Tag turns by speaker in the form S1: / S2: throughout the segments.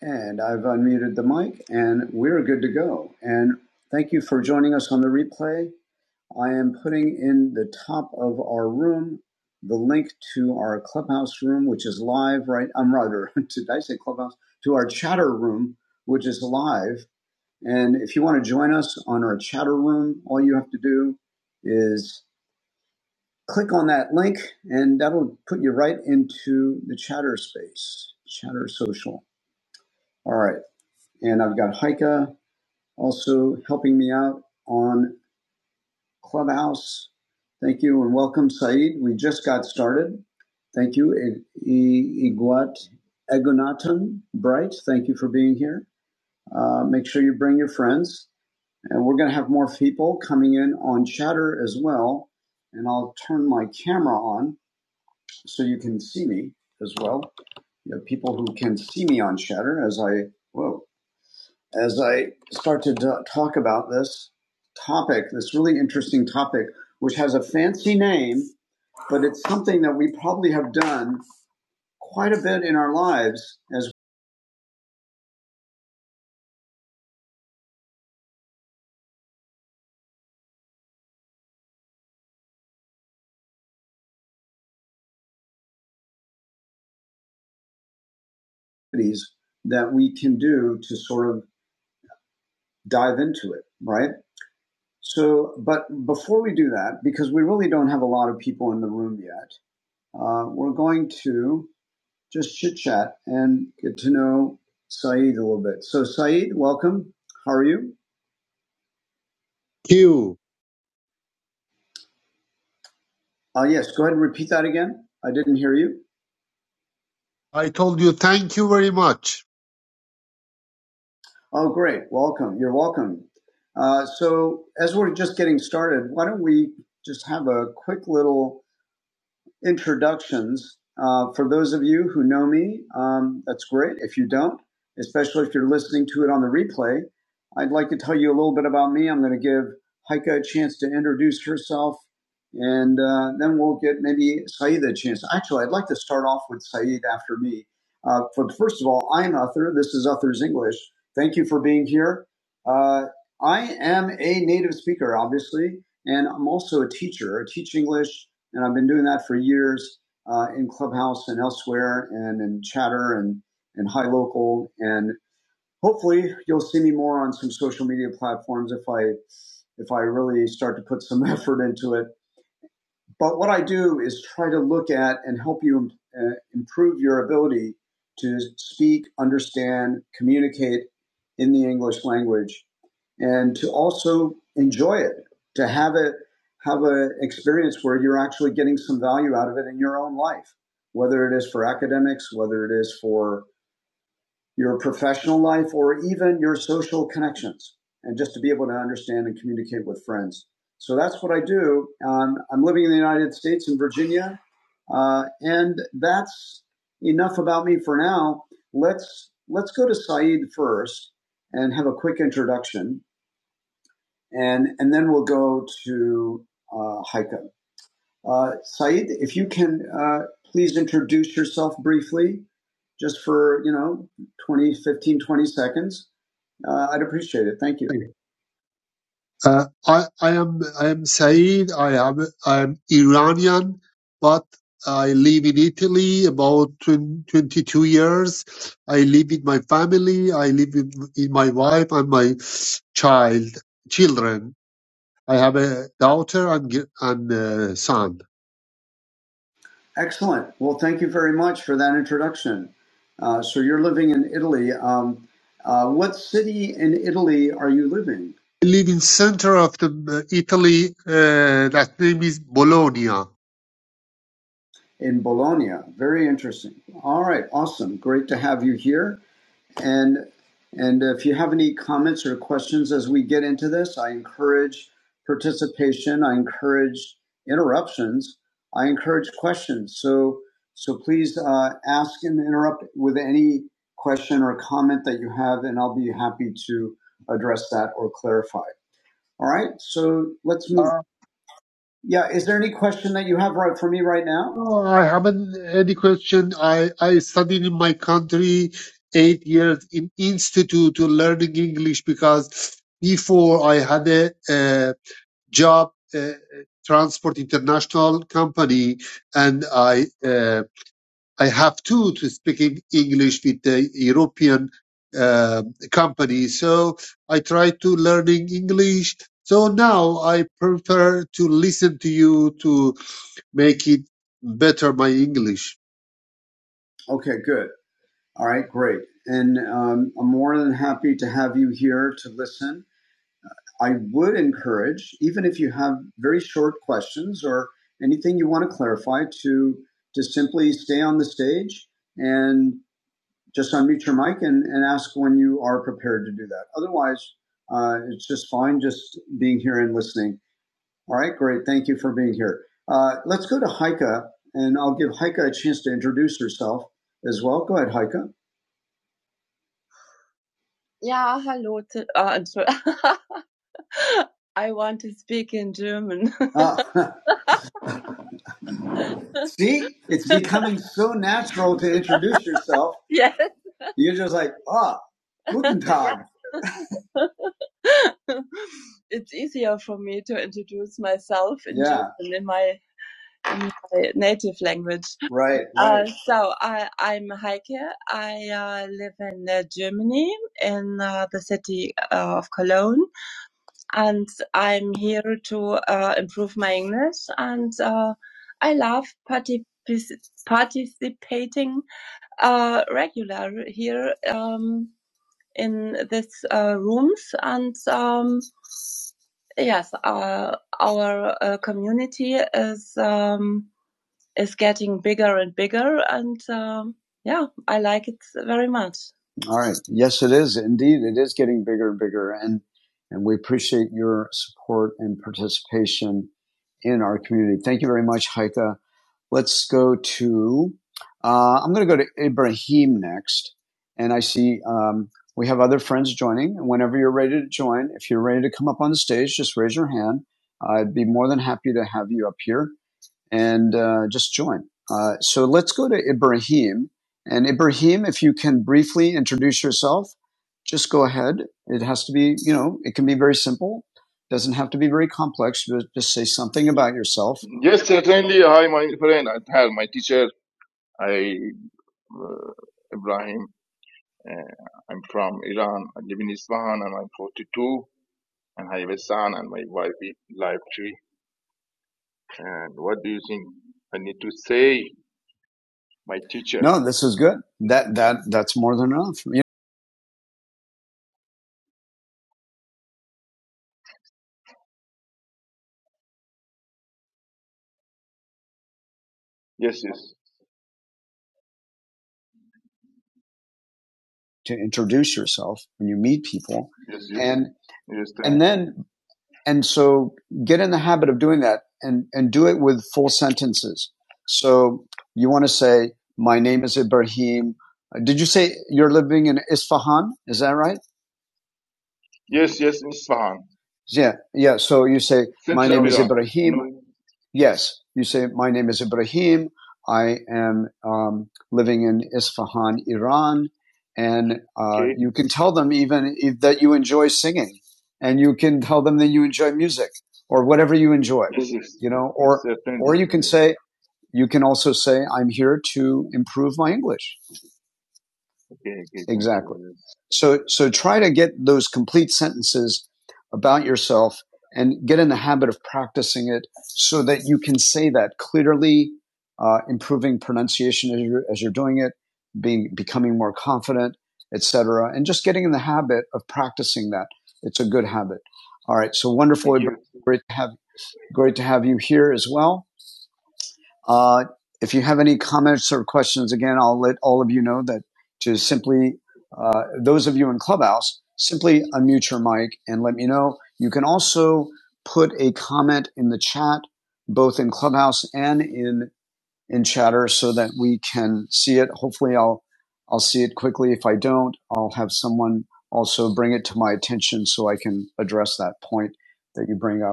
S1: And I've unmuted the mic, and we're good to go. And thank you for joining us on the replay. I am putting in the top of our room the link to our clubhouse room, which is live right. I'm rather did I say clubhouse to our chatter room, which is live. And if you want to join us on our chatter room, all you have to do is click on that link, and that'll put you right into the chatter space, chatter social. All right, and I've got Heike. also helping me out on Clubhouse. Thank you and welcome, Saeed. We just got started. Thank you, I- I- Iguat Egunatan Bright. Thank you for being here. Uh, make sure you bring your friends. And we're going to have more people coming in on chatter as well. And I'll turn my camera on so you can see me as well. You have people who can see me on chatter as I, whoa, as I start to talk about this topic, this really interesting topic, which has a fancy name, but it's something that we probably have done quite a bit in our lives as communities that we can do to sort of dive into it, right? So, but before we do that, because we really don't have a lot of people in the room yet, uh, we're going to just chit chat and get to know Saeed a little bit. So, Saeed, welcome. How are you?
S2: you.
S1: Uh, yes, go ahead and repeat that again. I didn't hear you.
S2: I told you thank you very much.
S1: Oh, great. Welcome. You're welcome. Uh, so, as we're just getting started, why don't we just have a quick little introductions. Uh, for those of you who know me, um, that's great. If you don't, especially if you're listening to it on the replay, I'd like to tell you a little bit about me. I'm going to give Heike a chance to introduce herself, and uh, then we'll get maybe Saeed a chance. Actually, I'd like to start off with Saeed after me. Uh, for first of all, I'm Uther. This is Uther's English. Thank you for being here. Uh, I am a native speaker, obviously, and I'm also a teacher. I teach English and I've been doing that for years uh, in Clubhouse and elsewhere, and in Chatter and and High Local, and hopefully you'll see me more on some social media platforms if I if I really start to put some effort into it. But what I do is try to look at and help you uh, improve your ability to speak, understand, communicate in the English language, and to also enjoy it, to have it have an experience where you're actually getting some value out of it in your own life, whether it is for academics, whether it is for your professional life, or even your social connections, and just to be able to understand and communicate with friends. So that's what I do. Um, I'm living in the United States in Virginia, uh, and that's enough about me for now. Let's let's go to Saeed first and have a quick introduction, and and then we'll go to uh, Heike. Uh, Saeed, if you can uh, please introduce yourself briefly, just for, you know, 20, 15, 20 seconds, uh, I'd appreciate it. Thank you.
S2: Uh, I, I am I am Saeed. I am I am Iranian, but I live in Italy about 20, 22 years. I live with my family. I live with, with my wife and my child children. I have a daughter and g- and uh, son.
S1: Excellent. Well, thank you very much for that introduction. Uh, so you're living in Italy. Um, uh, what city in Italy are you living?
S2: I live in center of the uh, Italy. Uh, that name is Bologna.
S1: In Bologna. Very interesting. All right. Awesome. Great to have you here. And and if you have any comments or questions as we get into this, I encourage participation. I encourage interruptions. I encourage questions. So so please uh, ask and interrupt with any question or comment that you have, and I'll be happy to address that or clarify. All right. So let's move. Yeah. Is there any question that you have right for me right now?
S2: Oh, I haven't any question. I, I studied in my country eight years in institute to learning English because before I had a, uh job, uh transport international company, and I uh, I have to to speaking English with the European uh, company. So I try to learning English. So now I prefer to listen to you to make it better my English.
S1: Okay, good. All right, great. And um, I'm more than happy to have you here to listen I would encourage, even if you have very short questions or anything you want to clarify, to to simply stay on the stage and just unmute your mic and, and ask when you are prepared to do that. Otherwise, uh, it's just fine just being here and listening. All right, great. Thank you for being here. Uh, let's go to Heike, and I'll give Heike a chance to introduce herself as well. Go ahead, Heike. Yeah, hello. T- uh, I want to speak in German. Ah. See, it's becoming so natural to introduce yourself. yeah. You're just like, ah, oh, guten Tag. it's easier for me to introduce myself in Yeah, German in my in my native language. right, right. Uh, so I I'm Heike. I uh, live in uh, Germany in uh, the city uh, of Cologne, and I'm here to uh, improve my English. And uh, I love particip- participating uh, regular here um, in these uh, rooms, and um, yes, uh, our uh, community is. Um, is getting bigger and bigger. And um, yeah, I like it very much. All right. Yes, it is. Indeed, it is getting bigger and bigger. And, and we appreciate your support and participation in our community. Thank you very much, Heike. Let's go to, uh, I'm going to go to Ibrahim next. And I see um, we have other friends joining. And whenever you're ready to join, if you're ready to come up on the stage, just raise your hand. I'd be more than happy to have you up here and uh, just join. Uh, so let's go to Ibrahim. And Ibrahim, if you can briefly introduce yourself, just go ahead. It has to be, you know, it can be very simple. Doesn't have to be very complex. But just say something about yourself.
S3: Yes, certainly. Hi, my friend. Athar, my teacher. I, uh, Ibrahim. Uh, I'm from Iran. I live in Isfahan and I'm 42 and I have a son and my wife is live tree. And what do you think I need to say? My teacher.
S1: No, this is good. That that that's more than enough you know,
S3: Yes, yes,
S1: to introduce yourself when you meet people,
S3: yes, yes.
S1: and
S3: Yes, thank
S1: and then And so get in the habit of doing that and, and do it with full sentences. So you want to say, my name is Ibrahim. Uh, Did you say you're living in Isfahan? Is that right?
S3: Yes, yes, Isfahan.
S1: Yeah. Yeah. So you say, my
S3: Central
S1: name is
S3: Iran.
S1: Ibrahim.
S3: No.
S1: Yes, you say, My name is Ibrahim. I am um, living in Isfahan, Iran. And uh,
S3: Okay.
S1: you can tell them even if, that you enjoy singing, and you can tell them that you enjoy music or whatever you enjoy,
S3: Yes, yes.
S1: you know,
S3: Yes,
S1: or, or
S3: certainly.
S1: you can
S3: certainly.
S1: say, you can also say, I'm here to improve my English
S3: Okay, okay. Thank
S1: Exactly.
S3: you. Yes.
S1: So, so try to get those complete sentences about yourself and get in the habit of practicing it so that you can say that clearly, uh, improving pronunciation as you're, as you're doing it, being, becoming more confident, etc. And just getting in the habit of practicing that. It's a good habit. All right. So wonderful.
S3: Thank you.
S1: Great to have, great to have you here as well. Uh, if you have any comments or questions, again, I'll let all of you know that to simply, uh, those of you in Clubhouse, simply unmute your mic and let me know. You can also put a comment in the chat, both in Clubhouse and in, in chatter so that we can see it. Hopefully I'll, I'll see it quickly. If I don't, I'll have someone also bring it to my attention so I can address that point that you bring up.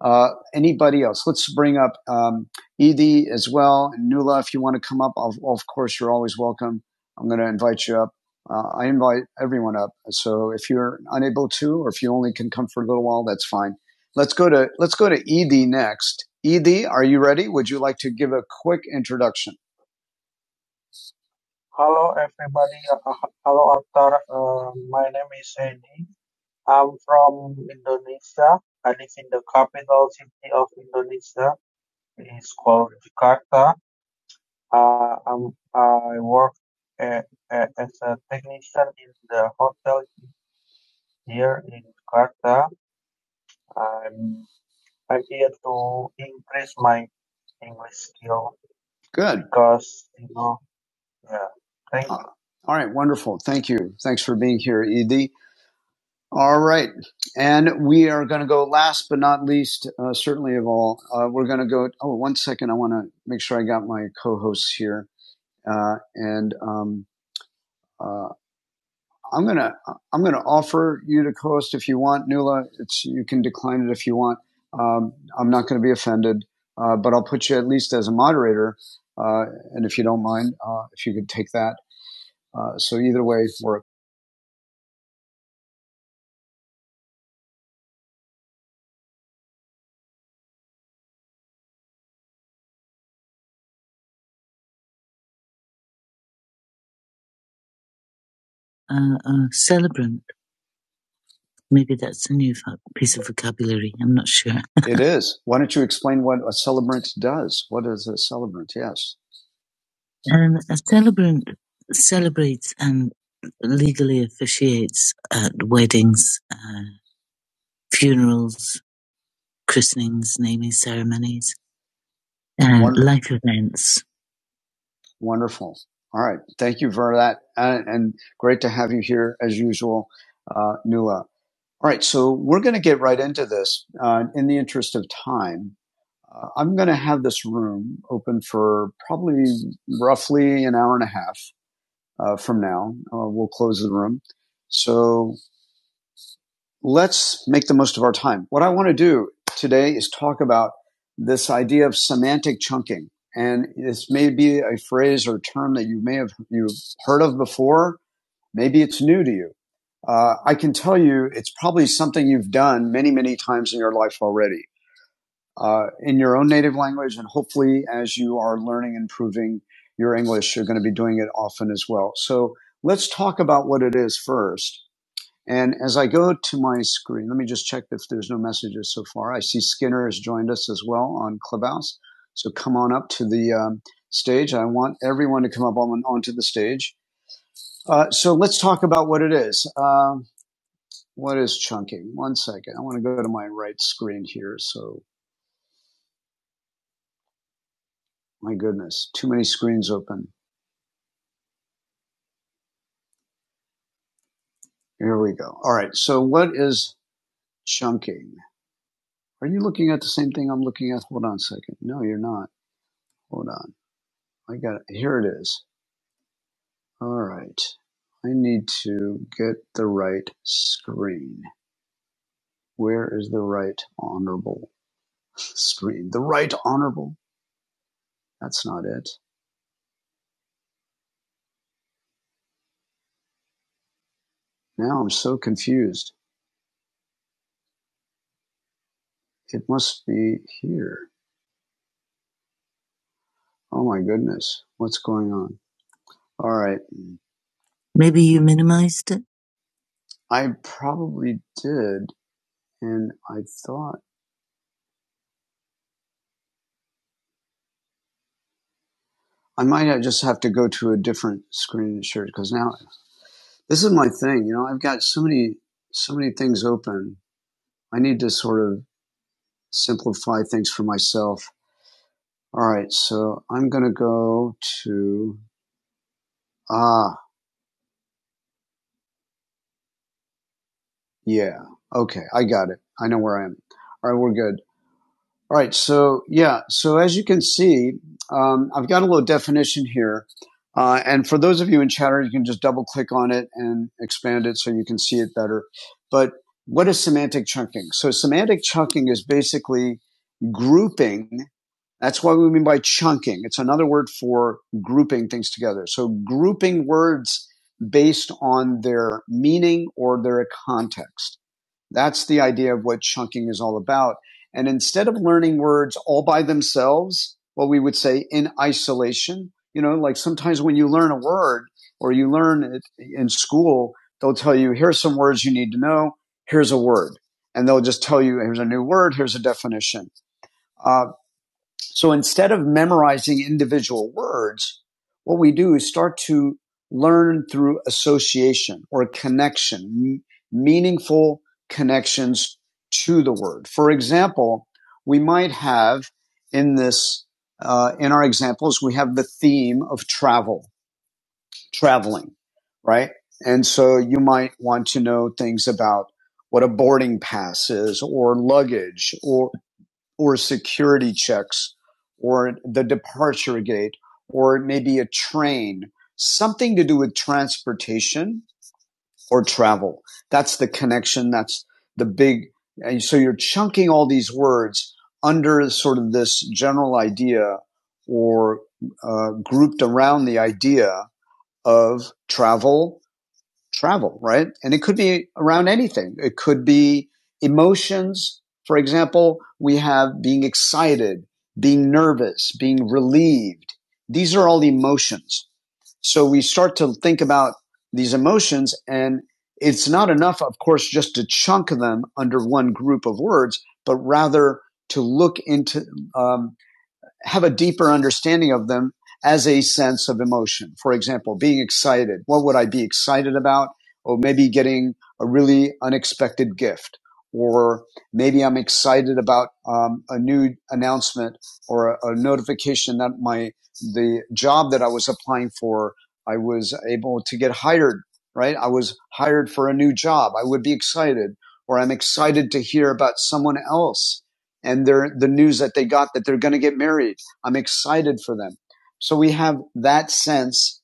S1: Uh, anybody else? Let's bring up um, Edie as well. And Nula, if you want to come up, of, of course, you're always welcome. I'm going to invite you up. Uh, I invite everyone up. So if you're unable to, or if you only can come for a little while, that's fine. Let's go to let's go to Edie next. Edie, are you ready? Would you like to give a quick introduction? Hello, everybody. Uh, hello, Akhtar. Uh, my name is Edie. I'm from Indonesia. I live in the capital city of Indonesia. It's called Jakarta. Uh, i I work uh, uh, as a technician in the hotel here in Jakarta. I'm, I'm here to increase my English skill Good. because, you know, yeah. Thank you. All right, wonderful. Thank you. Thanks for being here, Edie. All right, and we are going to go last but not least, uh, certainly of all, uh, we're going to go. Oh, one second. I want to make sure I got my co hosts here. Uh, and um, uh, I'm gonna I'm gonna offer you to co-host if you want, Nula. It's you can decline it if you want. Um, I'm not going to be offended, uh, but I'll put you at least as a moderator. Uh, and if you don't mind, uh, if you could take that. Uh, so either way, work. Uh, uh, celebrant. Maybe that's a new piece of vocabulary. I'm not sure. It is. Why don't you explain what a celebrant does? What is a celebrant? Yes. Um, a celebrant celebrates and legally officiates at weddings, uh, funerals, christenings, naming ceremonies, uh, life events. Wonderful. All right. Thank you for that. And, and great to have you here as usual, uh, Nula. All right. So we're going to get right into this. Uh, in the interest of time, uh, I'm going to have this room open for probably roughly an hour and a half. uh, from now. Uh, we'll close the room. So let's make the most of our time. What I want to do today is talk about this idea of semantic chunking. And this may be a phrase or term that you may have you have heard of before. Maybe it's new to you. Uh, I can tell you it's probably something you've done many, many times in your life already uh, in your own native language. And hopefully, as you are learning and improving your English, you're going to be doing it often as well. So let's talk about what it is first. And as I go to my screen, let me just check if there's no messages so far. I see Skinner has joined us as well on Clubhouse. So come on up to the um, stage. I want everyone to come up on, onto the stage. Uh, so let's talk about what it is. Um, what is chunking? One second. I want to go to my right screen here. So My goodness, too many screens open. Here we go. All right, so what is chunking? Are you looking at the same thing I'm looking at? Hold on a second. No, you're not. Hold on. I got it. Here it is. All right. I need to get the right screen. Where is the right honorable screen? The right honorable? That's not it. Now I'm so confused. It must be here. Oh my goodness. What's going on? All right. Maybe you minimized it. I probably did, and I thought I might just have to go to a different screen share because now this is my thing. You know, I've got so many so many things open. I need to sort of simplify things for myself. All right, so I'm gonna go to ah yeah okay I got it. I know where I am. All right, we're good. All right. So yeah. So as you can see, um, I've got a little definition here, uh, and for those of you in Chatter, you can just double click on it and expand it so you can see it better. But what is semantic chunking? So semantic chunking is basically grouping. That's what we mean by chunking. It's another word for grouping things together. So grouping words based on their meaning or their context. That's the idea of what chunking is all about. And instead of learning words all by themselves, well, we would say in isolation, you know, like sometimes when you learn a word or you learn it in school, they'll tell you, here's some words you need to know. Here's a word. And they'll just tell you, here's a new word. Here's a definition. Uh, so instead of memorizing individual words, what we do is start to learn through association or connection, meaningful connections to the word. For example, we might have in this, uh, in our examples, we have the theme of travel, traveling, right? And so you might want to know things about what a boarding pass is or luggage or or security checks or the departure gate or maybe a train, something to do with transportation or travel. That's the connection. That's the big. And so you're chunking all these words under sort of this general idea or uh, grouped around the idea of travel travel, right? And it could be around anything. It could be emotions. For example, we have being excited, being nervous, being relieved. These are all emotions. So we start to think about these emotions and it's not enough, of course, just to chunk them under one group of words, but rather to look into um, have a deeper understanding of them as a sense of emotion. For example, being excited. What would I be excited about? Or maybe getting a really unexpected gift. Or maybe I'm excited about um, a new announcement or a, a notification that my the job that I was applying for, I was able to get hired. Right, I was hired for a new job. I would be excited, or I'm excited to hear about someone else and they're the news that they got that they're going to get married. I'm excited for them. So we have that sense.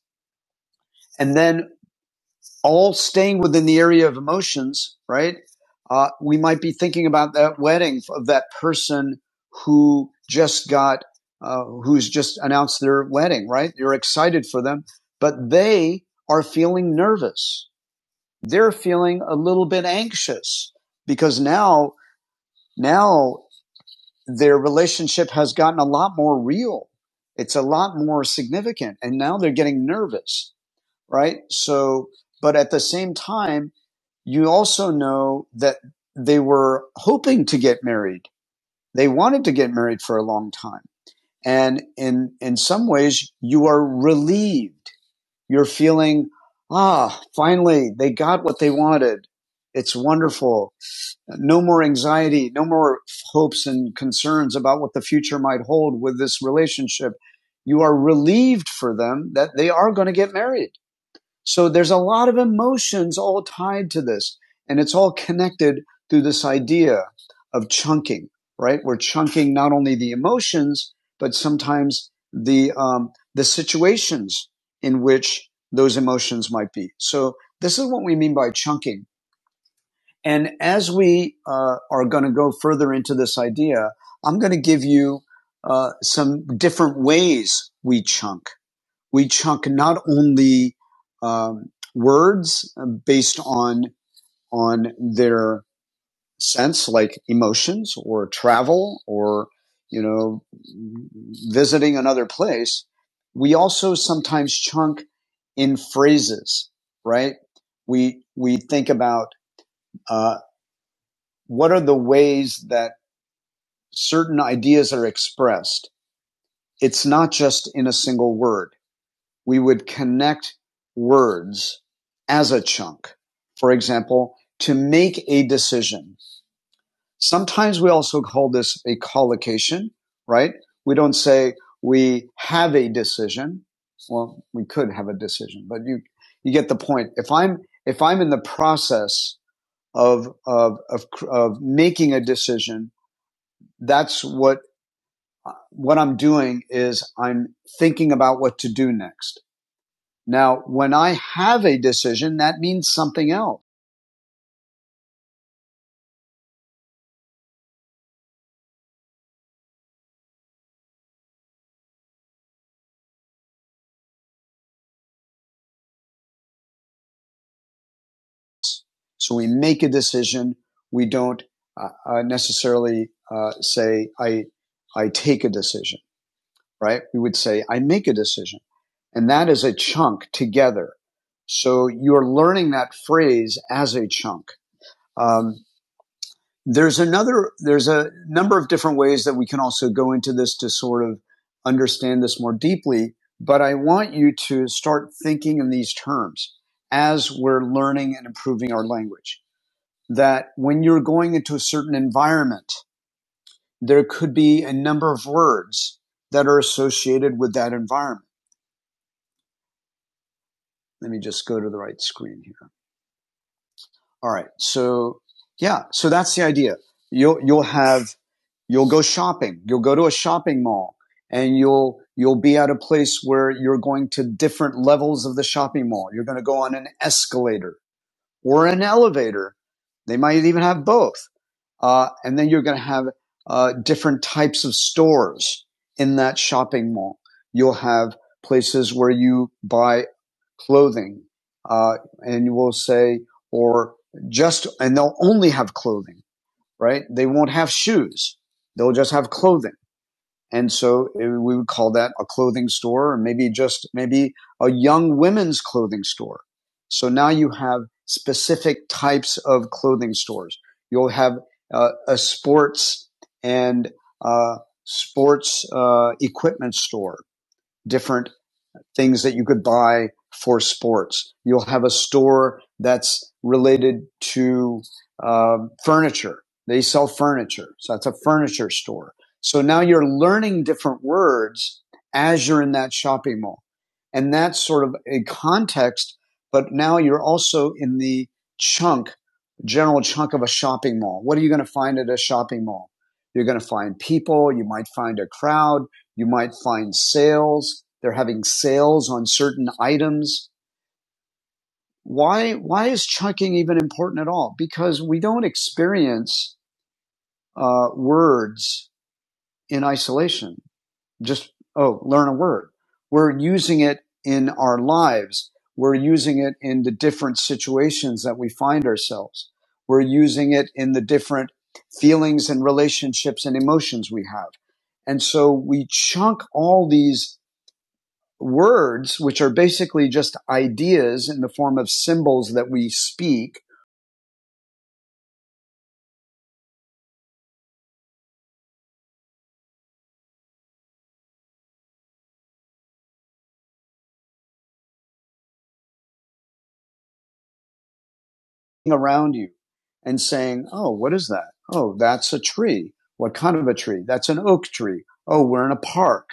S1: And then all staying within the area of emotions, right? Uh, we might be thinking about that wedding of that person who just got, uh, who's just announced their wedding, right? You're excited for them, but they are feeling nervous. They're feeling a little bit anxious because now, now their relationship has gotten a lot more real. It's a lot more significant. And now they're getting nervous, right? So, but at the same time, you also know that they were hoping to get married. They wanted to get married for a long time. And in, in some ways, you are relieved. You're feeling, ah, finally, they got what they wanted. It's wonderful no more anxiety, no more hopes and concerns about what the future might hold with this relationship. You are relieved for them that they are going to get married. So there's a lot of emotions all tied to this, and it's all connected through this idea of chunking, right? We're chunking not only the emotions, but sometimes the um, the situations in which those emotions might be. So this is what we mean by chunking. And as we uh, are going to go further into this idea, I'm going to give you uh, some different ways we chunk. We chunk not only um, words uh, based on on their sense, like emotions or travel or you know visiting another place. We also sometimes chunk in phrases, right? We we think about uh, what are the ways that certain ideas are expressed? It's not just in a single word. We would connect words as a chunk. For example, to make a decision. Sometimes we also call this a collocation, right? We don't say we have a decision. Well, we could have a decision, but you, you get the point. If I'm, if I'm in the process of, of, of, of making a decision, that's what what I'm doing is I'm thinking about what to do next. Now, when I have a decision, that means something else. So we make a decision. We don't uh, uh, necessarily uh, say I I take a decision, right? We would say I make a decision, and that is a chunk together. So you're learning that phrase as a chunk. Um, There's another, there's a number of different ways that we can also go into this to sort of understand this more deeply, but I want you to start thinking in these terms as we're learning and improving our language. That when you're going into a certain environment, there could be a number of words that are associated with that environment. Let me just go to the right screen here. All right. So yeah, so that's the idea. You'll you'll have you'll go shopping. You'll go to a shopping mall and you'll you'll be at a place where you're going to different levels of the shopping mall. You're going to go on an escalator or an elevator. They might even have both. Uh, and then you're going to have uh, different types of stores in that shopping mall. You'll have places where you buy clothing, uh, and you will say, or just, and they'll only have clothing, right? They won't have shoes. They'll just have clothing and so it, we would call that a clothing store or maybe just maybe a young women's clothing store. So now you have specific types of clothing stores. You'll have uh, a sports and uh, sports uh, equipment store, different things that you could buy for sports. You'll have a store that's related to um, furniture. They sell furniture. So that's a furniture store. So now you're learning different words as you're in that shopping mall. And that's sort of a context, but now you're also in the chunk, general chunk of a shopping mall. What are you going to find at a shopping mall? You're going to find people. You might find a crowd you might find sales. They're having sales on certain items. Why, why is chunking even important at all? Because we don't experience uh, words in isolation. Just, oh, learn a word. We're using it in our lives. We're using it in the different situations that we find ourselves. We're using it in the different feelings and relationships and emotions we have. And so we chunk all these words, which are basically just ideas in the form of symbols that we speak, around you and saying, oh, what is that? Oh, that's a tree. What kind of a tree? That's an oak tree. Oh, we're in a park.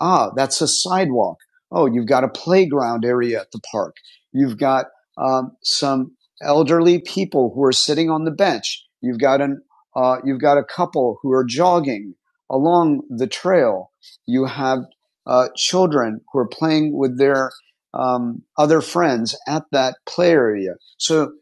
S1: Ah, that's a sidewalk. Oh, you've got a playground area at the park. You've got um, some elderly people who are sitting on the bench. You've got an uh, you've got a couple who are jogging along the trail. You have uh, children who are playing with their um, other friends at that play area. So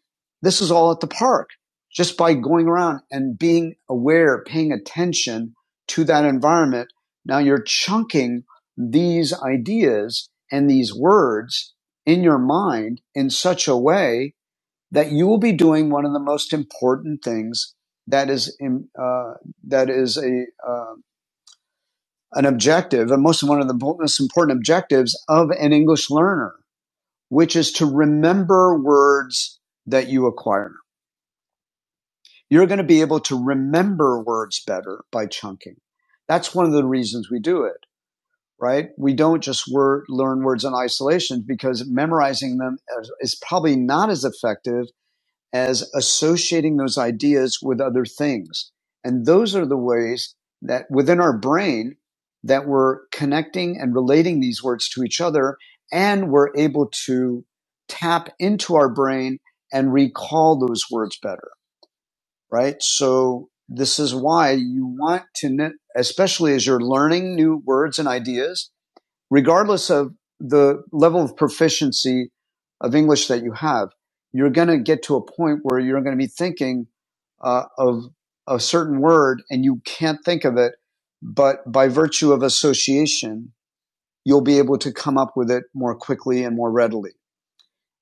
S1: this is all at the park just by going around and being aware, paying attention to that environment. Now you're chunking these ideas and these words in your mind in such a way that you will be doing one of the most important things that is uh, that is a uh, an objective, and most one of the most important objectives of an English learner, which is to remember words that you acquire. You're going to be able to remember words better by chunking. That's one of the reasons we do it, right? We don't just word, learn words in isolation because memorizing them is is probably not as effective as associating those ideas with other things. And those are the ways that within our brain that we're connecting and relating these words to each other and we're able to tap into our brain and recall those words better right? So this is why you want to, especially as you're learning new words and ideas, regardless of the level of proficiency of English that you have, you're going to get to a point where you're going to be thinking uh, of a certain word and you can't think of it, but by virtue of association, you'll be able to come up with it more quickly and more readily.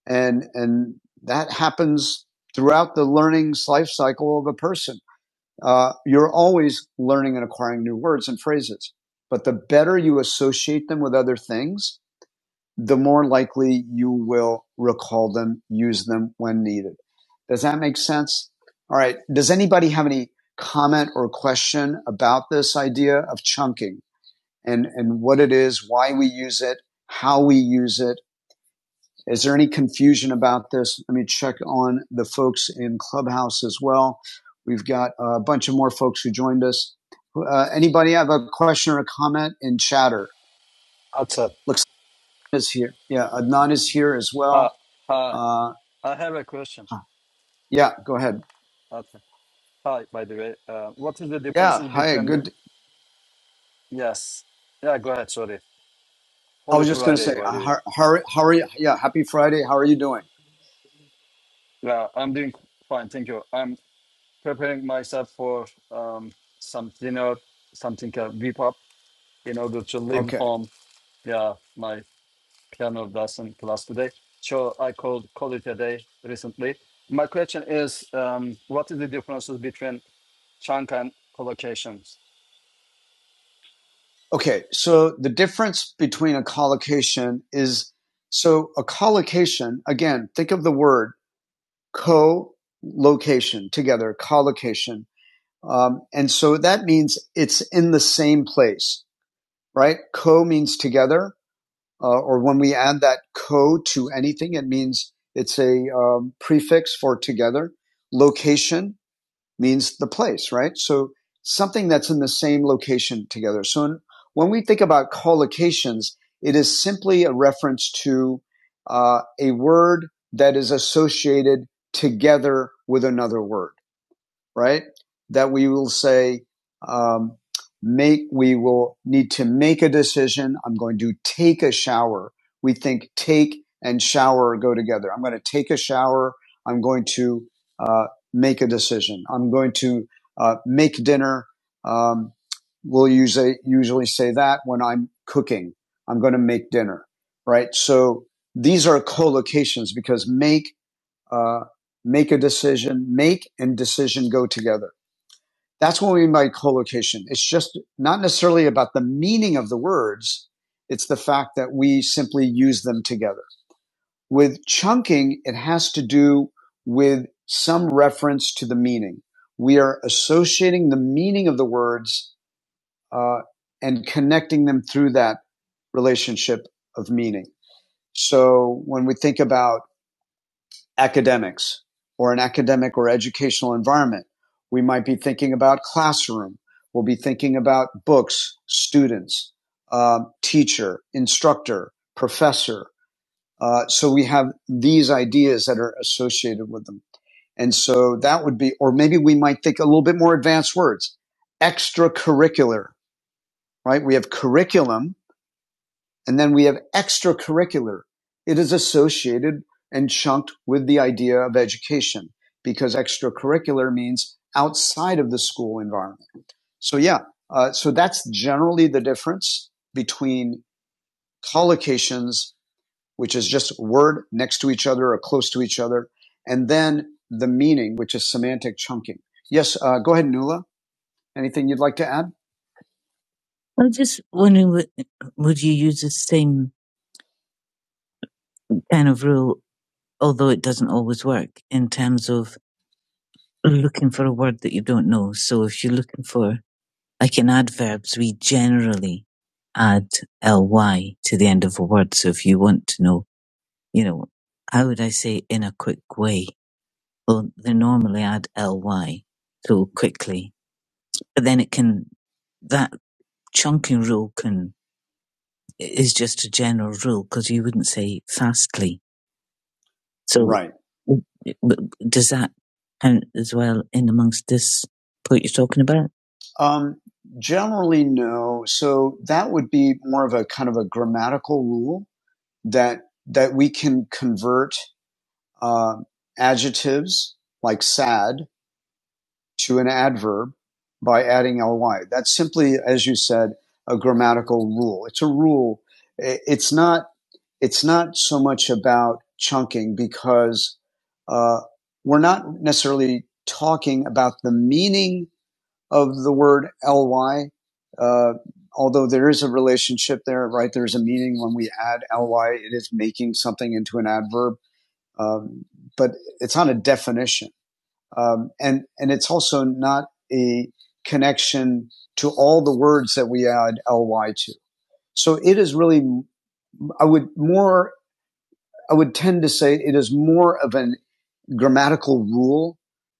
S1: And, and that happens throughout the learning's life cycle of a person uh, you're always learning and acquiring new words and phrases. But the better you associate them with other things, the more likely you will recall them, use them when needed. Does that make sense? All right. Does anybody have any comment or question about this idea of chunking and, and what it is, why we use it, how we use it? Is there any confusion about this? Let me check on the folks in Clubhouse as well. We've got a bunch of more folks who joined us. Uh, anybody have a question or a comment in chatter?
S4: Atsar.
S1: Looks like is here. Yeah, Adnan is here as
S4: Hi.
S1: well.
S4: Hi.
S1: Uh,
S4: I have a question.
S1: yeah, go ahead.
S4: Atsar. Hi, by the way. Uh, what is the
S1: Yeah,
S4: differences
S1: hi,
S4: between the...
S1: good.
S4: Yes. Yeah, go ahead. Sorry.
S1: I
S4: Holy
S1: was just going to
S4: Friday,
S1: say,
S4: by
S1: uh,
S4: the way.
S1: how, how, how are you? Yeah, happy Friday. How are you doing?
S4: Yeah, I'm doing fine. Thank you. I'm preparing myself for um, some dinner, something uh, beep up in order to leave
S1: Okay.
S4: home. Yeah, my piano lesson class today. So I called call it a day recently. My question is, um, what is the differences between chunk and collocations?
S1: Okay. So the difference between a collocation is so a collocation, again, think of the word co-location together, collocation. Um, and so that means it's in the same place, right? Co means together, uh, or when we add that co to anything, it means it's a um, prefix for together. Location means the place, right? So something that's in the same location together. So in, when we think about collocations, it is simply a reference to uh, a word that is associated together with another word right? That we will say, um, make, we will need to make a decision. I'm going to take a shower. We think take and shower go together. I'm going to take a shower. I'm going to, uh, make a decision. I'm going to, uh, make dinner. Um, we'll usually, usually say that when I'm cooking. I'm going to make dinner, right? So these are collocations because make uh, make a decision, make and decision go together. That's what we mean by collocation. It's just not necessarily about the meaning of the words. It's the fact that we simply use them together. With chunking, it has to do with some reference to the meaning. We are associating the meaning of the words uh, and connecting them through that relationship of meaning. So when we think about academics or an academic or educational environment. We might be thinking about classroom. We'll be thinking about books, students, uh, teacher, instructor, professor. Uh, so we have these ideas that are associated with them. And so that would be, or maybe we might think a little bit more advanced words, extracurricular, right? We have curriculum, and then we have extracurricular. It is associated and chunked with the idea of education because extracurricular means outside of the school environment. So yeah, uh, so that's generally the difference between collocations, which is just a word next to each other or close to each other, and then the meaning, which is semantic chunking. Yes, uh, go ahead, Nula. Anything you'd like to add? I'm just wondering, would would you use the same kind of rule? although it doesn't always work in terms of looking for a word that you don't know. So if you're looking for, like in adverbs, we generally add ly to the end of a word. So if you want to know, you know, how would I say in a quick way? Well, they normally add ly, so quickly. But then it can, that chunking rule can, is just a general rule because you wouldn't say fastly So Right. does that count as well in amongst this what you're talking about? Um, generally, no. So that would be more of a kind of a grammatical rule that that we can convert uh, adjectives like sad to an adverb by adding ly. That's simply, as you said, a grammatical rule. It's a rule. It's not it's not so much about chunking because uh, we're not necessarily talking about the meaning of the word ly, uh, although there is a relationship there, right? There's a meaning when we add ly, it is making something into an adverb, um, but it's not a definition. Um, and, and it's also not a connection to all the words that we add ly to. So it is really, I would more I would tend to say it is more of a grammatical rule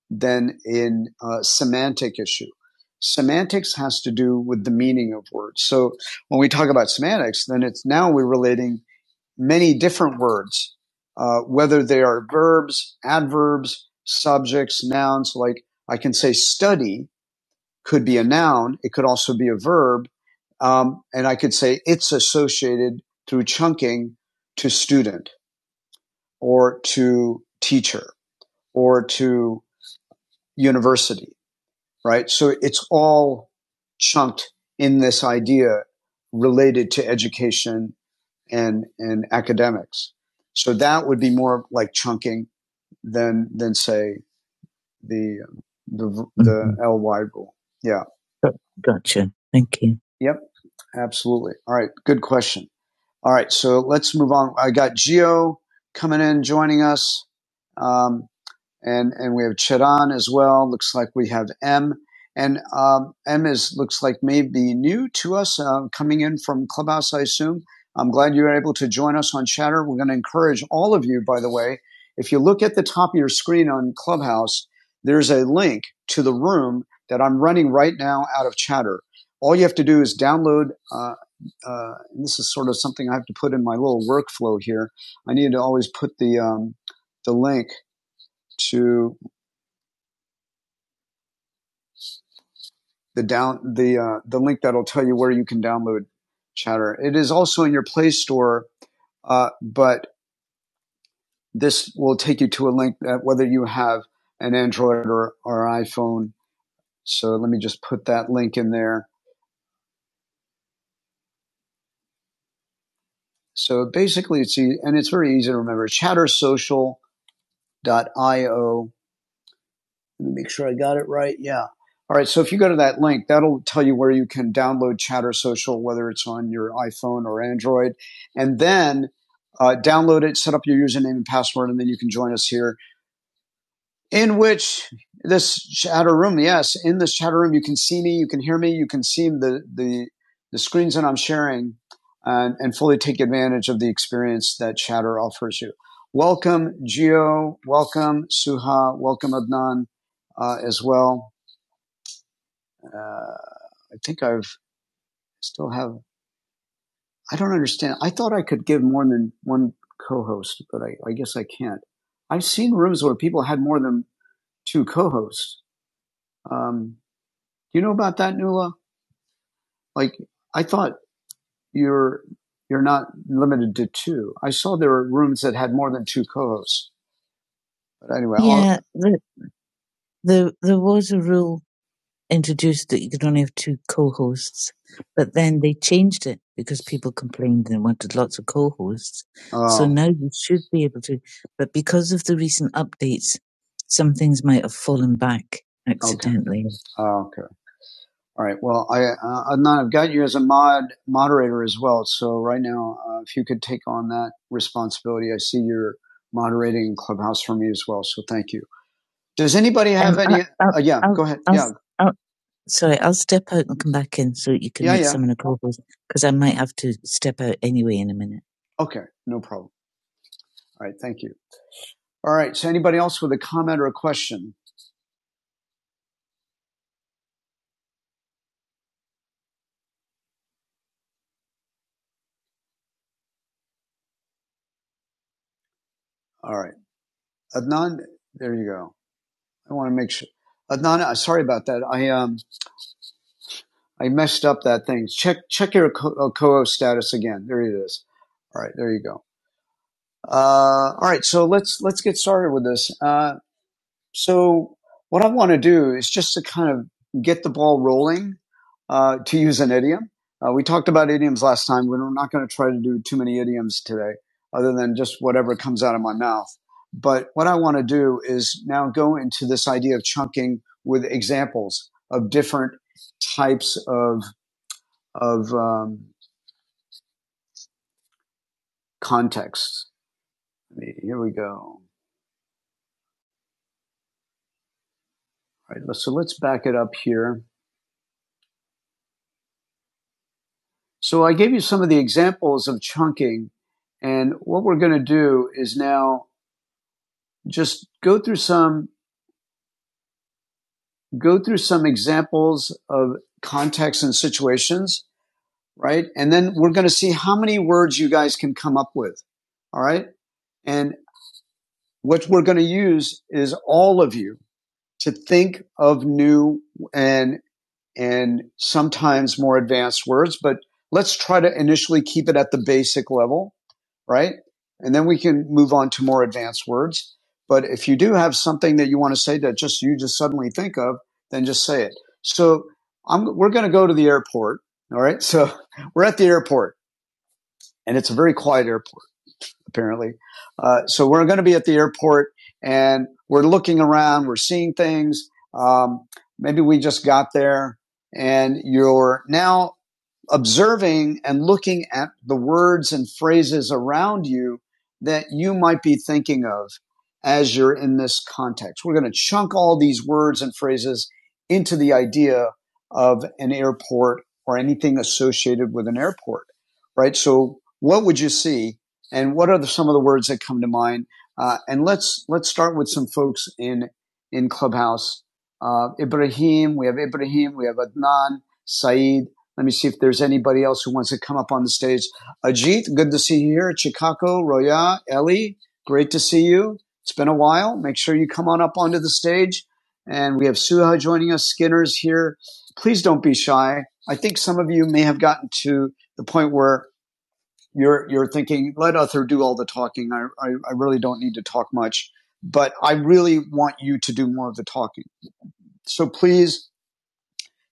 S1: than in uh, semantic issue. Semantics has to do with the meaning of words. So when we talk about semantics, then it's now we're relating many different words, uh, whether they are verbs, adverbs, subjects, nouns. Like I can say study could be a noun. It could also be a verb. Um, and I could say it's associated through chunking to student or to teacher or to university, right? So it's all chunked in this idea related to education and, and academics. So that would be more like chunking than, than say the, the, the Mhm. LY rule. Yeah. Gotcha. Thank you. Yep. Absolutely. All right. Good question. All right. So let's move on. I got Geo coming in, joining us. Um, and and we have Chiran as well. Looks like we have M, and um, M is looks like maybe new to us, uh, coming in from Clubhouse, I assume. I'm glad you were able to join us on Chatter. We're going to encourage all of you, by the way. If you look at the top of your screen on Clubhouse, there's a link to the room that I'm running right now out of Chatter. All you have to do is download. Uh, uh, and this is sort of something I have to put in my little workflow here. I need to always put the um, the link to the down the uh, the link that'll tell you where you can download Chatter. It is also in your Play Store, uh, but this will take you to a link that whether you have an Android or, or iPhone. So let me just put that link in there. So basically, it's easy and it's very easy to remember. Chatter Social dot io. Let me make sure I got it right. Yeah. All right. So if you go to that link, that'll tell you where you can download Chatter Social, whether it's on your iPhone or Android, and then uh, download it, set up your username and password, and then you can join us here in which this shadow room, yes, in this shadow room, you can see me, you can hear me, you can see the the the screens that I'm sharing, and, and fully take advantage of the experience that Shatter offers you. Welcome, Gio. Welcome, Suha. Welcome, Adnan, uh, as well. Uh, I think I've still have. I don't understand. I thought I could give more than one co-host, but I, I guess I can't. I've seen rooms where people had more than two co-hosts. Um, you know about that, Nuala? Like, I thought you're you're not limited to two. I saw there were rooms that had more than two co-hosts. But anyway, Yeah, the, the, there was a rule introduced that you could only have two co-hosts, but then they changed it because people complained and wanted lots of co-hosts. Oh. So oh, now you should be able to, but because of the recent updates, some things might have fallen back accidentally. okay, accidentally. All right. Well, I, uh, Adnan, I've got you as a mod moderator as well. So right now, uh, if you could take on that responsibility, I see you're moderating Clubhouse for me as well. So thank you. Does anybody have Um, any? I'll, Uh, yeah, I'll, go ahead. I'll, Yeah, s- I'll, sorry, I'll step out and come back in so that you can yeah, make yeah. someone a call because I might have to step out anyway in a minute. Okay, no problem. All right, thank you. All right. So anybody else with a comment or a question? All right, Adnan, there you go. I want to make sure. Adnan, uh, sorry about that. I um, I messed up that thing. Check check your co- co-host status again. There it is. All right, there you go. Uh, all right, so let's let's get started with this. Uh, so what I want to do is just to kind of get the ball rolling. Uh, to use an idiom, uh, we talked about idioms last time. We're not going to try to do too many idioms today, other than just whatever comes out of my mouth. But what I want to do is now go into this idea of chunking with examples of different types of of um, context. I mean, here we go. All right, so let's back it up here. So I gave you some of the examples of chunking, and what we're going to do is now just go through some go through some examples of contexts and situations, right? And then we're going to see how many words you guys can come up with. All right, and what we're going to use is all of you to think of new and and sometimes more advanced words, but let's try to initially keep it at the basic level, right? And then we can move on to more advanced words. But if you do have something that you want to say that just you just suddenly think of, then just say it. So I'm, we're going to go to the airport. All right. So we're at the airport and it's a very quiet airport apparently. Uh, so we're going to be at the airport and we're looking around, we're seeing things. Um, maybe we just got there and you're now observing and looking at the words and phrases around you that you might be thinking of as you're in this context. We're going to chunk all these words and phrases into the idea of an airport or anything associated with an airport, right? So what would you see and what are the, some of the words that come to mind? Uh, and let's, let's start with some folks in, in Clubhouse. Uh, Ibrahim, we have Ibrahim, we have Adnan, Saeed, let me see if there's anybody else who wants to come up on the stage. Ajit, good to see you here at Chicago. Roya, Ellie, great to see you. It's been a while. Make sure you come on up onto the stage. And we have Suha joining us. Skinner's here. Please don't be shy. I think some of you may have gotten to the point where you're you're thinking, let Uther do all the talking. I, I, I really don't need to talk much. But I really want you to do more of the talking. So please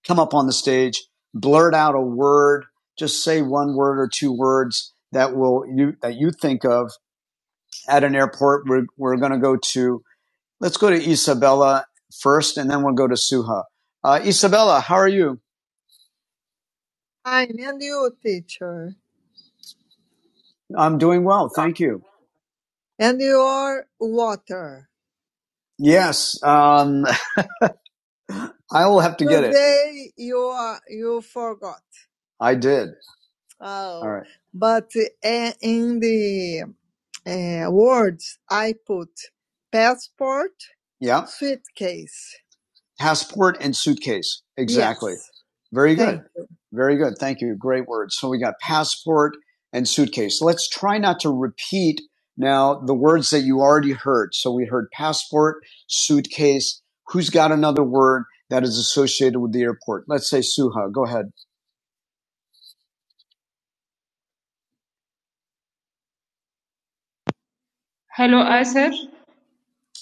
S1: come up on the stage, blurt out a word, just say one word or two words that will you that you think of at an airport. We're we're going to go to let's go to Isabella first, and then we'll go to Suha. Uh, Isabella, how are you? Fine, and you, teacher. I'm doing well, thank you. And you are water. Yes, um, I will have to Today get it. Today you are you forgot. I did. Oh, All right. but uh, in the uh, words, I put passport, Yeah. suitcase. passport and suitcase. Exactly. Yes, Very good. thank you. Very good. Thank you. Great words. So we got passport and suitcase. Let's try not to repeat now the words that you already heard. So we heard passport, suitcase. Who's got another word that is associated with the airport? Let's say Suha. Go ahead. Hello, Asif. Yes.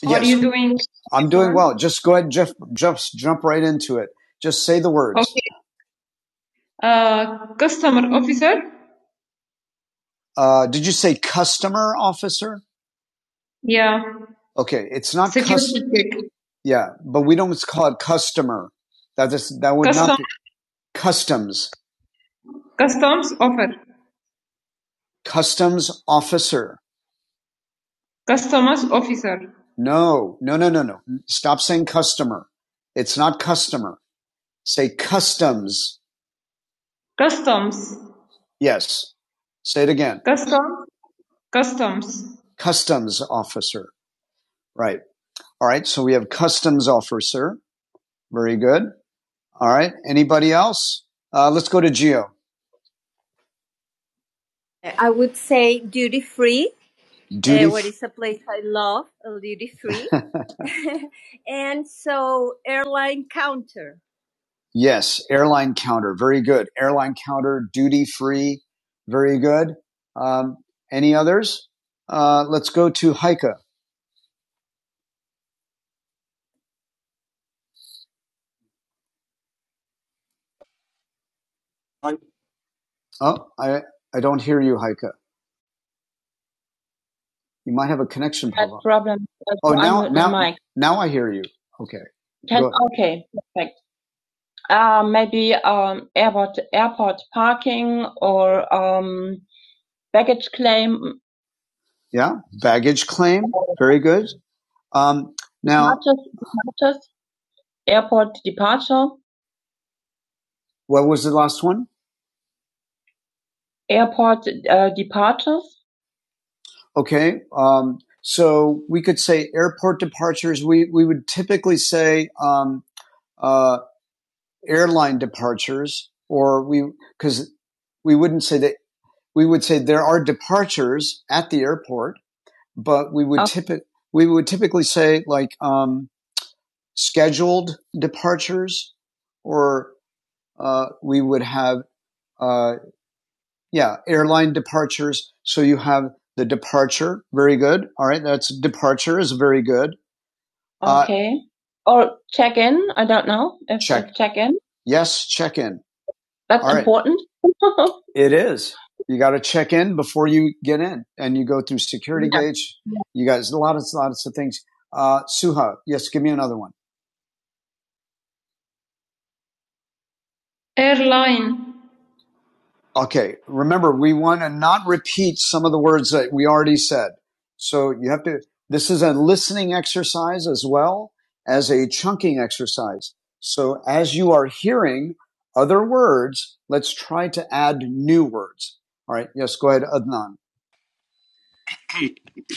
S1: How are you doing? I'm doing well. Just go ahead, Jeff. Just jump right into it. Just say the words. Okay. Uh, customer officer. Uh, did you say customer officer? Yeah. Okay, it's not customer. Yeah, but we don't call it customer. That is that would Custom. not be customs. Customs officer. Customs officer. Customs officer. No, no, no, no, no. Stop saying customer. It's not customer. Say customs. Customs Yes. Say it again. Customs. customs. Customs officer. Right. All right. So we have customs officer. Very good. All right. Anybody else? Uh, let's go to Geo. I would say free. Duty. Uh, what is a place I love, uh, duty free. and so airline counter. Yes, airline counter. Very good. Airline counter, duty free. Very good. Um, any others? Uh, let's go to Heike. Oh, I I don't hear you, Heike. You might have a connection That problem. That's problem. uh, Oh, to now now now I hear you. Okay, Can, okay, perfect. Uh, maybe um, airport airport parking or um, baggage claim. Yeah, baggage claim. Very good. Um, now, Departures, departures, airport departure, what was the last one? airport uh, departures. Okay. Um, so we could say airport departures. We, we would typically say, um, uh, airline departures or we, cause we wouldn't say that we would say there are departures at the airport, but we would Oh. typically, we would typically say like, um, scheduled departures or, uh, we would have, uh, yeah, airline departures. So you have the departure. Very good. All right. That's departure is very good Uh, Okay. Or check in. I don't know if Check. check in. yes, check in. That's All right. important. Right. It is. You got to check in before you get in, and you go through security Yeah. gates. You guys, a lot of lots of things. Uh, Suha, yes, give me another one. Airline. Okay. Remember, we want to not repeat some of the words that we already said. So you have to, this is a listening exercise as well as a chunking exercise. So as you are hearing other words, let's try to add new words. All right. Yes. Go ahead, Adnan.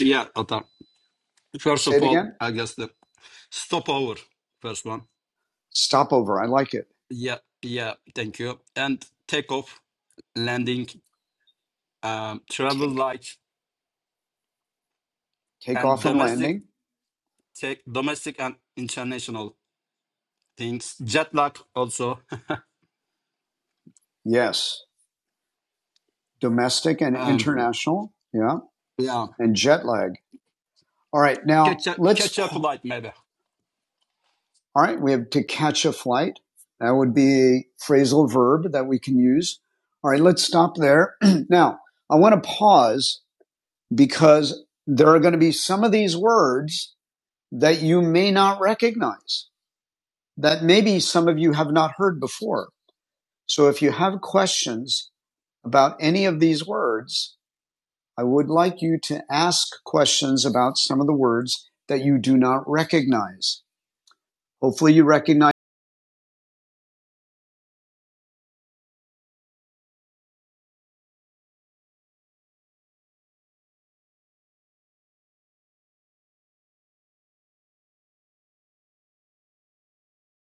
S4: Yeah, Atar. First
S1: Say
S4: of
S1: it
S4: all,
S1: again.
S4: I guess the stopover, first one.
S1: Stopover. I like it.
S4: Yeah, yeah, thank you. And takeoff, landing, um, travel
S1: Take,
S4: light,
S1: take
S4: and
S1: off and
S4: domestic
S1: landing.
S4: take domestic and international things. Jet lag also.
S1: Yes. Domestic and
S4: Um,
S1: international. Yeah.
S4: yeah,
S1: And jet lag. All right. Now
S4: catch a
S1: let's
S4: catch a flight maybe.
S1: All right, we have to catch a flight. That would be a phrasal verb that we can use. All right, let's stop there. now, I want to pause because there are going to be some of these words that you may not recognize, that maybe some of you have not heard before. So if you have questions about any of these words, I would like you to ask questions about some of the words that you do not recognize. Hopefully you recognize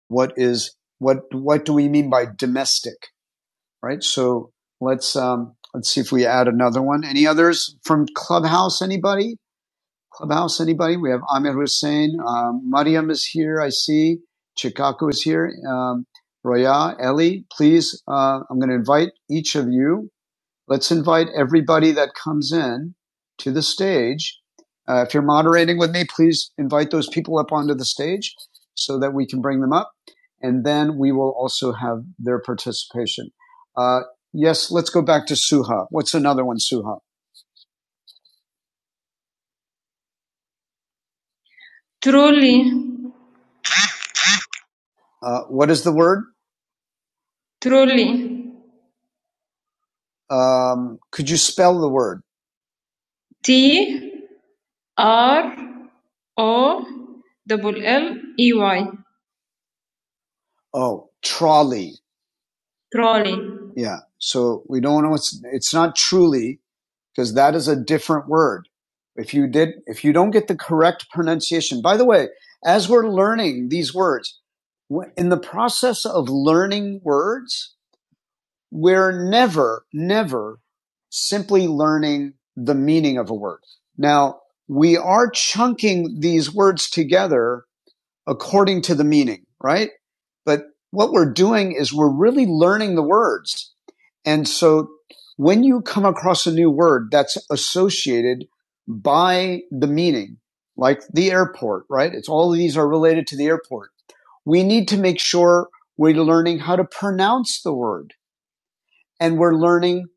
S1: what is what what do we mean by domestic, right? So let's um, let's see if we add another one. Any others from Clubhouse? Anybody? Clubhouse? Anybody? We have Amir Hussein. Um, Mariam is here. I see. Chikaku is here. Um, Roya, Ellie, please. Uh, I'm going to invite each of you Let's invite everybody that comes in to the stage. Uh, if you're moderating with me, please invite those people up onto the stage so that we can bring them up. And then we will also have their participation. Uh, yes, let's go back to Suha. What's another one, Suha? Truly, Uh, what is the word? truly. Um, could you spell the word? T R O L L E Y. Oh, trolley. Trolley. Yeah. So we don't know. It's it's not truly because that is a different word. If you did, if you don't get the correct pronunciation, by the way, as we're learning these words, in the process of learning words, we're never, never simply learning the meaning of a word. Now we are chunking these words together according to the meaning, right? But what we're doing is we're really learning the words. And so when you come across a new word that's associated by the meaning, like the airport, right? It's all of these are related to the airport. We need to make sure we're learning how to pronounce the word and we're learning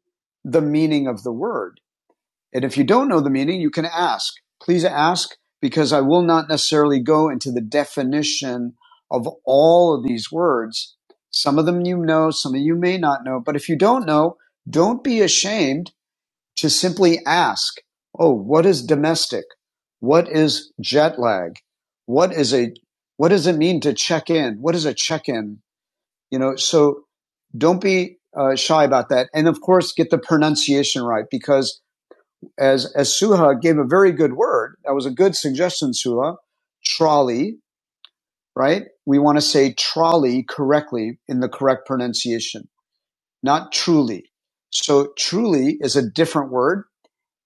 S1: the meaning of the word. And if you don't know the meaning, you can ask. Please ask because I will not necessarily go into the definition of all of these words. Some of them you know, some of you may not know, but if you don't know, don't be ashamed to simply ask, Oh, what is domestic? What is jet lag? What is a, what does it mean to check in? What is a check in? You know, so don't be uh, shy about that. And of course, get the pronunciation right because as as Suha gave a very good word. That was a good suggestion, Suha. Trolley, right? We want to say trolley correctly in the correct pronunciation, not truly. So truly is a different word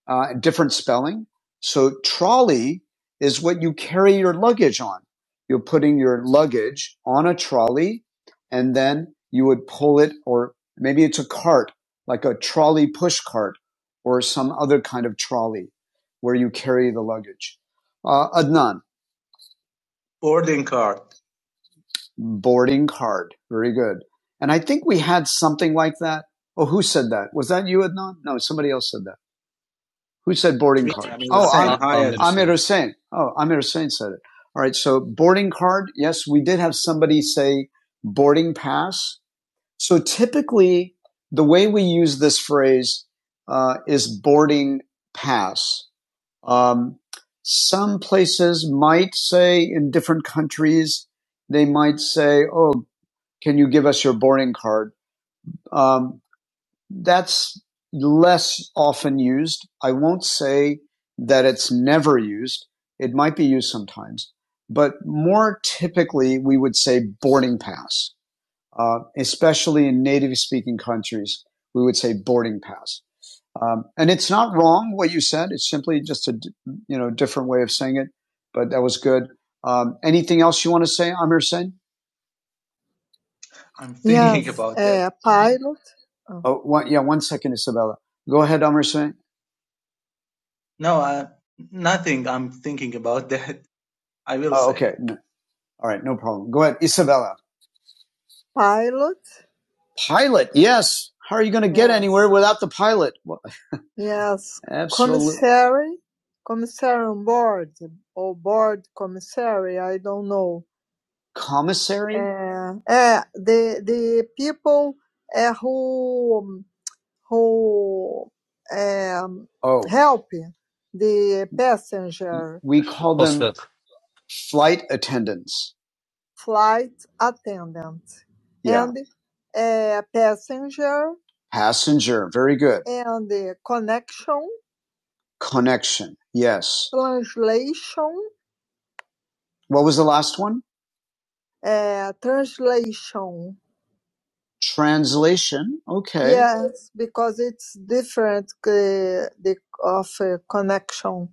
S1: uh, and different spelling. So trolley is what you carry your luggage on. You're putting your luggage on a trolley and then you would pull it or maybe it's a cart, like a trolley push cart or some other kind of trolley where you carry the luggage. Uh, Adnan,
S5: boarding card.
S1: boarding card. Very good. And I think we had something like that. Oh, who said that? Was that you, Adnan? No, somebody else said that. Who said boarding
S5: Me,
S1: card?
S5: Amir
S1: Oh,
S5: Hussein.
S4: Uh,
S5: Hi,
S4: I'm
S5: Atta.
S1: Amir
S4: understand.
S1: Hussein. Oh, Amir Hussein said it. All right. So boarding card. Yes, we did have somebody say boarding pass. So typically, the way we use this phrase uh, is boarding pass. Um, some places might say in different countries, they might say, Oh, can you give us your boarding card? Um, that's less often used. I won't say that it's never used. It might be used sometimes, but more typically we would say boarding pass, uh, especially in native speaking countries. We would say boarding pass. Um, and it's not wrong what you said. It's simply just a you know different way of saying it, but that was good. Um, anything else you want to say, Amir Sen?
S5: I'm thinking
S1: Yes,
S5: about that.
S1: a pilot. Oh. Oh, one, yeah, one second, Isabella. Go ahead, Emerson.
S5: No, uh, nothing. I'm thinking about that. I will
S1: Oh,
S5: say
S1: okay. No, all right, no problem. Go ahead, Isabella. Pilot. Pilot, yes. How are you going to get Yes. anywhere without the pilot? Well, Yes. absolutely. Commissary. Commissary on board or board commissary. I don't know. Commissary? Uh, uh, the the people uh, who Um, who um, Oh, help the passenger we call them
S4: Hosted.
S1: flight attendants. flight attendant Yeah. and a passenger Passenger. Very good. and the connection Connection. Yes. translation What was the last one? uh, translation Translation. Okay. Yes, because it's different uh, the of uh, connection.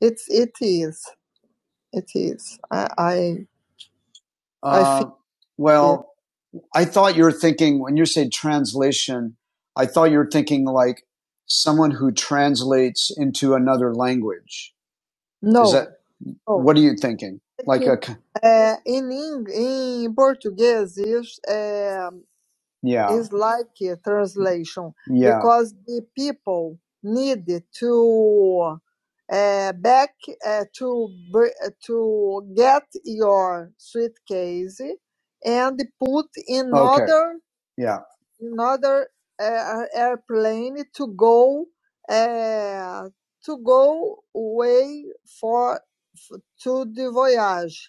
S1: It's it is it is. I I, I Uh, feel it. well, it, I thought you were thinking when you say translation, I thought you were thinking like someone who translates into another language. Is No, Is that no. what are you thinking? Like Aqui, In in Portuguese is. português, Yeah. is like a translation Yeah. because the people need to uh, back uh, to to get your suitcase and put in Okay. other Yeah. another uh, airplane to go uh, to go away for to the voyage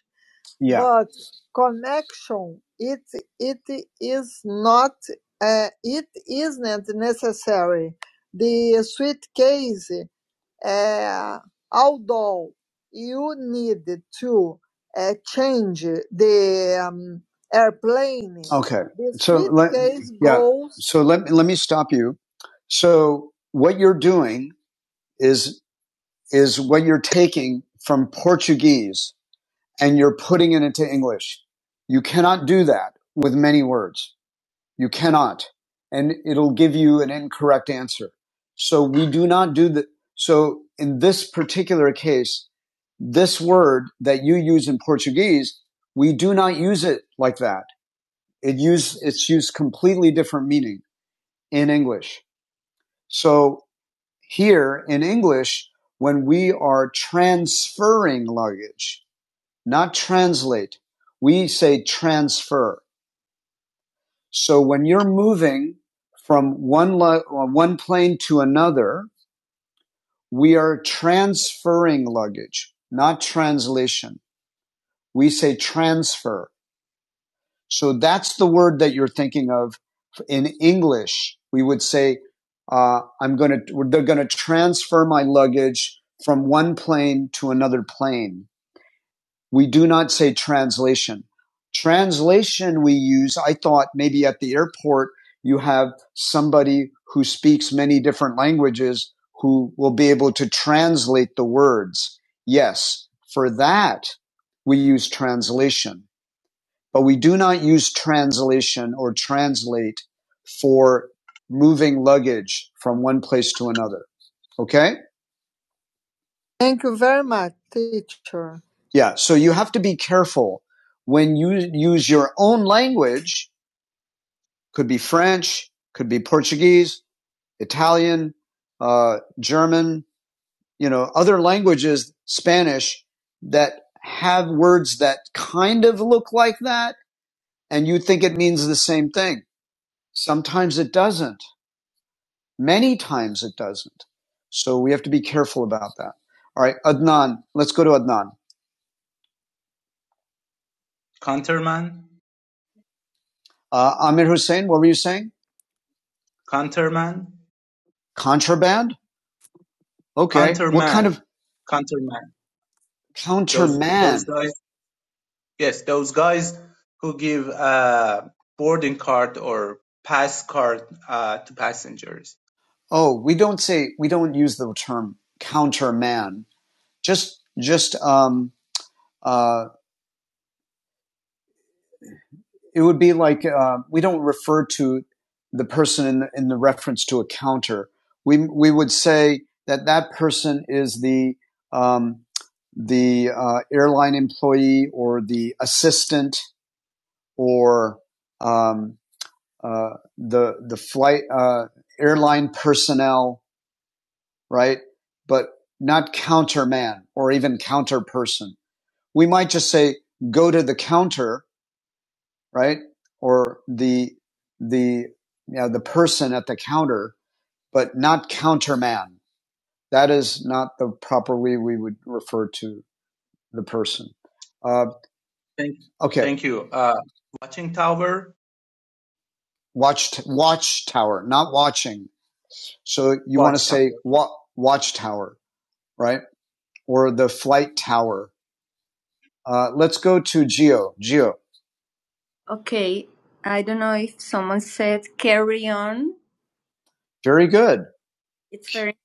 S1: yeah. but connection it it is not uh, it isn't necessary the suitcase uh, although you need to uh, change the um, airplane Okay. the So let suitcase yeah. goes So let me let me stop you. So what you're doing is is what you're taking from Portuguese and you're putting it into English. You cannot do that with many words. You cannot. And it'll give you an incorrect answer. So we do not do that. So in this particular case, this word that you use in Portuguese, we do not use it like that. It use, it's used completely different meaning in English. So here in English, when we are transferring luggage, not translate. We say transfer. So when you're moving from one lu- uh, one plane to another, we are transferring luggage, not translation. We say transfer. So that's the word that you're thinking of in English. We would say, uh, "I'm going to. They're going to transfer my luggage from one plane to another plane." We do not say translation. Translation we use, I thought maybe at the airport you have somebody who speaks many different languages who will be able to translate the words. Yes, for that we use translation, but we do not use translation or translate for moving luggage from one place to another. Okay? Thank you very much, teacher. Yeah, so you have to be careful when you use your own language, could be French, could be Portuguese, Italian, uh, German, you know, other languages, Spanish, that have words that kind of look like that, and you think it means the same thing. Sometimes it doesn't. Many times it doesn't. So we have to be careful about that. All right, Adnan, let's go to Adnan.
S5: counterman,
S1: Uh, Amir Hussein, what were you saying?
S5: counterman,
S1: Contraband? Okay. What kind
S5: counterman,
S1: of
S5: counterman. Those those
S1: counterman?
S5: guys. Yes, those guys who give uh, boarding card or pass card uh, to passengers.
S1: Oh, we don't say, we don't use the term counterman. Just, just, um, uh, it would be like, uh, we don't refer to the person in the, in the reference to a counter. We, we would say that that person is the, um, the uh, airline employee or the assistant or um, uh, the the flight uh, airline personnel, right? But not counterman or even counter person. We might just say go to the counter, right? Or the the you know, the person at the counter, but not counterman. That is not the proper way we would refer to the person. Uh,
S5: Thank
S1: okay,
S5: thank you. Uh, watching tower,
S1: watch t- watchtower, not watching. So you want
S5: watch
S1: to
S5: tower,
S1: say wa- watchtower, right? or the flight tower. Uh, let's go to Geo. Geo, very good. It's very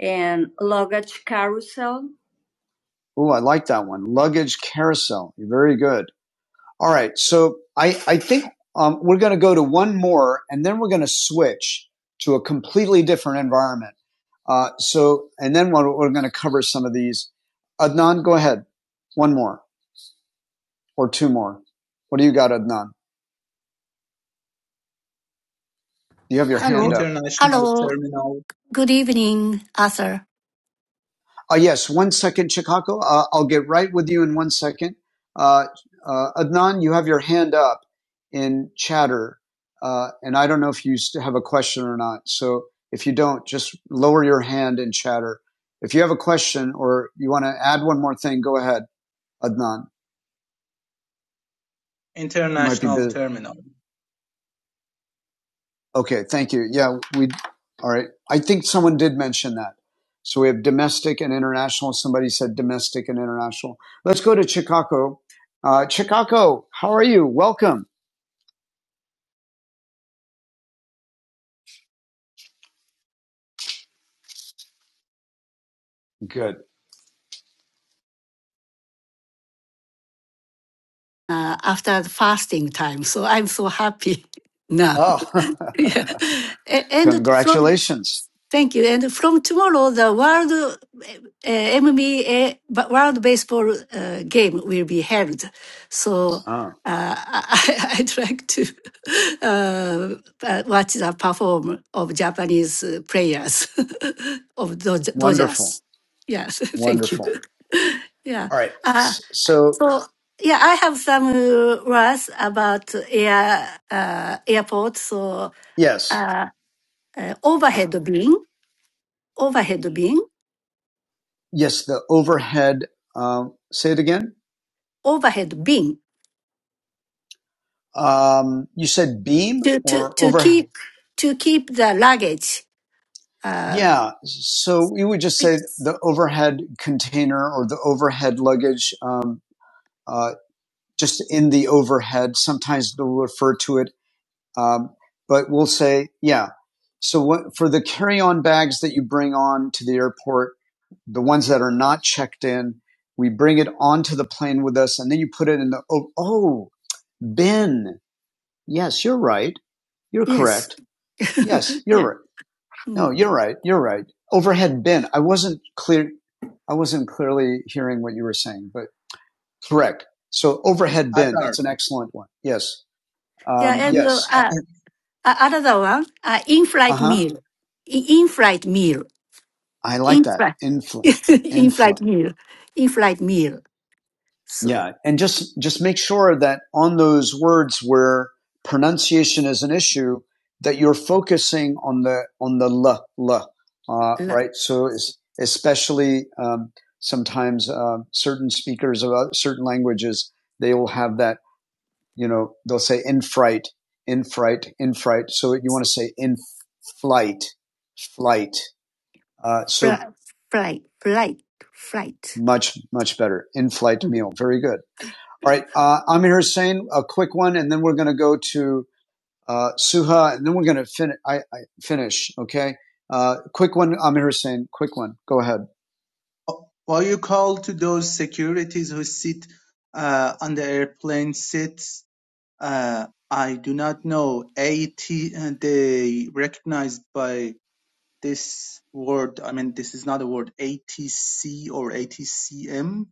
S1: and Ooh, I like that one. Luggage carousel. You're very good. All right. So I, I think um, we're going to go to one more and then we're going to switch to a completely different environment. Uh, so, and then we're, we're going to cover some of these. Adnan, go ahead. One more or two more. What do you got, Adnan? You have your hand
S6: Hello.
S1: up.
S5: international
S6: Hello.
S5: terminal,
S6: Good evening, Arthur.
S1: Uh, yes, one second, Chicago. Uh, I'll get right with you in one second. Uh, uh, Adnan, you have your hand up in chatter, uh, and I don't know if you st- have a question or not. So if you don't, just lower your hand in chatter. If you have a question or you want to add one more thing, go ahead, Adnan. You might be
S5: international
S1: busy.
S5: terminal.
S1: Okay, thank you. Yeah, we, all right. I think someone did mention that. So we have domestic and international. Somebody said domestic and international. Let's go to Chicago. Uh, Chicago, how are you? Welcome. Good.
S6: Uh, after the fasting time, so I'm so happy now.
S1: Oh,
S6: yeah. A- And from
S1: congratulations.
S6: thank you. And from tomorrow, the world uh, MBA ba- World Baseball uh, game will be held. So
S1: Ah,
S6: uh, I, I'd like to uh, uh, watch the perform of Japanese uh, players of Doj-
S1: wonderful.
S6: Dodgers. Yes, thank you.
S1: Wonderful.
S6: Yeah.
S1: All right.
S6: Uh,
S1: S- So,
S6: so yeah, I have some uh, words about air uh, airport. So
S1: yes,
S6: uh, overhead bin, overhead bin,
S1: yes, the overhead, um, say it again.
S6: overhead bin
S1: Um, you said beam
S6: to to
S1: or
S6: to
S1: over?
S6: keep to keep the luggage. Uh,
S1: Yeah. So we would just say
S6: it's-
S1: the overhead container or the overhead luggage, um, uh, just in the overhead. Sometimes they'll refer to it. Um, but we'll say, yeah. So what, for the carry on bags that you bring on to the airport, the ones that are not checked in, we bring it onto the plane with us and then you put it in the, oh, oh, bin. Yes, you're right. You're
S6: yes.
S1: correct. Yes, you're
S6: yeah.
S1: right No,
S6: Mm.
S1: you're right. You're right. Overhead bin. I wasn't clear. I wasn't clearly hearing what you were saying, but correct. So overhead bin.
S5: Atar.
S1: That's an excellent one. Yes. Um,
S6: Yeah, and uh,
S1: yes.
S6: uh, uh, another one, uh,
S1: Uh
S6: in-flight
S1: huh.
S6: meal, I- in-flight meal,
S1: I like that.
S6: in-flight,
S1: Infl. Infl.
S6: in-flight meal, in-flight meal. So.
S1: Yeah, and just just make sure that on those words where pronunciation is an issue, that you're focusing on the on the l l, uh, right? So es- especially um, sometimes uh, certain speakers of uh, certain languages they will have that you know they'll say in fright, in fright, in fright. So you want to say in flight, flight. Uh, so
S6: Fri- Flight, flight, flight.
S1: much much better in flight meal. Very good. All right, uh, Amir Hussein, a quick one, and then we're going to go to uh, Suha, and then we're going to fin- I, I finish. Okay, uh, quick one, Amir Hussein, quick one. Go ahead.
S5: What you call to those securities who sit uh, on the airplane seats? Uh, I do not know. AT uh, they recognized by this word. I mean, this is not a word. ATC or ATCM,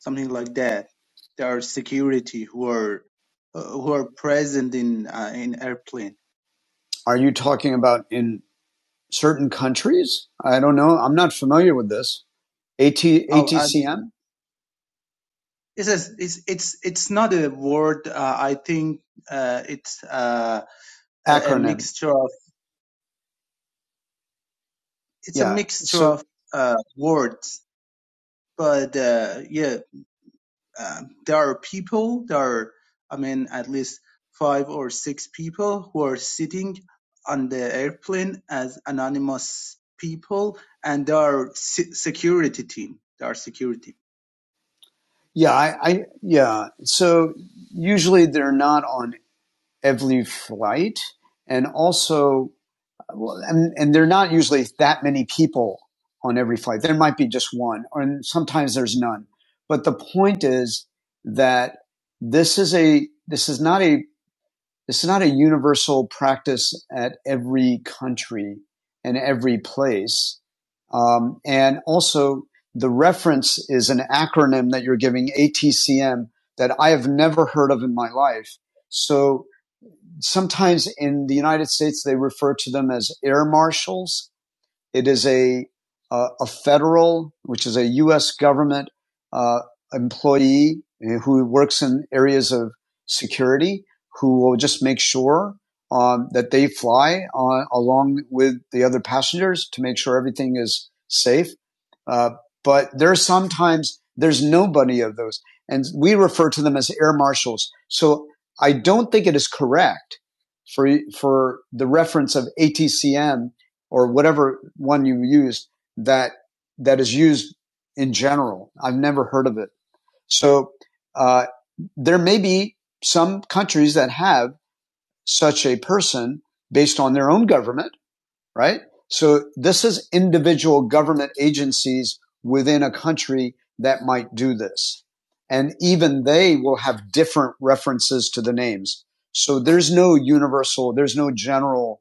S5: something like that. There are security who are uh, who are present in uh, in airplane.
S1: Are you talking about in certain countries? I don't know. I'm not familiar with this. AT,
S5: Oh, uh,
S1: ATCM
S5: it's, a- it's it's it's not a word. Uh, I think uh, it's. Uh, a, a
S1: acronym.
S5: mixture. it's a
S1: Yeah.
S5: mixture
S1: So
S5: of uh, words, but uh, yeah, um there are people. There are, I mean, at least five or six people who are sitting on the airplane as anonymous people, and there are se- security team. There are security.
S1: yeah, I, I yeah. So usually they're not on every flight, and also Well, and, and they're not usually that many people on every flight. There might be just one, or and sometimes there's none. But the point is that this is a this is not a this is not a universal practice at every country and every place. Um, and also, the reference is an acronym that you're giving ATCM that I have never heard of in my life. So sometimes in the United States, they refer to them as air marshals. It is a uh, a federal, which is a U.S. government uh, employee who works in areas of security, who will just make sure um, that they fly on, along with the other passengers to make sure everything is safe. Uh, but there are sometimes there's nobody of those, and we refer to them as air marshals. So I don't think it is correct for for the reference of ATCM or whatever one you use that that is used in general. I've never heard of it. So uh, there may be some countries that have such a person based on their own government right? So this is individual government agencies within a country that might do this. And even they will have different references to the names. So there's no universal, there's no general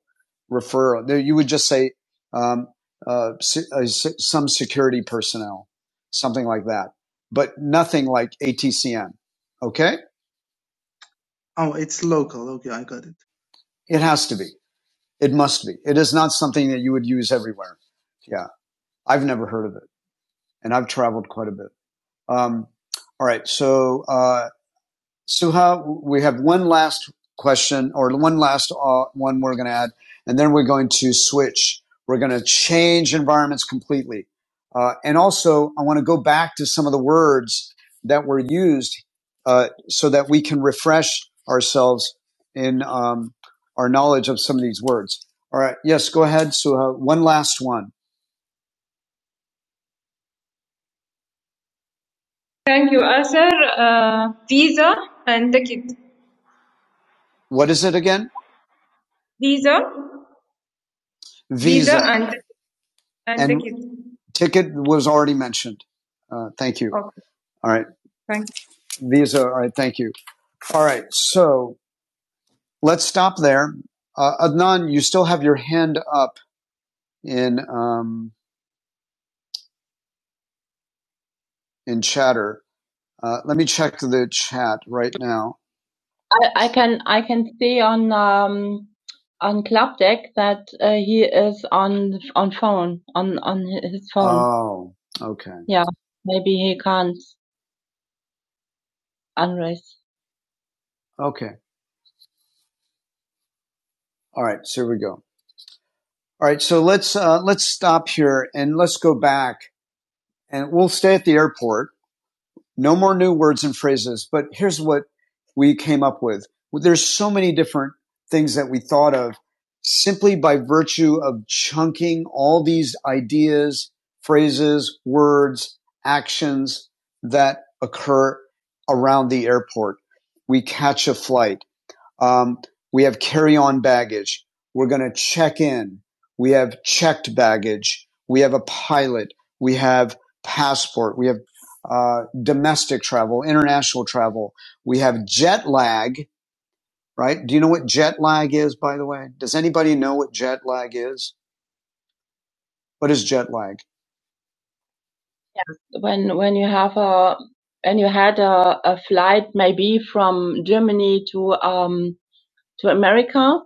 S1: referral. There, you would just say um, uh, uh, some security personnel, something like that, but nothing like ATCN. Okay?
S5: Oh, it's local. Okay, I got it.
S1: It has to be. It must be. It is not something that you would use everywhere. Yeah. I've never heard of it. and I've traveled quite a bit. Um, all right, so uh, Suha, we have one last question or one last uh, one we're going to add, and then we're going to switch. We're going to change environments completely, uh, and also I want to go back to some of the words that were used uh, so that we can refresh ourselves in um, our knowledge of some of these words. All right, yes, go ahead, Suha. One last one. Thank you, Asher. Uh, Visa and ticket. What is it again? Visa, Visa Visa. and and And ticket. ticket was already mentioned. Uh, thank you. Okay, All right. thank you. Visa. All right. Thank you. All right. So let's stop there. Uh, Adnan, you still have your hand up in, um, in chatter. Uh, let me check the chat right now. I, I can I can see on um on Club Deck that uh, he is on on phone on on his phone. Oh, okay. Yeah, maybe he can't unraise. Okay. All right. So here we go. All right. So let's, uh, let's stop here and let's go back and we'll stay at the airport. no more new words and phrases, but here's what we came up with. There's so many different things that we thought of simply by virtue of chunking all these ideas, phrases, words, actions that occur around the airport. We catch a flight. Um, we have carry on baggage. We're going to check in. We have checked baggage. We have a pilot. We have passport. We have uh, domestic travel, international travel. We have jet lag, right? Do you know what jet lag is, by the way? Does anybody know what jet lag is? What is jet lag? When when you have a when you had a, a flight maybe from Germany to um to America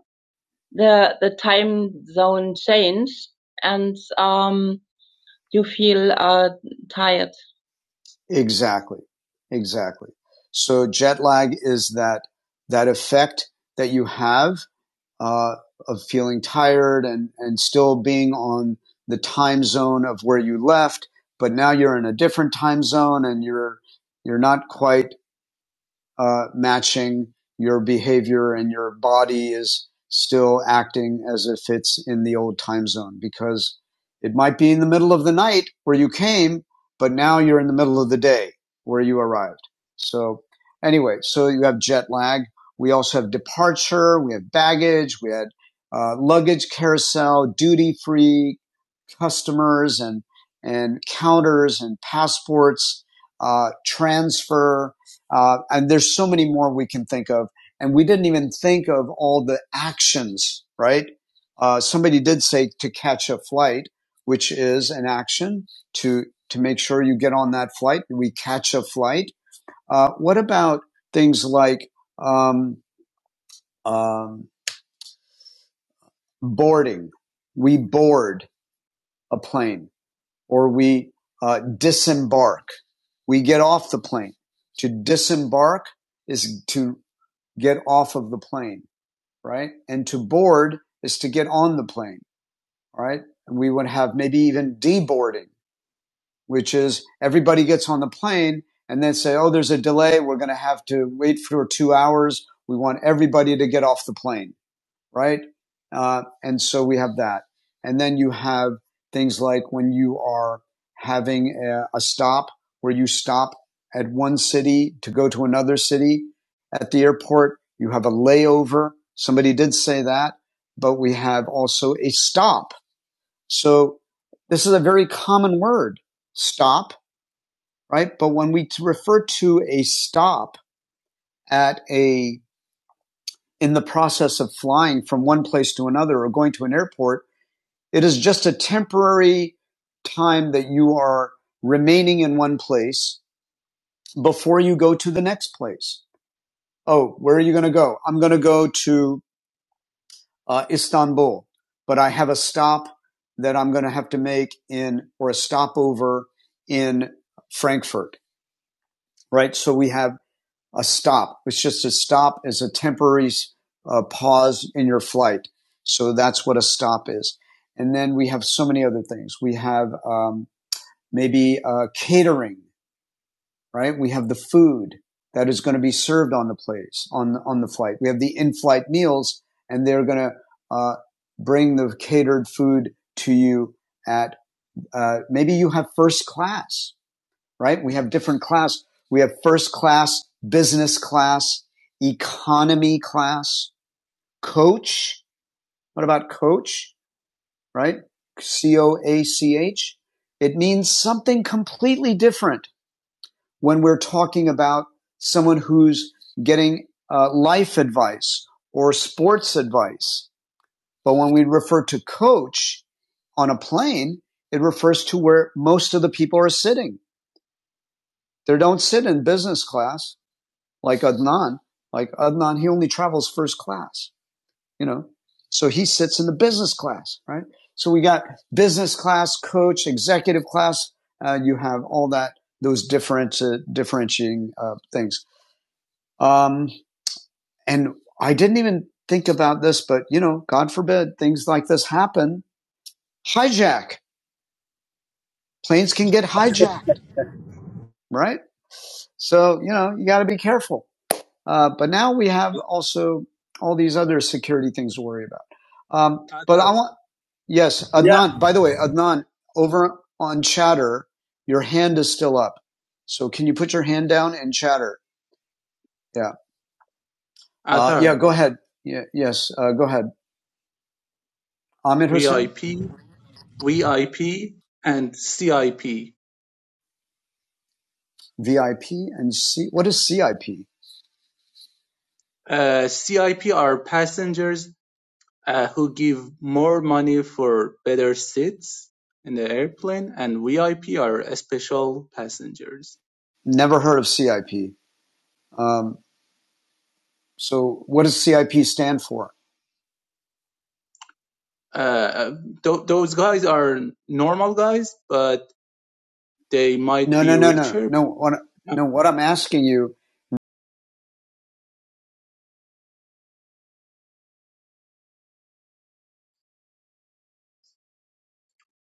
S1: the the time zone change and um, you feel uh, tired. Exactly, exactly. So jet lag is that that effect that you have uh, of feeling tired and and still being on the time zone of where you left, but now you're in a different time zone and you're you're not quite uh, matching, your behavior and your body is still acting as if it's in the old time zone because it might be in the middle of the night where you came, but now you're in the middle of the day where you arrived. So anyway, so you have jet lag. We also have departure. We have baggage. We had uh, luggage carousel, duty free customers and and counters and passports, uh, transfer, uh, and there's so many more we can think of. And we didn't even think of all the actions, right? Uh, somebody did say to catch a flight, which is an action to, to make sure you get on that flight. We catch a flight. Uh, what about things like, um, um, boarding? We board a plane or we, uh, disembark. We get off the plane. To disembark is to get off of the plane right? And to board is to get on the plane, all right? And we would have maybe even deboarding, which is everybody gets on the plane and then say, oh, there's a delay. We're going to have to wait for two hours. We want everybody to get off the plane right? Uh, and so we have that. And then you have things like when you are having a, a stop where you stop at one city to go to another city at the airport. You have a layover. Somebody did say that, but we have also a stop. So this is a very common word, stop, right? But when we refer to a stop at a, in the process of flying from one place to another or going to an airport, It is just a temporary time that you are remaining in one place before you go to the next place. Oh, where are you going to go? I'm going to go to uh, Istanbul, but I have a stop that I'm going to have to make in or a stopover in Frankfurt, right? So we have a stop. It's just a stop is a temporary uh, pause in your flight. So that's what a stop is. And then we have so many other things. We have, um, maybe uh, catering, right? We have the food that is going to be served on the place, on, on the flight. We have the in flight meals, and they're going to uh, bring the catered food to you at uh, maybe you have first class, right? We have different class. We have first class, business class, economy class, coach. What about coach, right? C O A C H. It means something completely different when we're talking about someone who's getting uh, life advice or sports advice. But when we refer to coach on a plane, it refers to where most of the people are sitting. They don't sit in business class like Adnan. Like Adnan, he only travels first class, you know? So he sits in the business class, right? So we got business class, coach, executive class. Uh, you have all that, those different, uh, differentiating uh, things. Um, and I didn't even think about this, but you know, God forbid things like this happen. Hijack. Planes can get hijacked, right? So, you know, you got to be careful. Uh, but now we have also all these other security things to worry about. Um, but
S5: Athar,
S1: I want, yes,
S4: Yeah.
S1: Adnan, by the way, Adnan, over on chatter, your hand is still up. So can you put your hand down and chatter? Yeah. Uh, yeah,
S5: Athar,
S1: go ahead. Yeah, yes, uh, go ahead. Ahmed Hussein?
S5: VIP, VIP, and CIP.
S1: VIP and C. What is CIP?
S5: Uh, CIP are passengers uh, who give more money for better seats in the airplane, and VIP are special passengers.
S1: Never heard of CIP. Um, so what does CIP stand for?
S5: Uh, th- those guys are normal guys, but they might
S1: No, no,
S5: be
S1: no, no,
S5: richer.
S1: no. What, no, what I'm asking you,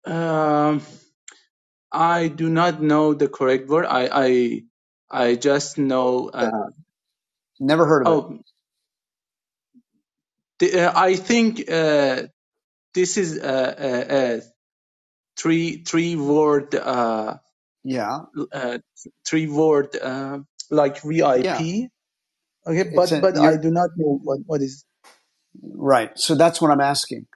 S5: Um, I do not know the correct word. I I I just know.
S1: but
S5: Uh,
S1: never heard of it.
S5: oh, the, uh, I think uh, this is a, a, a three three word. Uh,
S1: Yeah,
S5: uh, three word uh, like
S1: yeah.
S5: VIP. Okay,
S1: It's
S5: but
S1: a,
S5: but I
S1: you're
S5: do not know what what is
S1: right. So that's what I'm asking.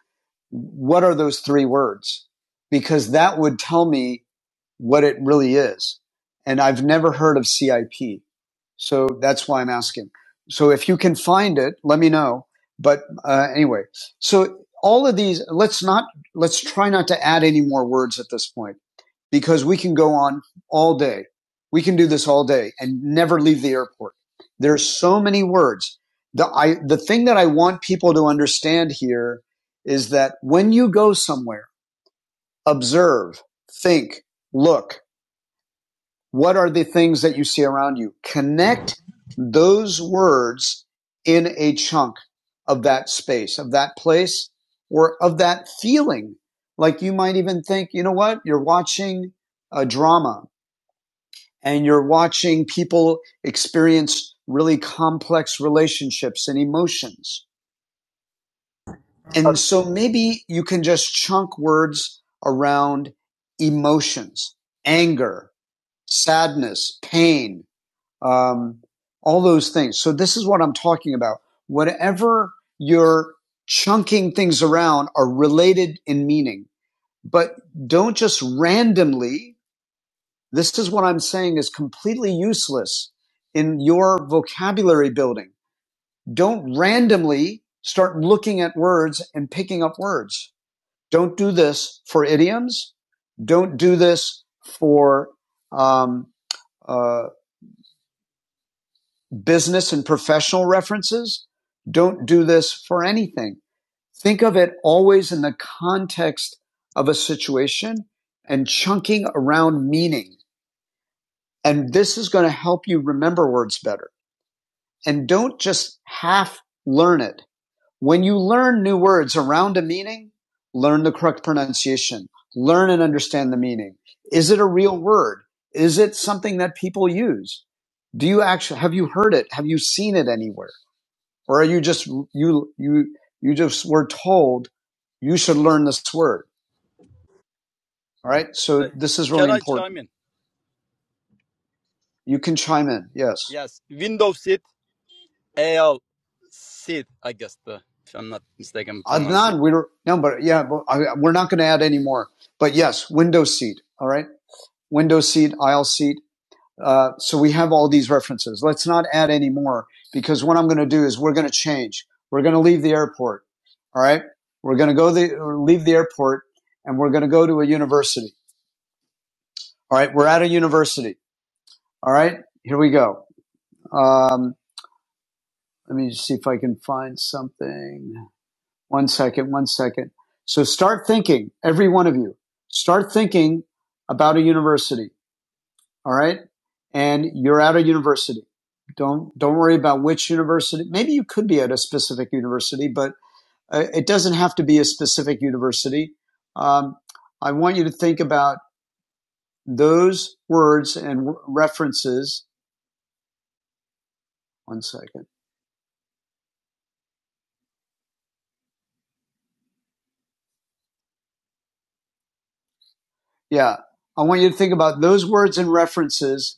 S1: What are those three words? Because that would tell me what it really is. And I've never heard of CIP. So that's why I'm asking. So if you can find it, let me know. But uh, anyway, so all of these, let's not, let's try not to add any more words at this point because we can go on all day. We can do this all day and never leave the airport. There are so many words. The, I, the thing that I want people to understand here is that when you go somewhere, observe, think, look, what are the things that you see around you? Connect those words in a chunk of that space, of that place, or of that feeling. Like you might even think, you know what? You're watching a drama and you're watching people experience really complex relationships and emotions. And
S4: uh,
S1: so maybe you can just chunk words around emotions, anger, sadness, pain, um, all those things. So this is what I'm talking about. Whatever you're chunking things around are related in meaning, but don't just randomly. This is what I'm saying is completely useless in your vocabulary building. Don't randomly start looking at words and picking up words. Don't do this for idioms. Don't do this for um, uh, business and professional references. Don't do this for anything. Think of it always in the context of a situation and chunking around meaning. And this is going to help you remember words better. And don't just half learn it. When you learn new words around a meaning, learn the correct pronunciation, learn and understand the meaning. Is it a real word? Is it something that people use? Do you actually, have you heard it? Have you seen it anywhere? Or are you just, you, you, you just were told you should learn this word. All right. So this is
S4: Can
S1: really
S4: I chime
S1: important.
S4: in?
S1: You can chime in. Yes.
S4: Yes. Window seat, AL seat, I guess, the, if I'm not mistaken,
S1: Adnan,
S4: pronunciation.
S1: we were, no, but yeah, but I, we're not going to add any more. But yes, window seat. All right. Window seat, aisle seat. Uh, so we have all these references. Let's not add any more because what I'm going to do is we're going to change. We're going to leave the airport. All right. We're going to go the, or leave the airport and we're going to go to a university. All right. We're at a university. All right, here we go. Um, let me just see if I can find something. One second, one second. So start thinking, every one of you, start thinking about a university. All right. And you're at a university. Don't, don't worry about which university. Maybe you could be at a specific university, but uh, it doesn't have to be a specific university. Um, I want you to think about those words and references. One second. Yeah. I want you to think about those words and references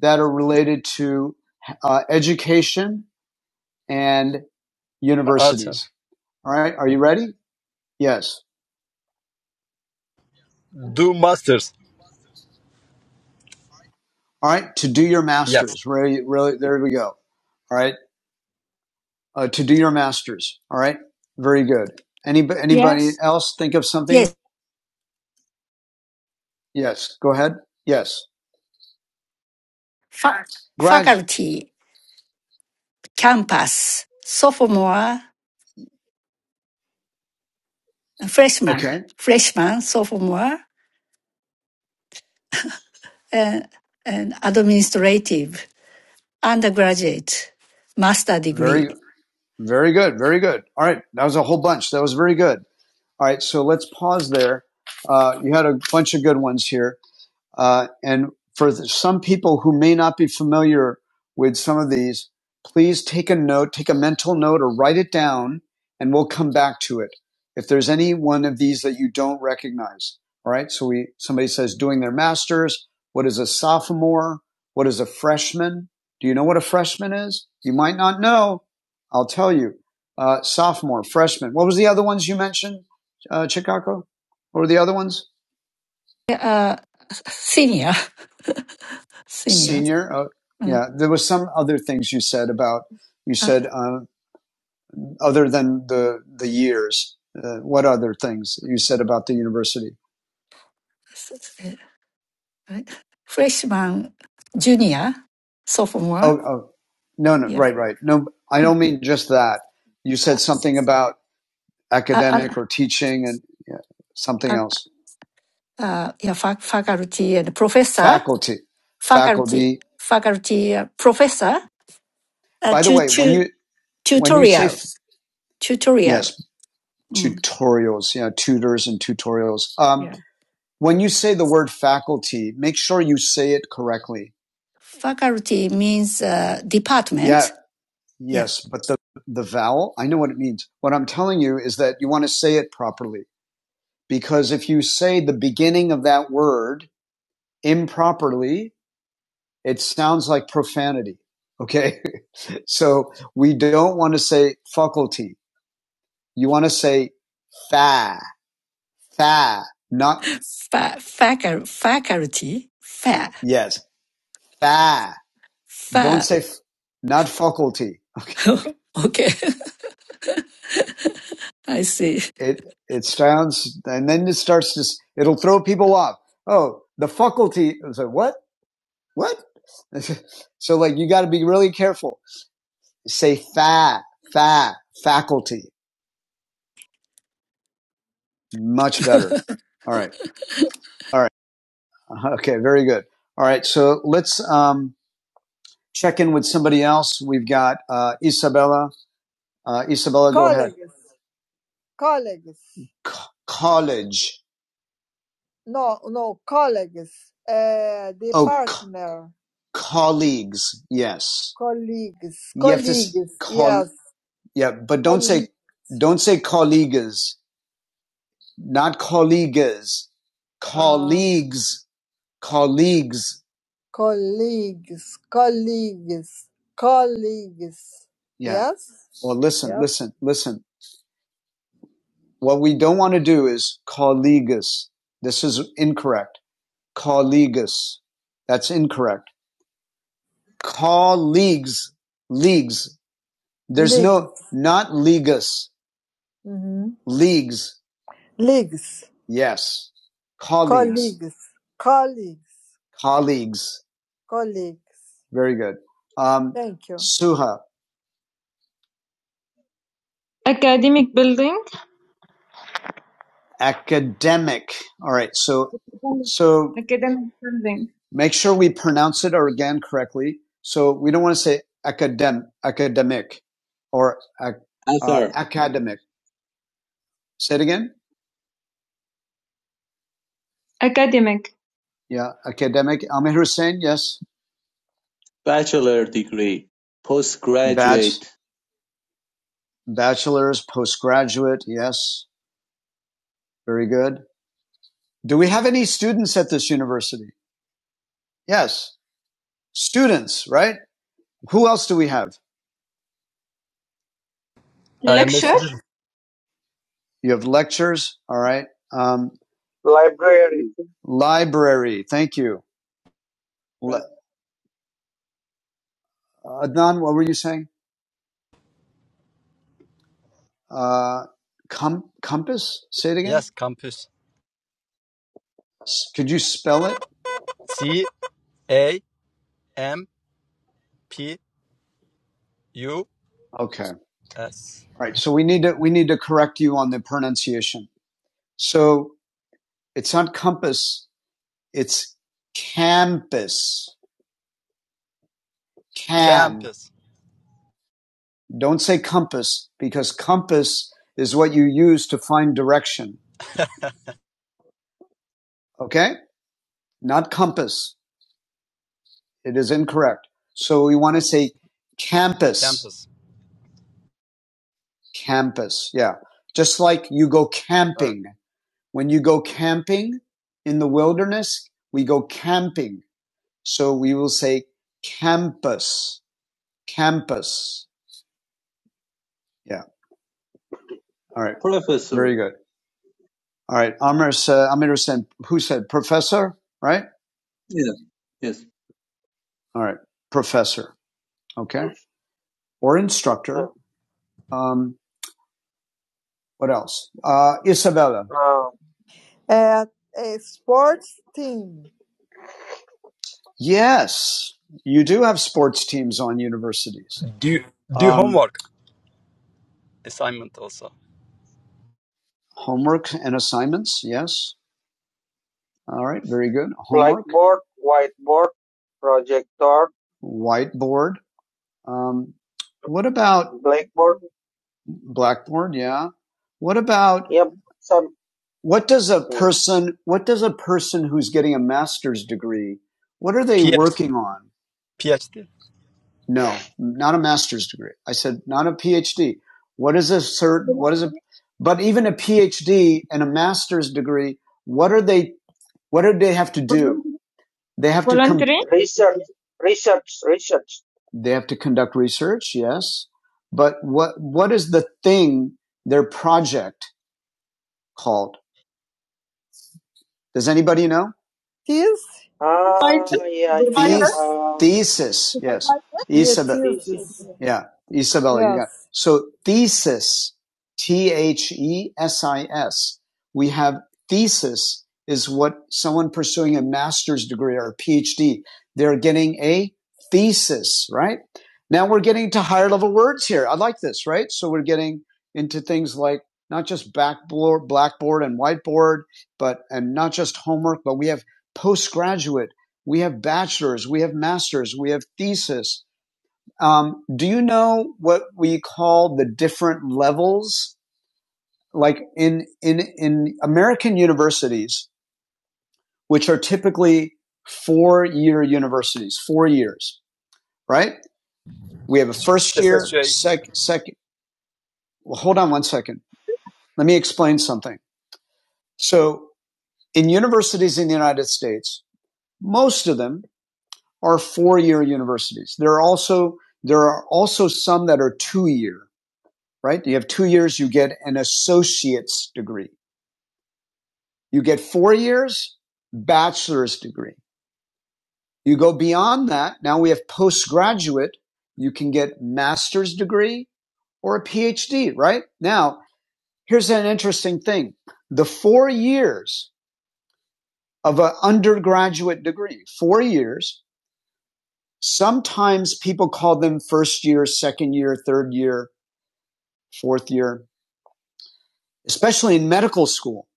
S1: that are related to uh, education and universities. All right. Are you ready? Yes.
S4: Do masters.
S1: All right. To do your
S4: Yes.
S1: masters. Really, really, there we go. All right. Uh, to do your masters. All right. Very good. Anybody, anybody
S6: Yes.
S1: else think of something?
S6: Yes,
S1: Yes. Go ahead. Yes.
S6: fa-
S1: Grad.
S6: faculty, campus, sophomore, uh, freshman,
S1: Okay.
S6: freshman, sophomore, and, and administrative, undergraduate, master degree,
S1: Very, very good. Very good. All right. That was a whole bunch. That was very good. All right, so let's pause there. Uh, you had a bunch of good ones here. Uh, and for the, some people who may not be familiar with some of these, please take a note, take a mental note or write it down and we'll come back to it. If there's any one of these that you don't recognize. All right. So we, somebody says doing their masters. What is a sophomore? What is a freshman? Do you know what a freshman is? You might not know. I'll tell you. Uh, sophomore, freshman. What was the other ones you mentioned, uh, Chicago? What were the other ones?
S6: uh, senior, senior,
S1: senior. Uh,
S6: mm,
S1: yeah, there was some other things you said about you
S6: uh,
S1: said uh, other than the the years. Uh, what other things you said about the university?
S6: s- s- uh, right? freshman, junior, sophomore,
S1: Oh, oh, no, no,
S6: yeah.
S1: right, right. No, I
S6: mm,
S1: don't mean just that. You
S6: Uh,
S1: said something about
S6: uh,
S1: academic or teaching and yeah, something
S6: uh,
S1: else.
S6: uh, yeah, fac- faculty and professor,
S1: Faculty,
S6: faculty,
S1: faculty.
S6: faculty uh, professor, uh,
S1: By the
S6: tu-
S1: way, when
S6: tu-
S1: you when you say
S6: tutorial,
S1: f-
S6: tutorial.
S1: yes,
S6: Mm.
S1: tutorials, you know, tutors and tutorials. Um, when you say the word faculty, make sure you say it correctly.
S6: Faculty means uh,
S1: Yeah,
S6: department. Yeah,
S1: yes, but the the vowel, I know what it means. What I'm telling you is that you want to say it properly because if you say the beginning of that word improperly, it sounds like profanity. Okay? so we don't want to say faculty. You want to say fa, fa, not
S6: fa- facu- faculty, fa,
S1: yes, fa. Don't
S6: fa.
S1: say f- not faculty. Okay?
S6: okay, I see.
S1: it it sounds, and then it starts to it'll throw people off. Oh, the faculty. I was like what? What? so like you got to be really careful. Say fat, fat, faculty. Much better. All right. All right. Okay. Very good. All right. So let's um, check in with somebody else. We've got uh, Isabella. Uh, Isabella, colleges. go ahead. Colleagues. Colleagues. college. No, no, colleagues, uh, the Oh, c- partner, Co colleagues. Yes. colleagues, colleagues, call. yes, Yeah, but don't colleagues. say don't say colleagues. Not colleagues. Uh, Colleagues. uh, Colleagues. colleagues, colleagues, colleagues. Yeah. Yes, Well, listen, yes. listen, listen. What we don't want to do is colleagues. This is incorrect. colleagues. That's incorrect. Colleagues, leagues. There's leagues. no, not leagues, hmm leagues. Leagues. Yes. Colleagues, Colleagues. Colleagues. colleagues. Colleagues. Very good. Um, Thank you. Suha, Academic building. academic. All right. So, so Academic something. make sure we pronounce it or again correctly. So we don't want to say academ, academic or uh,
S5: author,
S1: academic. Say it again. Academic. Yeah, academic. Amir Hussein, yes.
S5: bachelor degree,
S1: Batch,
S5: postgraduate,
S1: bachelor's, postgraduate, yes. Very good. Do we have any students at this university? Yes. Students, right? Who else do we have?
S4: I am a
S1: Lecture.
S4: student.
S1: You have lectures. All right. Um, Library. library. Thank you.
S5: pre-
S1: Le- Adnan, what were you saying? Uh, com- compass. Say it again.
S4: Yes, campus.
S1: S- could you spell it?
S4: C A M P U
S1: Okay.
S4: S.
S1: All right. So we need to, we need to correct you on the pronunciation. So it's not compass. It's campus. Cam.
S4: Campus.
S1: Don't say compass because compass is what you use to find direction. Okay. Not compass. It is incorrect. So we want to say campus,
S4: Campus.
S1: campus. Yeah. Just like you go camping. When you go camping in the wilderness, we go camping. So we will say campus, campus. Yeah. All right.
S5: professor.
S1: Very good. All right. Amr said, Amir said, who said professor, right?
S5: Yeah, yes,
S1: All right. Professor. Okay. Or instructor. Um, what else? Uh, Isabella. At a sports team. Yes, you do have sports teams on universities.
S4: Do do
S1: Um,
S4: homework assignment also.
S1: homework and assignments. Yes. All right. Very good. Homework. Whiteboard, whiteboard, projector, Whiteboard. Um, what about blackboard. blackboard? Yeah. What about Yep. Some what does a person? What does a person who's getting a master's degree? What are they
S4: PhD.
S1: working on?
S4: PhD.
S1: No, not a master's degree. I said, not a PhD. What is a cert? What is a, but even a PhD and a master's degree, what are they, what do they have to do? They have Volunteering? to come, Research, research, research. they have to conduct research. Yes. But what, what is the thing, their project called? Does anybody know? Theus? Ah, yeah, The yeah. Thesis, Um, thesis, yes. writer? Yes, Isabel, thesis. yeah, Isabella, you got. Yes. So thesis, T H E S I S. We have thesis is what someone pursuing a master's degree or a PhD, they're getting a thesis, right? Now we're getting to higher level words here. I like this, right? So we're getting into things like not just backboard, blackboard and whiteboard, but, and not just homework, but we have postgraduate, we have bachelor's, we have master's, we have thesis. Um, do you know what we call the different levels? Like in, in, in American universities, which are typically four year universities, four years, right? We have a first year,
S4: Association.
S1: sec, second. Well, hold on one second. Let me explain something. So in universities in the United States, most of them, are four-year universities. There are also there are also some that are two-year, right? You have two years, you get an associate's degree. You get four years, bachelor's degree. You go beyond that. Now we have postgraduate. You can get master's degree or a PhD, right? Now, here's an interesting thing. The four years of an undergraduate degree, four years, sometimes people call them first year, second year, third year, fourth year, especially in medical school.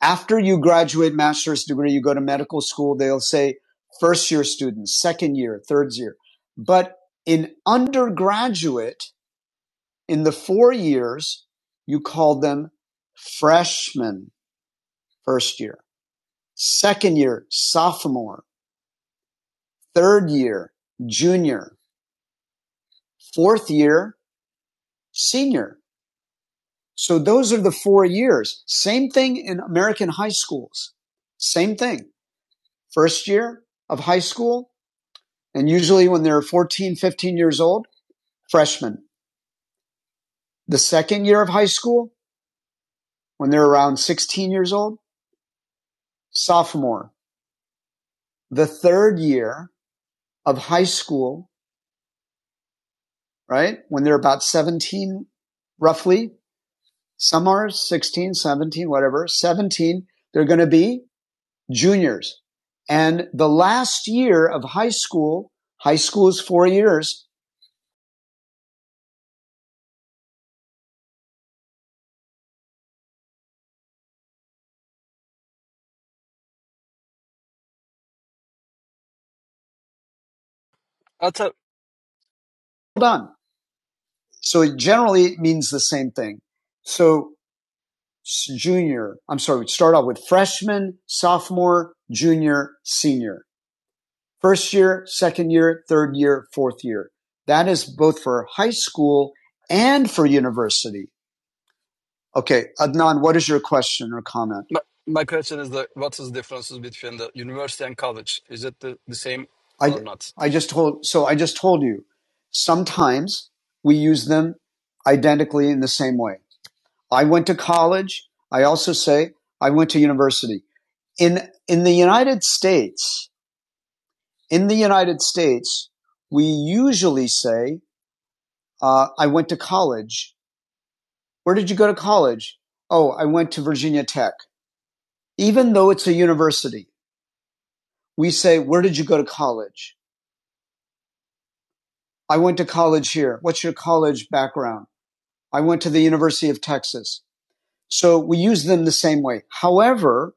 S1: After you graduate master's degree, you go to medical school, they'll say first year students, second year, third year. But in undergraduate, in the four years, you call them freshmen first year, second year, sophomore, third year, junior, fourth year, senior. So those are the four years. Same thing in American high schools. Same thing. first year of high school, and usually when they're fourteen, fifteen years old, freshman. The second year of high school, when they're around 16 years old, sophomore. The third year of high school, right? When they're about 17, roughly, some are 16, 17, whatever, 17, they're going to be juniors. And the last year of high school, high school is four years, done. So it generally means the same thing. So junior, I'm sorry, we start off with freshman, sophomore, junior, senior. First year, second year, third year, fourth year. That is both for high school and for university. Okay, Adnan, what is your question or comment?
S4: My, my question is that what is the differences between the university and college? Is it the, the same or
S1: I
S4: not?
S1: I just told so I just told you. Sometimes we use them identically in the same way. I went to college. I also say I went to university. In in the United States, in the United States, we usually say, uh, I went to college. Where did you go to college? Oh, I went to Virginia Tech. Even though it's a university, we say, Where did you go to college? I went to college here. What's your college background? I went to the University of Texas. So we use them the same way. However,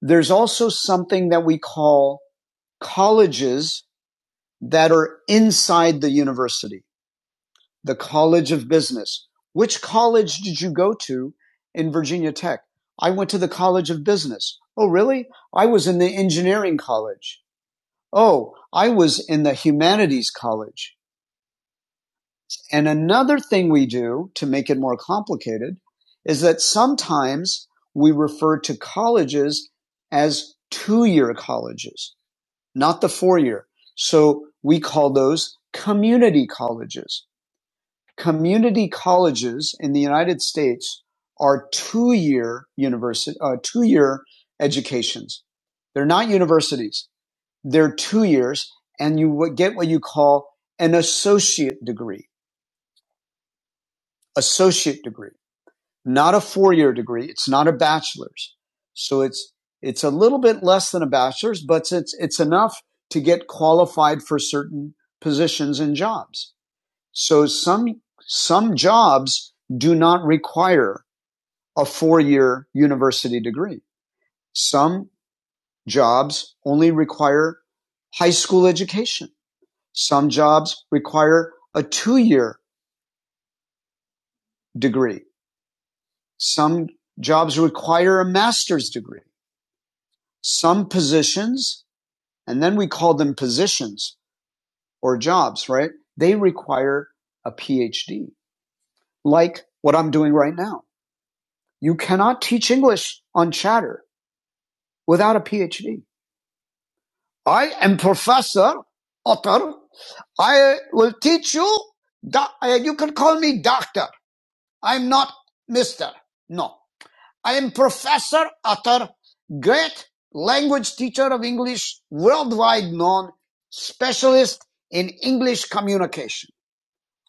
S1: there's also something that we call colleges that are inside the university. the College of Business. Which college did you go to in Virginia Tech? I went to the College of Business. Oh, really? I was in the engineering college. Oh, I was in the humanities college. And another thing we do to make it more complicated is that sometimes we refer to colleges as two year colleges, not the four year. So we call those community colleges. Community colleges in the United States are two-year university, uh, two-year educations. They're not universities. They're two years, and you get what you call an associate degree. Associate degree, not a four-year degree. It's not a bachelor's, so it's it's a little bit less than a bachelor's, but it's it's enough to get qualified for certain positions and jobs. So some some jobs do not require a four-year university degree. Some jobs only require high school education. Some jobs require a two-year degree. Some jobs require a master's degree. Some positions, and then we call them positions or jobs, right? They require a PhD, like what I'm doing right now. You cannot teach English on chatter. without a PhD. I am Professor Otter. I will teach you. doc- uh, You can call me doctor. I'm not Mister. No, I am Professor Otter, great language teacher of English, worldwide known, specialist in English communication.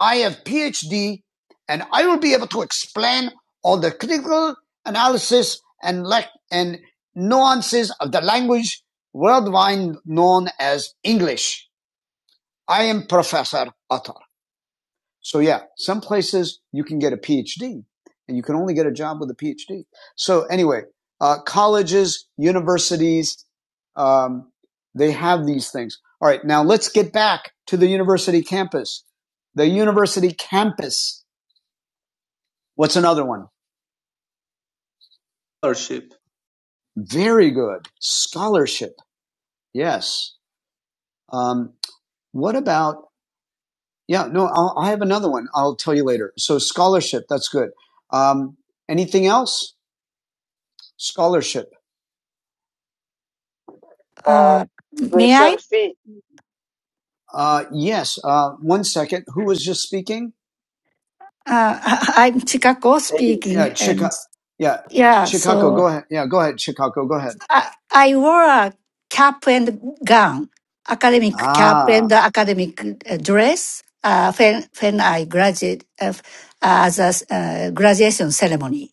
S1: I have PhD and I will be able to explain all the critical analysis and lec- and nuances of the language worldwide known as English. I am Professor Utter. So yeah, some places you can get a PhD and you can only get a job with a PhD. So anyway, uh, colleges, universities, um, they have these things. All right, now let's get back to the university campus. The university campus What's another one?
S5: scholarship.
S1: Very good. Scholarship. Yes. Um, what about, yeah, no, I'll, I have another one. I'll tell you later. So scholarship, that's good. Um, anything else? Scholarship. Uh,
S6: Uh, may I? Uh,
S1: tuition fee, Uh, yes. Uh, one second. Who was just speaking?
S6: I- I'm Chicago
S1: Eddie.
S6: speaking,
S1: Yeah,
S6: and
S1: Chicago. Yeah,
S6: yeah,
S1: Chicago.
S6: so
S1: Go ahead. Yeah, go ahead, Chicago. Go ahead.
S6: I, I wore a cap and gown, academic cap
S1: Ah,
S6: and academic uh, dress uh, when, when I graduated uh, as a uh, graduation ceremony,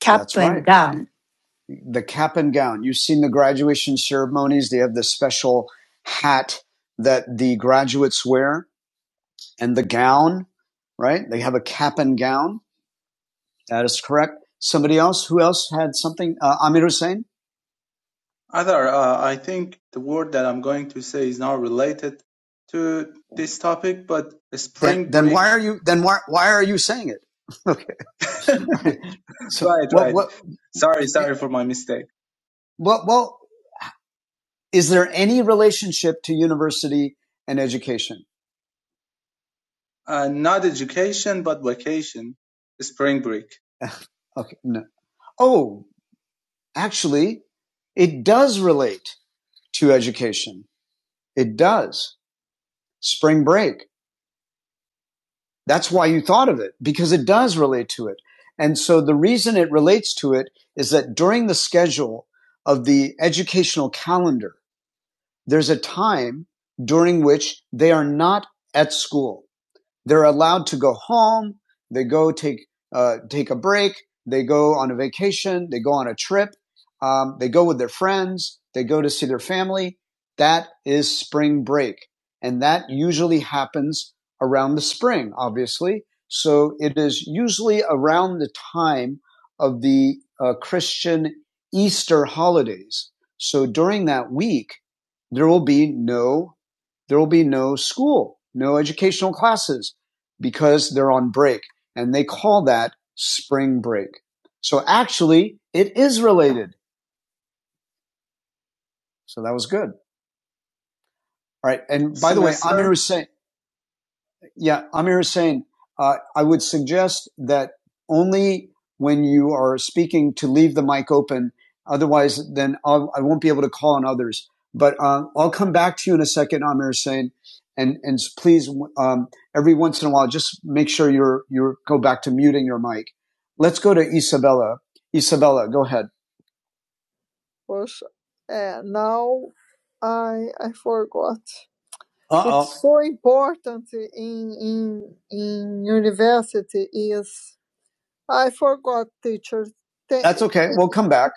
S6: cap
S1: that's right.
S6: and gown.
S1: the cap and gown. You've seen the graduation ceremonies. They have the special hat that the graduates wear and the gown, right? They have a cap and gown. That is correct. Somebody else? Who else had something? Uh, Amir Hussein?
S5: Other, uh, I think the word that I'm going to say is not related to this topic, but
S1: Then,
S5: spring
S1: then why
S5: break.
S1: are you, then why, why are you saying it? okay. All right. So
S5: Right,
S1: what,
S5: right.
S1: what,
S5: Sorry,
S1: eh,
S5: sorry for my mistake.
S1: well, well, is there any relationship to university and education?
S5: Uh, not education, but vacation, spring break,
S1: okay. No. Oh, actually, it does relate to education. It does. Spring break. That's why you thought of it because it does relate to it. And so the reason it relates to it is that during the schedule of the educational calendar, there's a time during which they are not at school. They're allowed to go home. They go take uh, take a break. They go on a vacation. They go on a trip. Um, they go with their friends. They go to see their family. That is spring break, and that usually happens around the spring, obviously. So it is usually around the time of the uh, Christian Easter holidays. So during that week, there will be no, there will be no school, no educational classes, because they're on break. And they call that spring break. So actually, it is related. So that was good. All right. And by the way, Amir
S5: semester,
S1: was saying, Yeah, Amir is saying, uh, I would suggest that only when you are speaking to leave the mic open. Otherwise, then I'll, I won't be able to call on others. But uh, I'll come back to you in a second, Amir is saying, and and please, um, every once in a while, just make sure you're you go back to muting your mic. Let's go to Isabella. Isabella, go ahead. Well, uh, now I I forgot. Uh-oh. What's so important in in in university is I forgot teacher. Th- That's okay. We'll come back.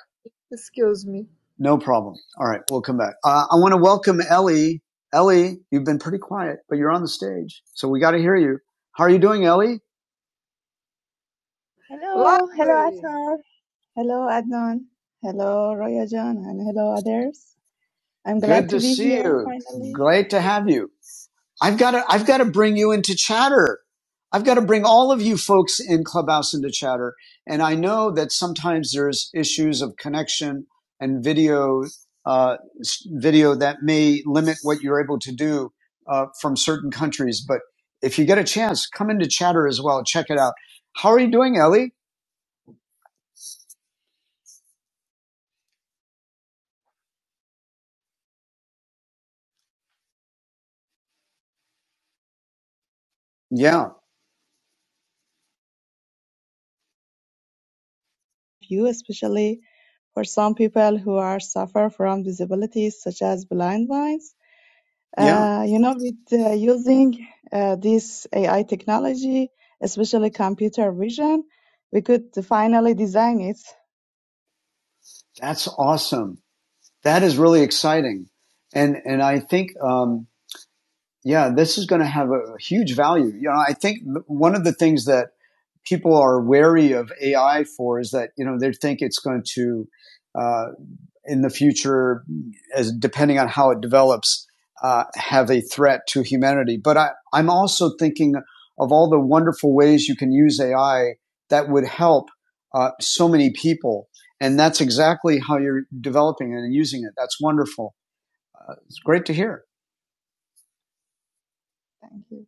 S1: Excuse me. No problem. All right. We'll come back. Uh, I want to welcome Ellie. Ellie, you've been pretty quiet, but you're on the stage. So we got to hear you. How are you doing, Ellie?
S7: Hello, hello
S1: Library.
S7: Atam. Hello Adnan. Hello Roya Jan and hello others. I'm glad
S1: Good
S7: to
S1: to
S7: be
S1: see
S7: here
S1: you.
S7: finally.
S1: Great to have you. I've got to I've got to bring you into chatter. I've got to bring all of you folks in Clubhouse into chatter. And I know that sometimes there's issues of connection and video uh, video that may limit what you're able to do uh, from certain countries. But if you get a chance, come into chatter as well. Check it out. How are you doing, Ellie? Yeah,
S7: You especially for some people who are suffer from disabilities such as blind minds.
S1: yeah,
S7: Uh, you know, with uh, using uh, this AI technology, especially computer vision, we could finally design it.
S1: that's awesome. That is really exciting. And and I think. Um, yeah, this is going to have a huge value. You know, I think one of the things that people are wary of AI for is that you know they think it's going to uh, in the future, as depending on how it develops, uh, have a threat to humanity. But I, I'm also thinking of all the wonderful ways you can use AI that would help uh, so many people. And that's exactly how you're developing it and using it. That's wonderful. It's great to hear.
S7: Thank you.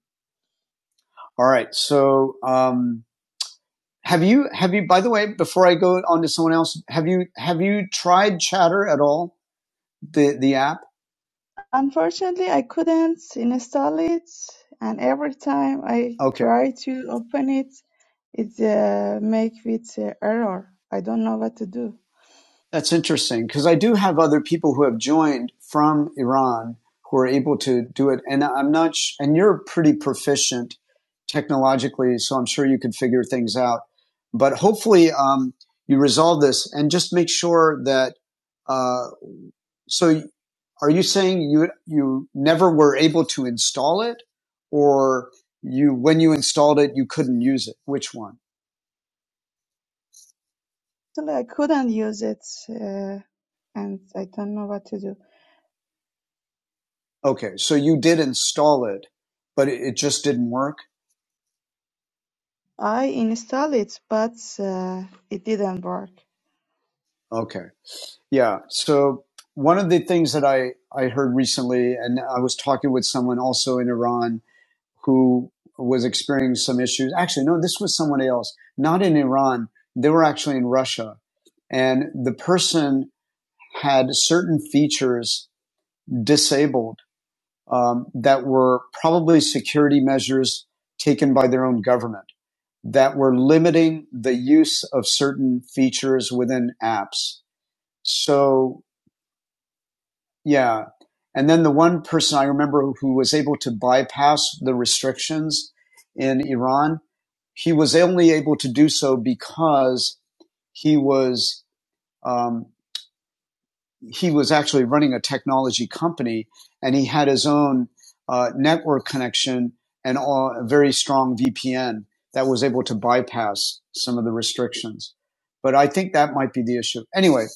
S1: All right. So, um, Have you have you by the way, before I go on to someone else, have you have you tried Chatter at all? The the app?
S7: Unfortunately, I couldn't install it, and every time I
S1: Okay.
S7: try to open it, it uh, make with uh, error. I don't know what to do.
S1: That's interesting because I do have other people who have joined from Iran who are able to do it and I'm not sh- and you're pretty proficient technologically, so I'm sure you could figure things out. But hopefully um, you resolve this and just make sure that uh, so are you saying you you never were able to install it or you when you installed it you couldn't use it which one
S7: Actually, I couldn't use it, uh, and I don't know what to do.
S1: okay so you did install it but it, just didn't work
S7: I install it, but uh, it didn't work.
S1: okay yeah so one of the things that i i heard recently and i was talking with someone also in iran who was experiencing some issues actually no this was someone else not in iran they were actually in russia and the person had certain features disabled um, that were probably security measures taken by their own government that were limiting the use of certain features within apps. So, yeah. And then the one person I remember who was able to bypass the restrictions in Iran, he was only able to do so because he was. um, he was actually running a technology company and he had his own uh, network connection and all, a very strong VPN that was able to bypass some of the restrictions. But I think that might be the issue. Anyway,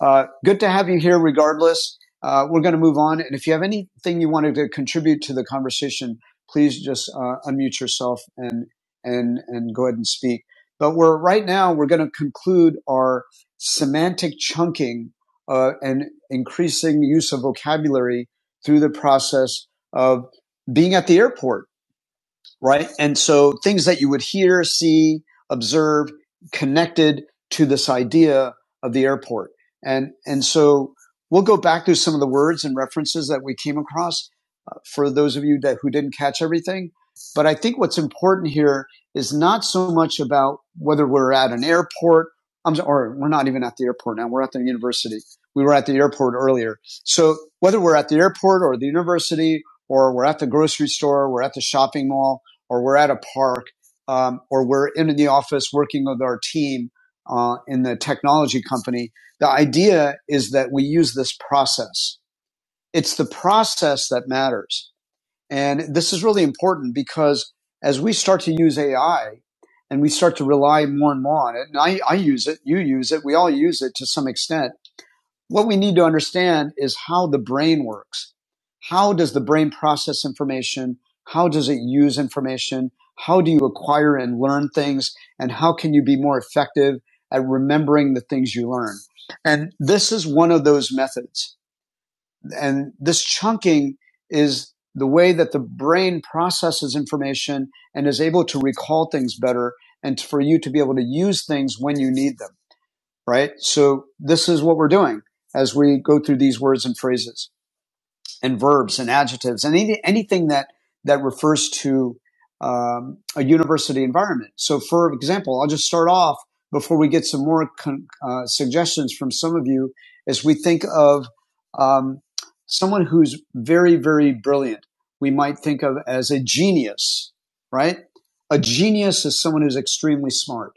S1: uh, good to have you here regardless. Uh, we're going to move on. And if you have anything you wanted to contribute to the conversation, please just uh, unmute yourself and, and, and go ahead and speak. But we're right now, we're going to conclude our semantic chunking uh, and increasing use of vocabulary through the process of being at the airport right? And so things that you would hear, see, observe connected to this idea of the airport. And, and so we'll go back through some of the words and references that we came across uh, for those of you that who didn't catch everything. But I think what's important here is not so much about whether we're at an airport I'm, so- or we're not even at the airport now. We're at the university. We were at the airport earlier. So whether we're at the airport or the university or we're at the grocery store, we're at the shopping mall, or we're at a park um, or we're in the office working with our team uh, in the technology company. The idea is that we use this process. It's the process that matters. And this is really important because as we start to use AI and we start to rely more and more on it, and I, I use it, you use it, we all use it to some extent what we need to understand is how the brain works. How does the brain process information? How does it use information? How do you acquire and learn things? And how can you be more effective at remembering the things you learn? And this is one of those methods. And this chunking is the way that the brain processes information and is able to recall things better and for you to be able to use things when you need them right? So this is what we're doing as we go through these words and phrases and verbs and adjectives and any, anything that that refers to um, a university environment. So, for example, I'll just start off before we get some more con- uh, suggestions from some of you as we think of um, someone who's very, very brilliant. We might think of as a genius, right? A genius is someone who's extremely smart,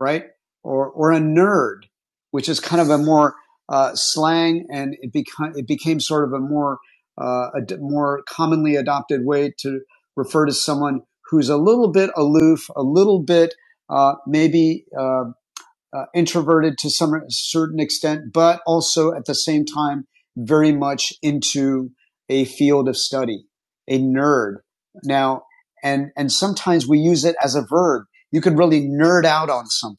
S1: right? Or or a nerd, which is kind of a more uh, slang, and it became it became sort of a more uh, a d- more commonly adopted way to refer to someone who's a little bit aloof, a little bit uh, maybe uh, uh, introverted to some certain extent, but also at the same time very much into a field of study, a nerd. Now, and and sometimes we use it as a verb. You could really nerd out on something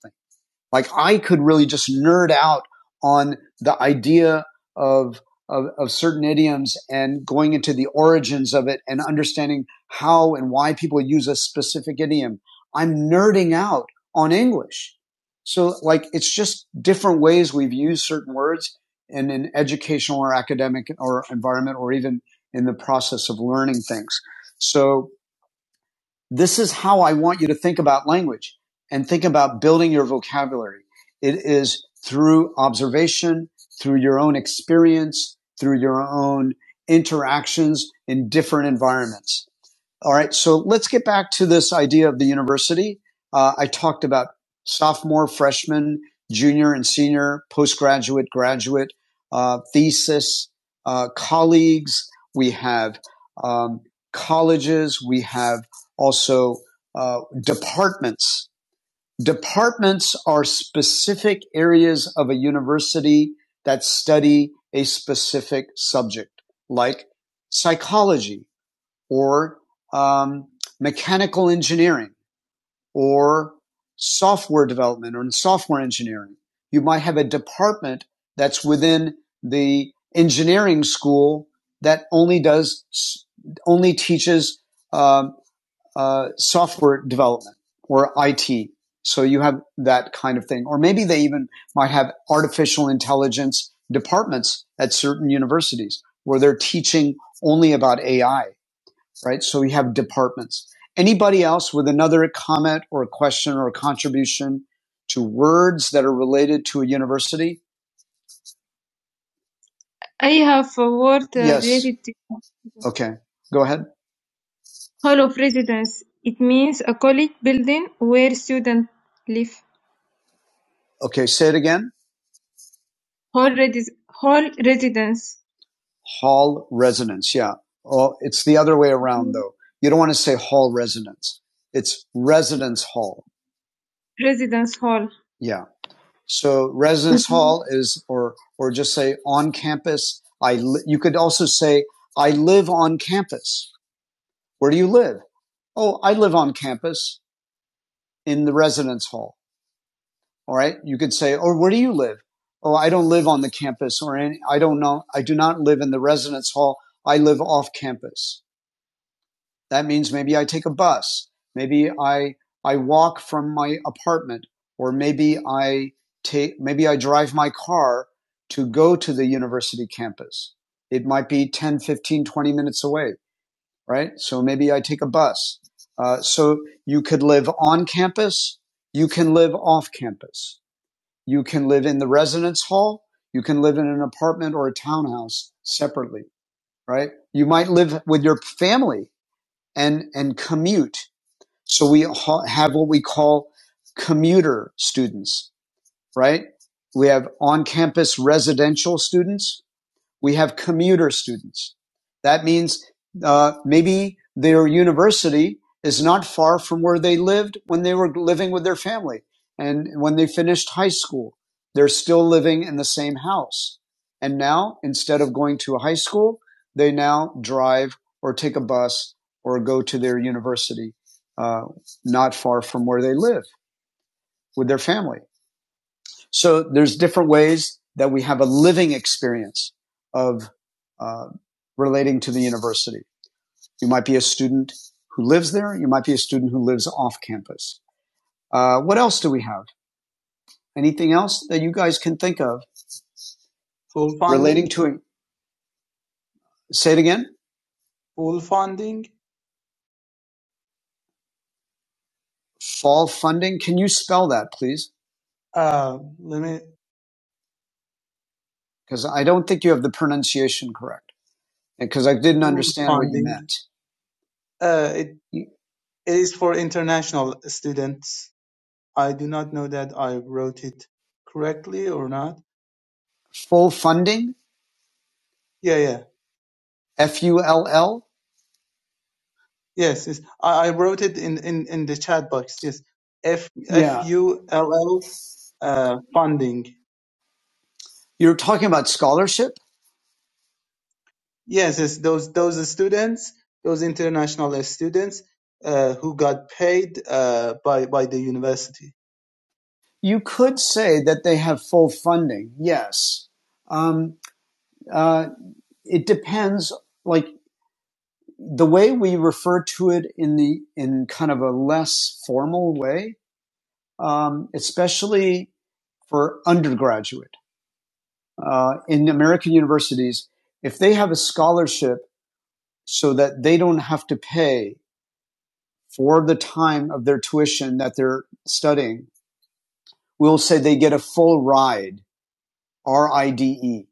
S1: like I could really just nerd out on the idea of, of, of certain idioms and going into the origins of it and understanding how and why people use a specific idiom. I'm nerding out on English. So like it's just different ways we've used certain words in an educational or academic or environment or even in the process of learning things. So this is how I want you to think about language and think about building your vocabulary. It is through observation, through your own experience, through your own interactions in different environments. All right, so let's get back to this idea of the university. Uh, I talked about sophomore, freshman, junior, and senior, postgraduate, graduate, uh, thesis, uh, colleagues. We have um, colleges. We have also uh, departments. Departments are specific areas of a university that study a specific subject, like psychology or um, mechanical engineering or software development or in software engineering. You might have a department that's within the engineering school that only does only teaches um, uh, software development or IT. So you have that kind of thing, or maybe they even might have artificial intelligence departments at certain universities where they're teaching only about AI right? So we have departments. Anybody else with another comment or a question or a contribution to words that are related to a university? I have a word uh, Yes. related to Okay. Go ahead. Hall of Residence. It means a college building where students live. Okay. Say it again. Hall, resi- hall residence. Hall residence. Yeah. Oh, it's the other way around though. You don't want to say hall residence. It's residence hall. Residence hall. Yeah. So residence Mhm. hall is, or or just say on campus. I li- you could also say I live on campus. Where do you live? Oh, I live on campus in the residence hall. All right. You could say, or where do you live? Oh, I don't live on the campus, or any, I don't know. I do not live in the residence hall. I live off campus. That means maybe I take a bus. Maybe I, I walk from my apartment or maybe I take, maybe I drive my car to go to the university campus. It might be 10, 15, 20 minutes away, right? So maybe I take a bus. Uh, so you could live on campus. You can live off campus. You can live in the residence hall. You can live in an apartment or a townhouse separately, right? You might live with your family and, and commute so we ha- have what we call commuter students, right? We have on campus residential students we have commuter students. That means uh, maybe their university is not far from where they lived when they were living with their family. And when they finished high school, they're still living in the same house. And now, instead of going to a high school, they now drive or take a bus or go to their university, uh, not far from where they live with their family. So there's different ways that we have a living experience of uh, relating to the university. You might be a student who lives there. You might be a student who lives off campus. Uh, what else do we have? Anything else that you guys can think of
S5: full funding,
S1: relating to? Say it again.
S5: full funding.
S1: Fall funding. Can you spell that, please?
S5: Uh, let me
S1: Because I don't think you have the pronunciation correct. Because I didn't
S5: full
S1: understand what you
S5: funding.
S1: meant.
S5: Uh, it is for international students. I do not know that I wrote it correctly or not.
S1: Full funding.
S5: Yeah, yeah,
S1: F U L L.
S5: yes, yes. I, I wrote it in, in, in the chat box. Yes, F F
S1: Yeah.
S5: U L L uh, funding.
S1: You're talking about scholarship.
S5: Yes, yes, those those students, those international students uh, who got paid uh, by by the university.
S1: You could say that they have full funding, yes. Um, uh, it depends, like the way we refer to it in the in kind of a less formal way, um, especially for undergraduate uh, in American universities, if they have a scholarship so that they don't have to pay for the time of their tuition that they're studying, we'll say they get a full ride R I D E,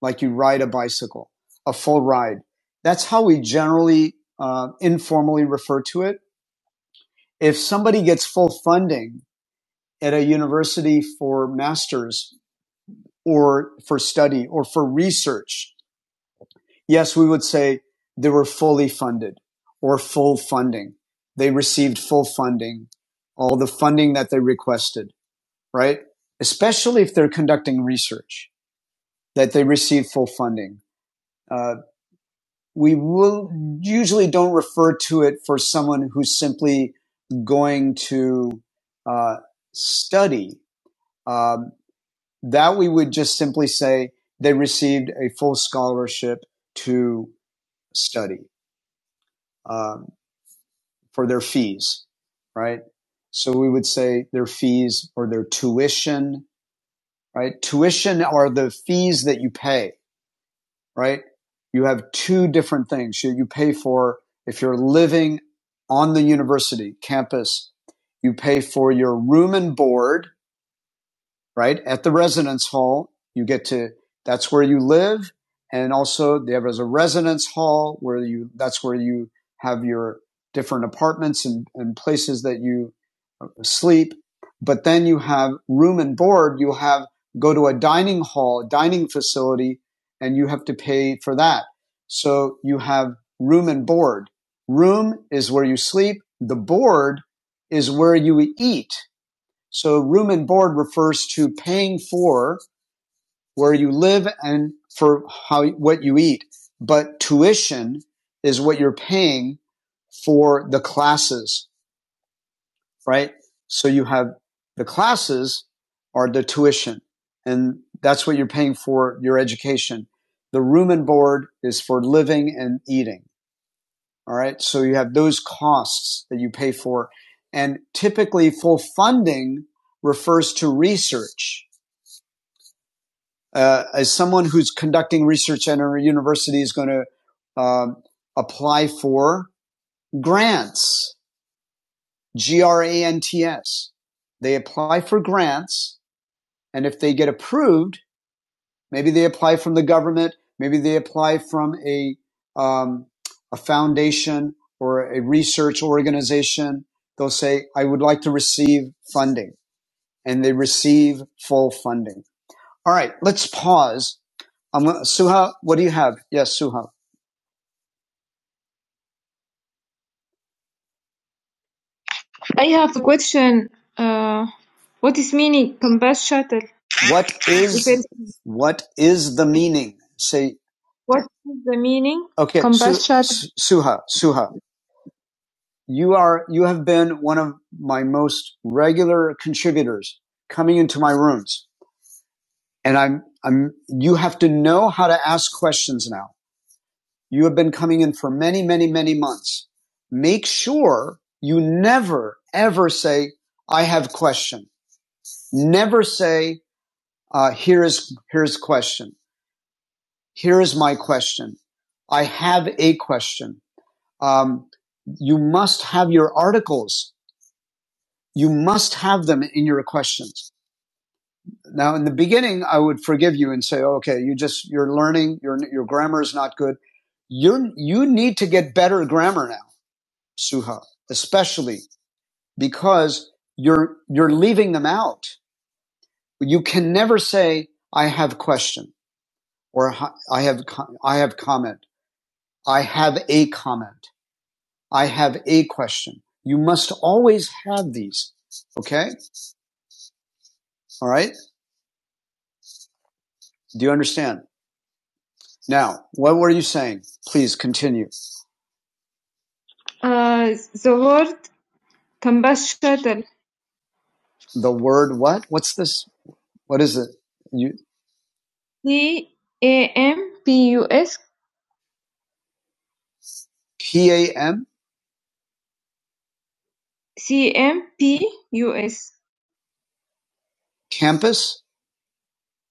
S1: like you ride a bicycle, a full ride. That's how we generally uh, informally refer to it. If somebody gets full funding at a university for masters or for study or for research, yes, we would say they were fully funded or full funding. They received full funding, all the funding that they requested, right? Especially if they're conducting research, that they receive full funding Uh, we will usually don't refer to it for someone who's simply going to uh, study. Um, that we would just simply say they received a full scholarship to study um, for their fees, right? So we would say their fees or their tuition, right? Tuition are the fees that you pay right? You have two different things. You, you pay for, if you're living on the university campus, you pay for your room and board, right? At the residence hall, you get to, that's where you live. And also there is a residence hall where you, that's where you have your different apartments and, and places that you sleep. But then you have room and board. You have go to a dining hall, dining facility, and you have to pay for that. So you have room and board. Room is where you sleep. The board is where you eat. So room and board refers to paying for where you live and for how, what you eat. But tuition is what you're paying for the classes right? So you have the classes are the tuition and that's what you're paying for your education. The room and board is for living and eating. All right. So you have those costs that you pay for. And typically full funding refers to research. Uh, as someone who's conducting research at a university is going to uh, apply for grants, G R A N T S. They apply for grants And if they get approved, maybe they apply from the government, maybe they apply from a um, a foundation or a research organization. They'll say, "I would like to receive funding," and they receive full funding. All right, let's pause. I'm gonna, Suha, what do you have? Yes, Suha. I have a question. Uh, what is meaning compass shuttle? What is what is the meaning? Say what is the meaning okay, Su, compass shuttle? Suha, Suha, you are you have been one of my most regular contributors coming into my rooms, and I'm I'm you have to know how to ask questions now. You have been coming in for many many many months. Make sure you never ever say I have questions. Never say, uh, here is, here's question. Here is my question. I have a question. Um, you must have your articles. You must have them in your questions. Now, in the beginning, I would forgive you and say, okay, you just, you're learning, your, your grammar is not good. You're, you need to get better grammar now, Suha, especially because you're, you're leaving them out. You can never say, I have question." or I have, I have comment. I have a comment. I have a question. You must always have these. Okay. All right. Do you understand? Now, what were you saying? Please continue. Uh, the word combustion. The word what? What's this? What is it? You. C A M P U S. P A M. C A M P U S. Campus.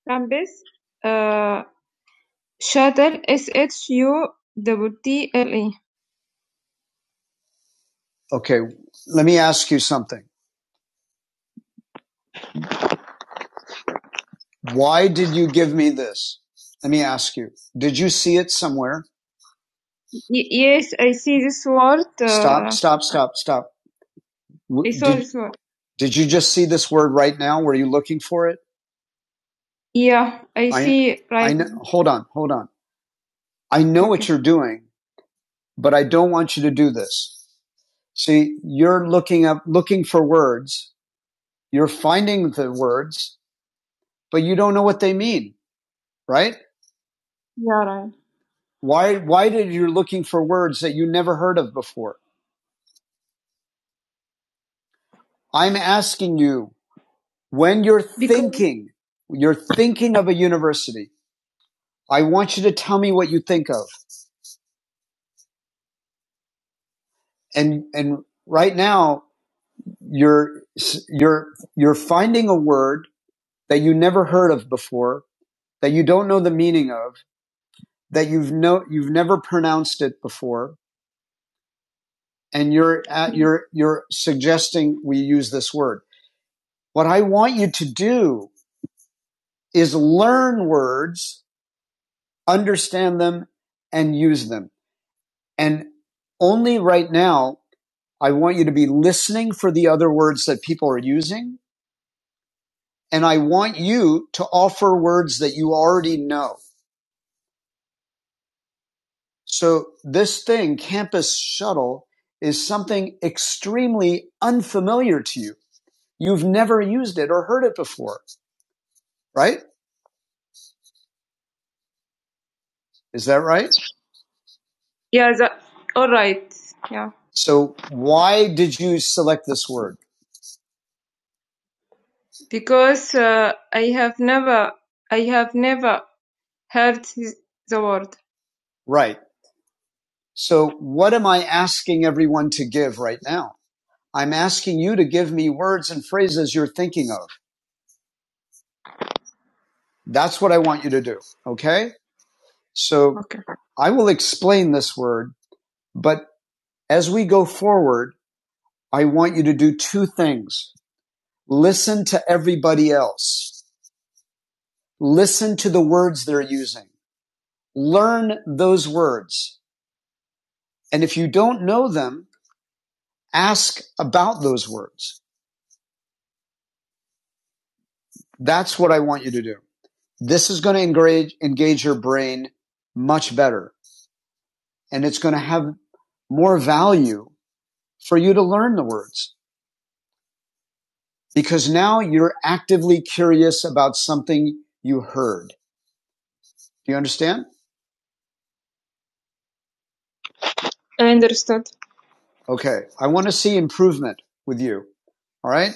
S1: Campus. Uh, Shuttle S H U T T L E. Okay, let me ask you something. Why did you give me this? Let me ask you. Did you see it somewhere? Y- Yes, I see this word. Stop, Uh, stop, stop, stop. stop. I W- saw Did this word. did you just see this word right now? Were you looking for it? Yeah, I I see it I right I know, now. hold on, hold on. I know okay. what Okay. you're doing, but I don't want you to do this. See, you're looking up looking for words. You're finding the words but you don't know what they mean, right? Yeah, right. Why, why did you're looking for words that you never heard of before? I'm asking you when you're Because- thinking, you're thinking of a university. I want you to tell me what you think of. And, and right now you're, you're, you're finding a word that you never heard of before, that you don't know the meaning of, that you've no, you've never pronounced it before. And you're at, you're, you're suggesting we use this word. What I want you to do is learn words, understand them, and use them. And only right now, I want you to be listening for the other words that people are using. And I want you to offer words that you already know. So this thing, campus shuttle, is something extremely unfamiliar to you. You've never used it or heard it before, right? Is that right? Yeah, that, all right. Yeah. So why did you select this word? Because uh, I have never, I have never heard the word. Right. So what am I asking everyone to give right now? I'm asking you to give me words and phrases you're thinking of. That's what I want you to do. Okay. So Okay. I will explain this word, but as we go forward, I want you to do two things. Listen to everybody else. Listen to the words they're using. Learn those words. And if you don't know them, ask about those words. That's what I want you to do. This is going to engage, engage your brain much better and it's going to have more value for you to learn the words because now you're actively curious about something you heard. Do you understand? I understand. Okay. I want to see improvement with you. All right.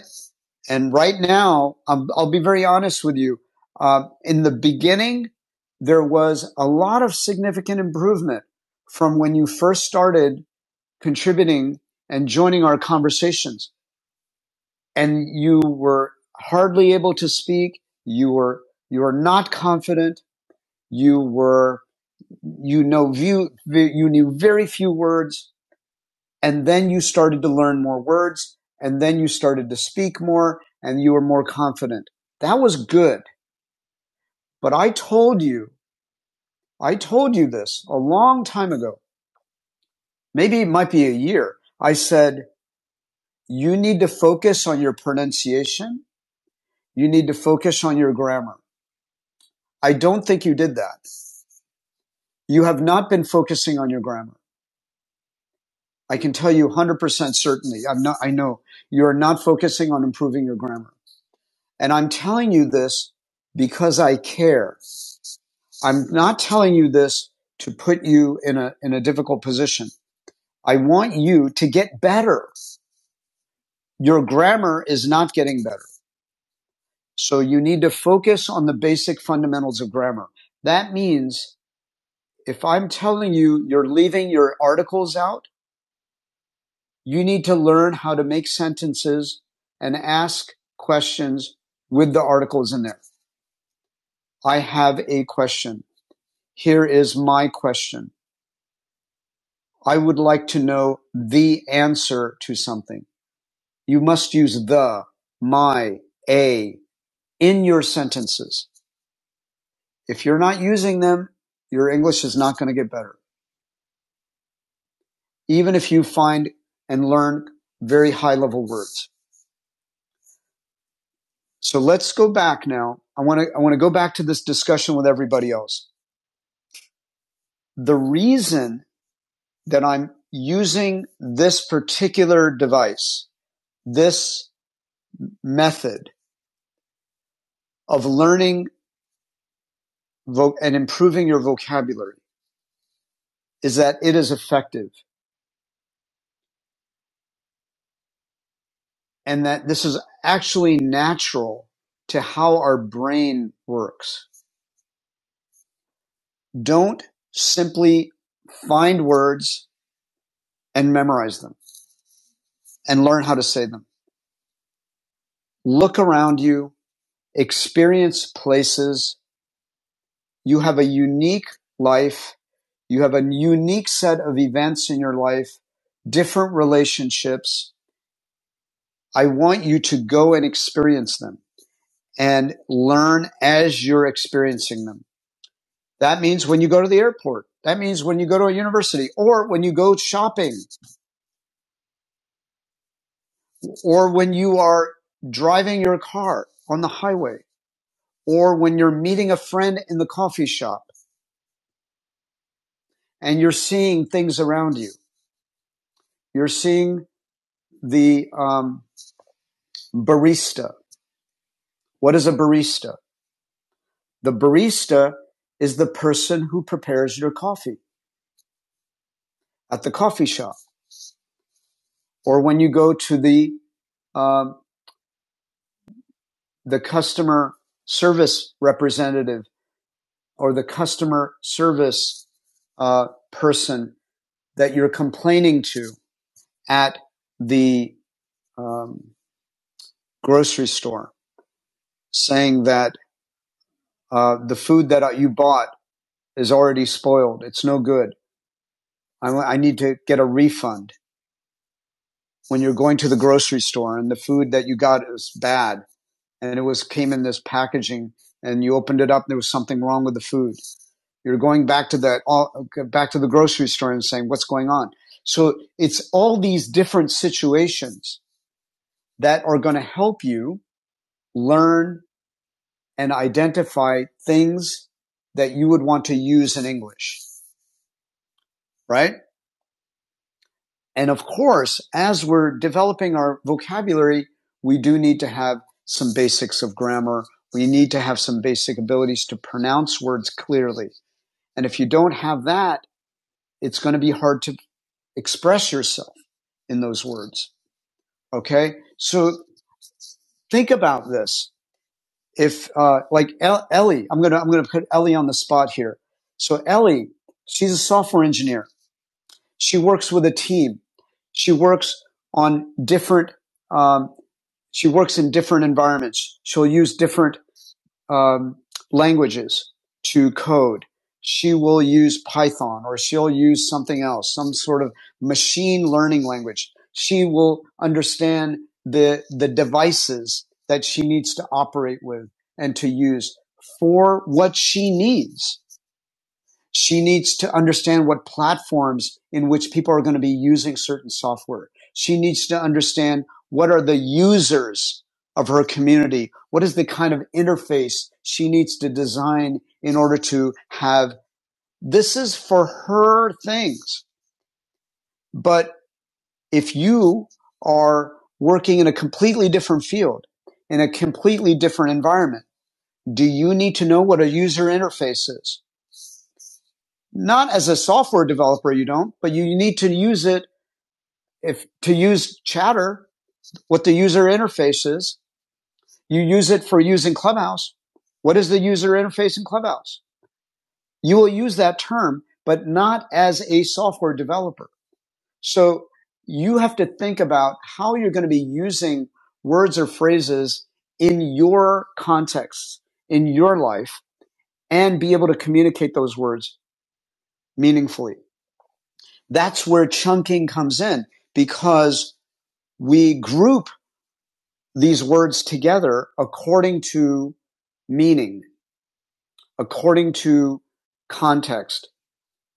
S1: And right now, um, I'll be very honest with you. Uh, in the beginning, there was a lot of significant improvement from when you first started contributing and joining our conversations. And you were hardly able to speak. You were, you were not confident. You were, you know, view, you knew very few words and then you started to learn more words and then you started to speak more and you were more confident. That was good. But I told you, I told you this a long time ago. Maybe it might be a year. I said, you need to focus on your pronunciation. You need to focus on your grammar. I don't think you did that. You have not been focusing on your grammar. I can tell you 100% certainly. I'm not, I know you are not focusing on improving your grammar. And I'm telling you this because I care. I'm not telling you this to put you in a, in a difficult position. I want you to get better. Your grammar is not getting better. So you need to focus on the basic fundamentals of grammar. That means if I'm telling you you're leaving your articles out, you need to learn how to make sentences and ask questions with the articles in there. I have a question. Here is my question. I would like to know the answer to something. You must use the, my, a in your sentences. If you're not using them, your English is not going to get better, even if you find and learn very high level words. So let's go back now. I want to, I want to go back to this discussion with everybody else. The reason that I'm using this particular device, this method of learning vo- and improving your vocabulary is that it is effective and that this is actually natural to how our brain works. Don't simply find words and memorize them and learn how to say them. Look around you, experience places. You have a unique life. You have a unique set of events in your life, different relationships. I want you to go and experience them and learn as you're experiencing them That means when you go to the airport. That means when you go to a university or when you go shopping or when you are driving your car on the highway or when you're meeting a friend in the coffee shop and you're seeing things around you. You're seeing the um, barista. What is a barista? The barista is the person who prepares your coffee at the coffee shop or when you go to the um, the customer service representative or the customer service uh, person that you're complaining to at the um, grocery store, saying that uh, the food that uh, you bought is already spoiled. It's no good. I, I need to get a refund. When you're going to the grocery store and the food that you got is bad, and it was came in this packaging, and you opened it up, and there was something wrong with the food. You're going back to that all okay, back to the grocery store and saying, "What's going on?" So it's all these different situations that are going to help you learn and identify things that you would want to use in English, right? And of course, as we're developing our vocabulary, we do need to have some basics of grammar. We need to have some basic abilities to pronounce words clearly. And if you don't have that, it's going to be hard to express yourself in those words. Okay. So think about this. If, uh, like Ellie, I'm going to, I'm going to put Ellie on the spot here. So Ellie, she's a software engineer. She works with a team. She works on different, um, she works in different environments. She'll use different um, languages to code. She will use Python or she'll use something else, some sort of machine learning language. She will understand the, the devices that she needs to operate with and to use for what she needs. She needs to understand what platforms in which people are going to be using certain software. She needs to understand what are the users of her community? What is the kind of interface she needs to design in order to have this is for her things. But if you are working in a completely different field, in a completely different environment, do you need to know what a user interface is? Not as a software developer, you don't, but you need to use it if to use chatter, what the user interface is. You use it for using Clubhouse. What is the user interface in Clubhouse? You will use that term, but not as a software developer. So you have to think about how you're going to be using words or phrases in your context, in your life, and be able to communicate those words meaningfully. That's where chunking comes in because we group these words together according to meaning, according to context.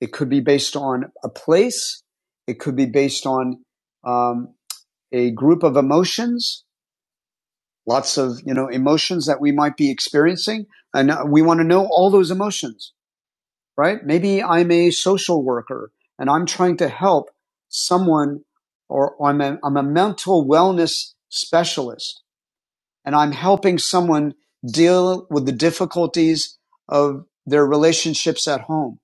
S1: It could be based on a place. It could be based on um, a group of emotions, lots of you know emotions that we might be experiencing, and uh, we want to know all those emotions. right? Maybe I'm a social worker and I'm trying to help someone or I'm a, I'm a mental wellness specialist and I'm helping someone deal with the difficulties of their relationships at home.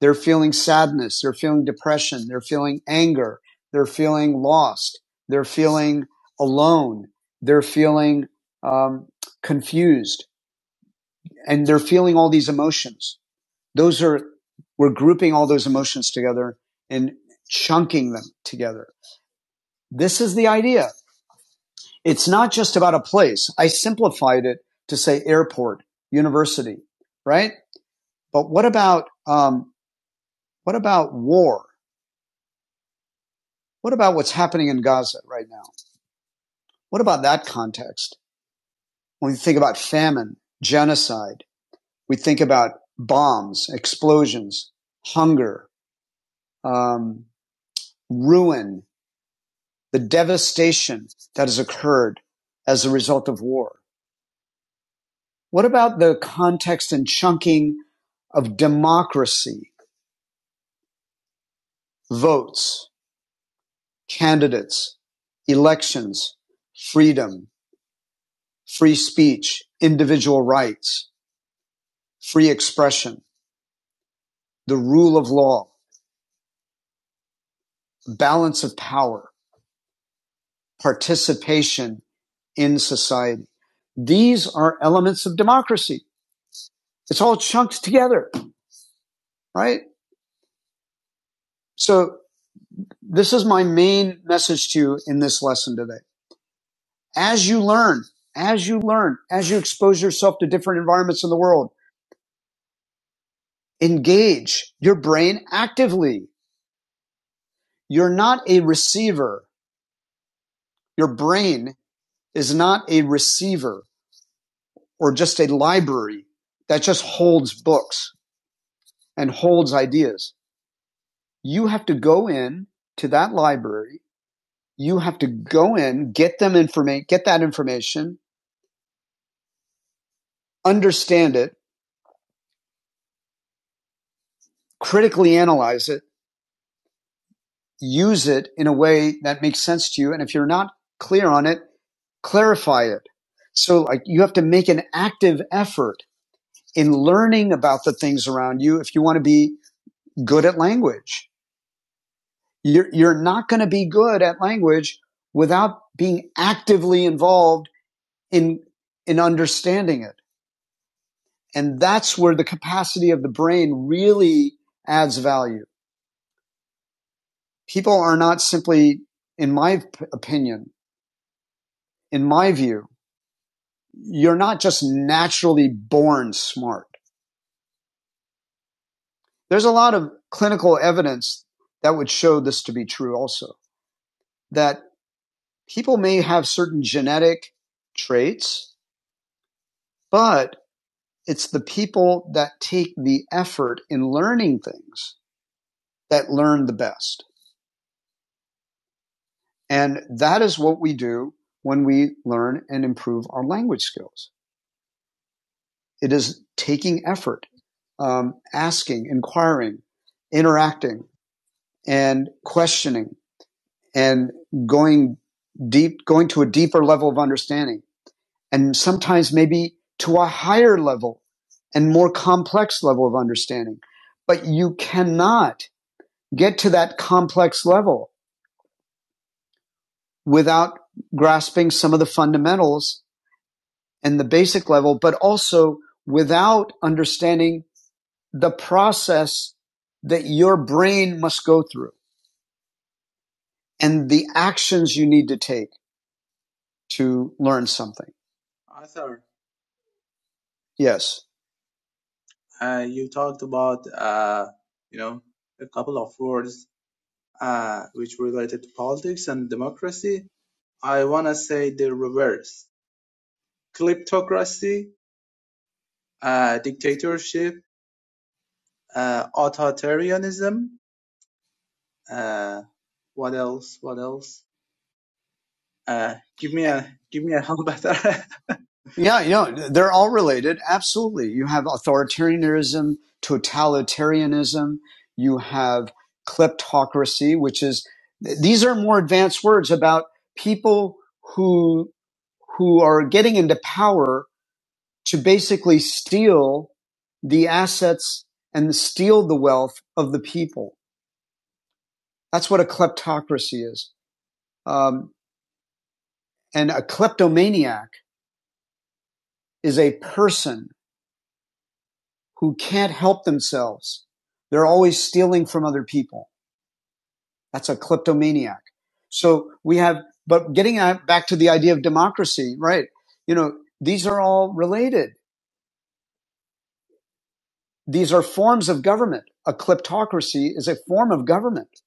S1: They're feeling sadness. They're feeling depression. They're feeling anger. They're feeling lost. They're feeling alone. They're feeling um, confused and they're feeling all these emotions those are we're grouping all those emotions together and chunking them together. This is the idea. It's not just about a place. I simplified it to say airport, university, right? But what about um, what about war? What about what's happening in Gaza right now? What about that context? When we think about famine, genocide, we think about bombs, explosions, hunger, um, ruin, the devastation that has occurred as a result of war? What about the context and chunking of democracy, votes, candidates, elections, freedom, free speech, individual rights, free expression, the rule of law, balance of power, participation in society? These are elements of democracy. It's all chunked together, right? So This is my main message to you in this lesson today. As you learn, as you learn, as you expose yourself to different environments in the world, engage your brain actively. You're not a receiver. Your brain is not a receiver or just a library that just holds books and holds ideas. You have to go in to that library. You have to go in, get them information, get that information, understand it, critically analyze it, use it in a way that makes sense to you. And if you're not clear on it, clarify it. So like you have to make an active effort in learning about the things around you if you want to be good at language. You're, you're not going to be good at language without being actively involved in, in understanding it. And that's where the capacity of the brain really adds value. People are not simply, in my opinion, in my view, you're not just naturally born smart. There's a lot of clinical evidence that would show this to be true also, that people may have certain genetic traits, but it's the people that take the effort in learning things that learn the best. And that is what we do when we learn and improve our language skills. It is taking effort, um, asking, inquiring, interacting, and questioning and going deep, going to a deeper level of understanding and sometimes maybe to a higher level and more complex level of understanding. But you cannot get to that complex level without grasping some of the fundamentals and the basic level, but also without understanding the process that your brain must go through and the actions you need to take to learn something.
S5: Arthur,
S1: Yes.
S5: uh, you talked about uh, you know a couple of words uh, which related to politics and democracy. I want to say the reverse: kleptocracy, uh, dictatorship, uh, authoritarianism. Uh, what else? What else? Uh, give me a give me a how better. that?
S1: Yeah, you know, they're all related. Absolutely. You have authoritarianism, totalitarianism, you have kleptocracy, which is these are more advanced words about people who who are getting into power to basically steal the assets and steal the wealth of the people. That's what a kleptocracy is. Um, and a kleptomaniac is a person who can't help themselves. They're always stealing from other people. That's a kleptomaniac. So we have, but getting back to the idea of democracy, right? You know, these are all related. These are forms of government. A kleptocracy is a form of government.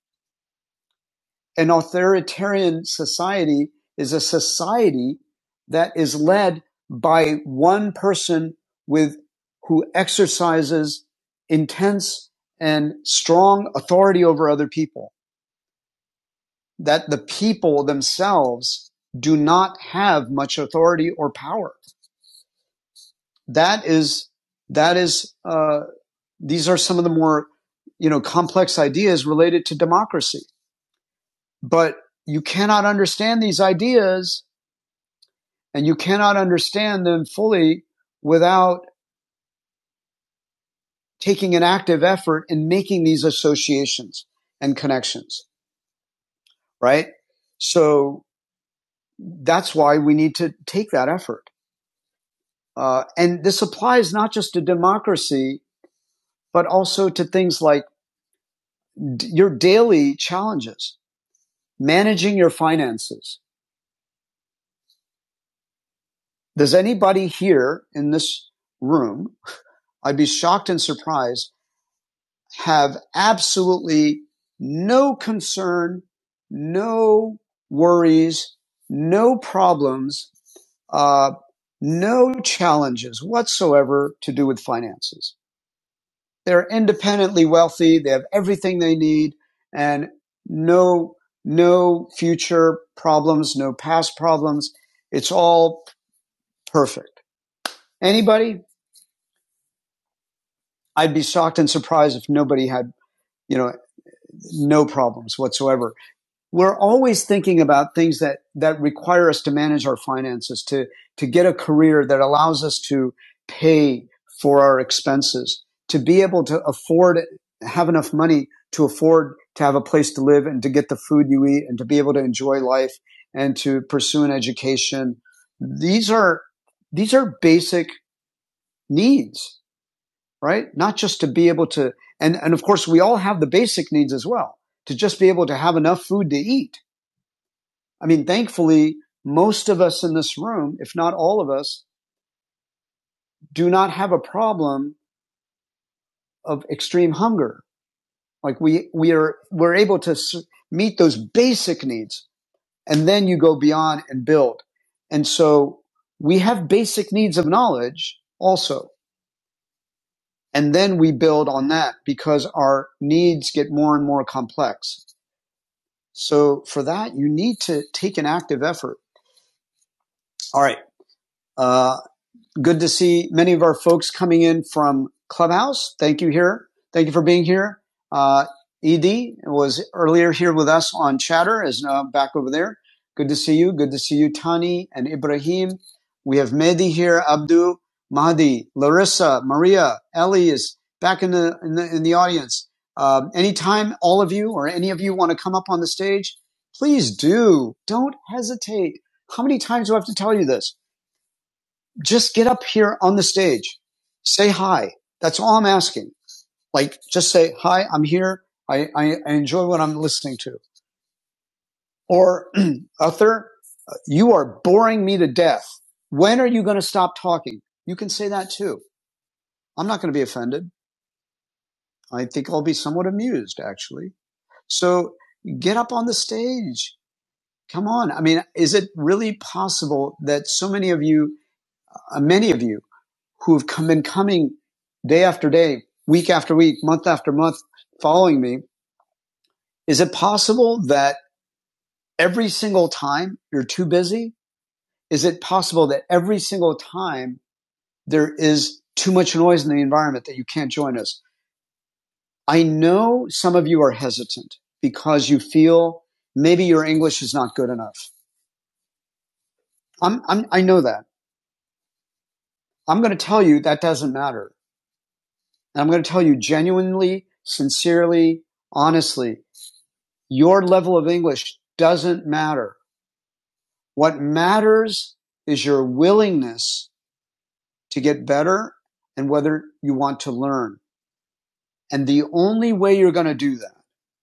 S1: An authoritarian society is a society that is led by one person with who exercises intense and strong authority over other people that the people themselves do not have much authority or power. That is, that is, uh, these are some of the more, you know, complex ideas related to democracy. But you cannot understand these ideas and you cannot understand them fully without taking an active effort in making these associations and connections, right? So that's why we need to take that effort. Uh, and this applies not just to democracy, but also to things like d- your daily challenges, managing your finances. Does anybody here in this room, I'd be shocked and surprised, have absolutely no concern, no worries, no problems, uh, no challenges whatsoever to do with finances? They're independently wealthy. They have everything they need and no, no future problems, no past problems. It's all perfect. Anybody? I'd be shocked and surprised if nobody had, you know, no problems whatsoever. we're always thinking about things that that require us to manage our finances to to get a career that allows us to pay for our expenses to be able to afford have enough money to afford to have a place to live and to get the food you eat and to be able to enjoy life and to pursue an education these are these are basic needs right not just to be able to and and of course we all have the basic needs as well to just be able to have enough food to eat I mean, thankfully, most of us in this room, if not all of us, do not have a problem of extreme hunger. Like we, we are, we're able to meet those basic needs and then you go beyond and build. And so we have basic needs of knowledge also. And then we build on that because our needs get more and more complex. So for that, you need to take an active effort. All right. Uh, good to see many of our folks coming in from Clubhouse. Thank you here. Thank you for being here. Uh, Ed was earlier here with us on Chatter, is now back over there. Good to see you. Good to see you, Tani and Ibrahim. We have Mehdi here, Abdu, Mahdi, Larissa, Maria, Ellie is back in the in the, in the audience. Um, anytime all of you or any of you want to come up on the stage, please do. Don't hesitate. How many times do I have to tell you this? just get up here on the stage, say hi. That's all I'm asking. Like, just say hi. I'm here. I, I, I enjoy what I'm listening to. Or Uther, you are boring me to death. When are you going to stop talking? You can say that too. I'm not going to be offended. I think I'll be somewhat amused, actually. So get up on the stage. Come on. I mean, is it really possible that so many of you, uh, many of you who have come, been coming day after day, week after week, month after month, following me. Is it possible that every single time you're too busy? Is it possible that every single time there is too much noise in the environment that you can't join us? I know some of you are hesitant because you feel maybe your English is not good enough. I'm, I'm, I know that. I'm going to tell you that doesn't matter. And I'm going to tell you genuinely, sincerely, honestly, Your level of English doesn't matter. What matters is your willingness to get better and whether you want to learn. And the only way you're going to do that,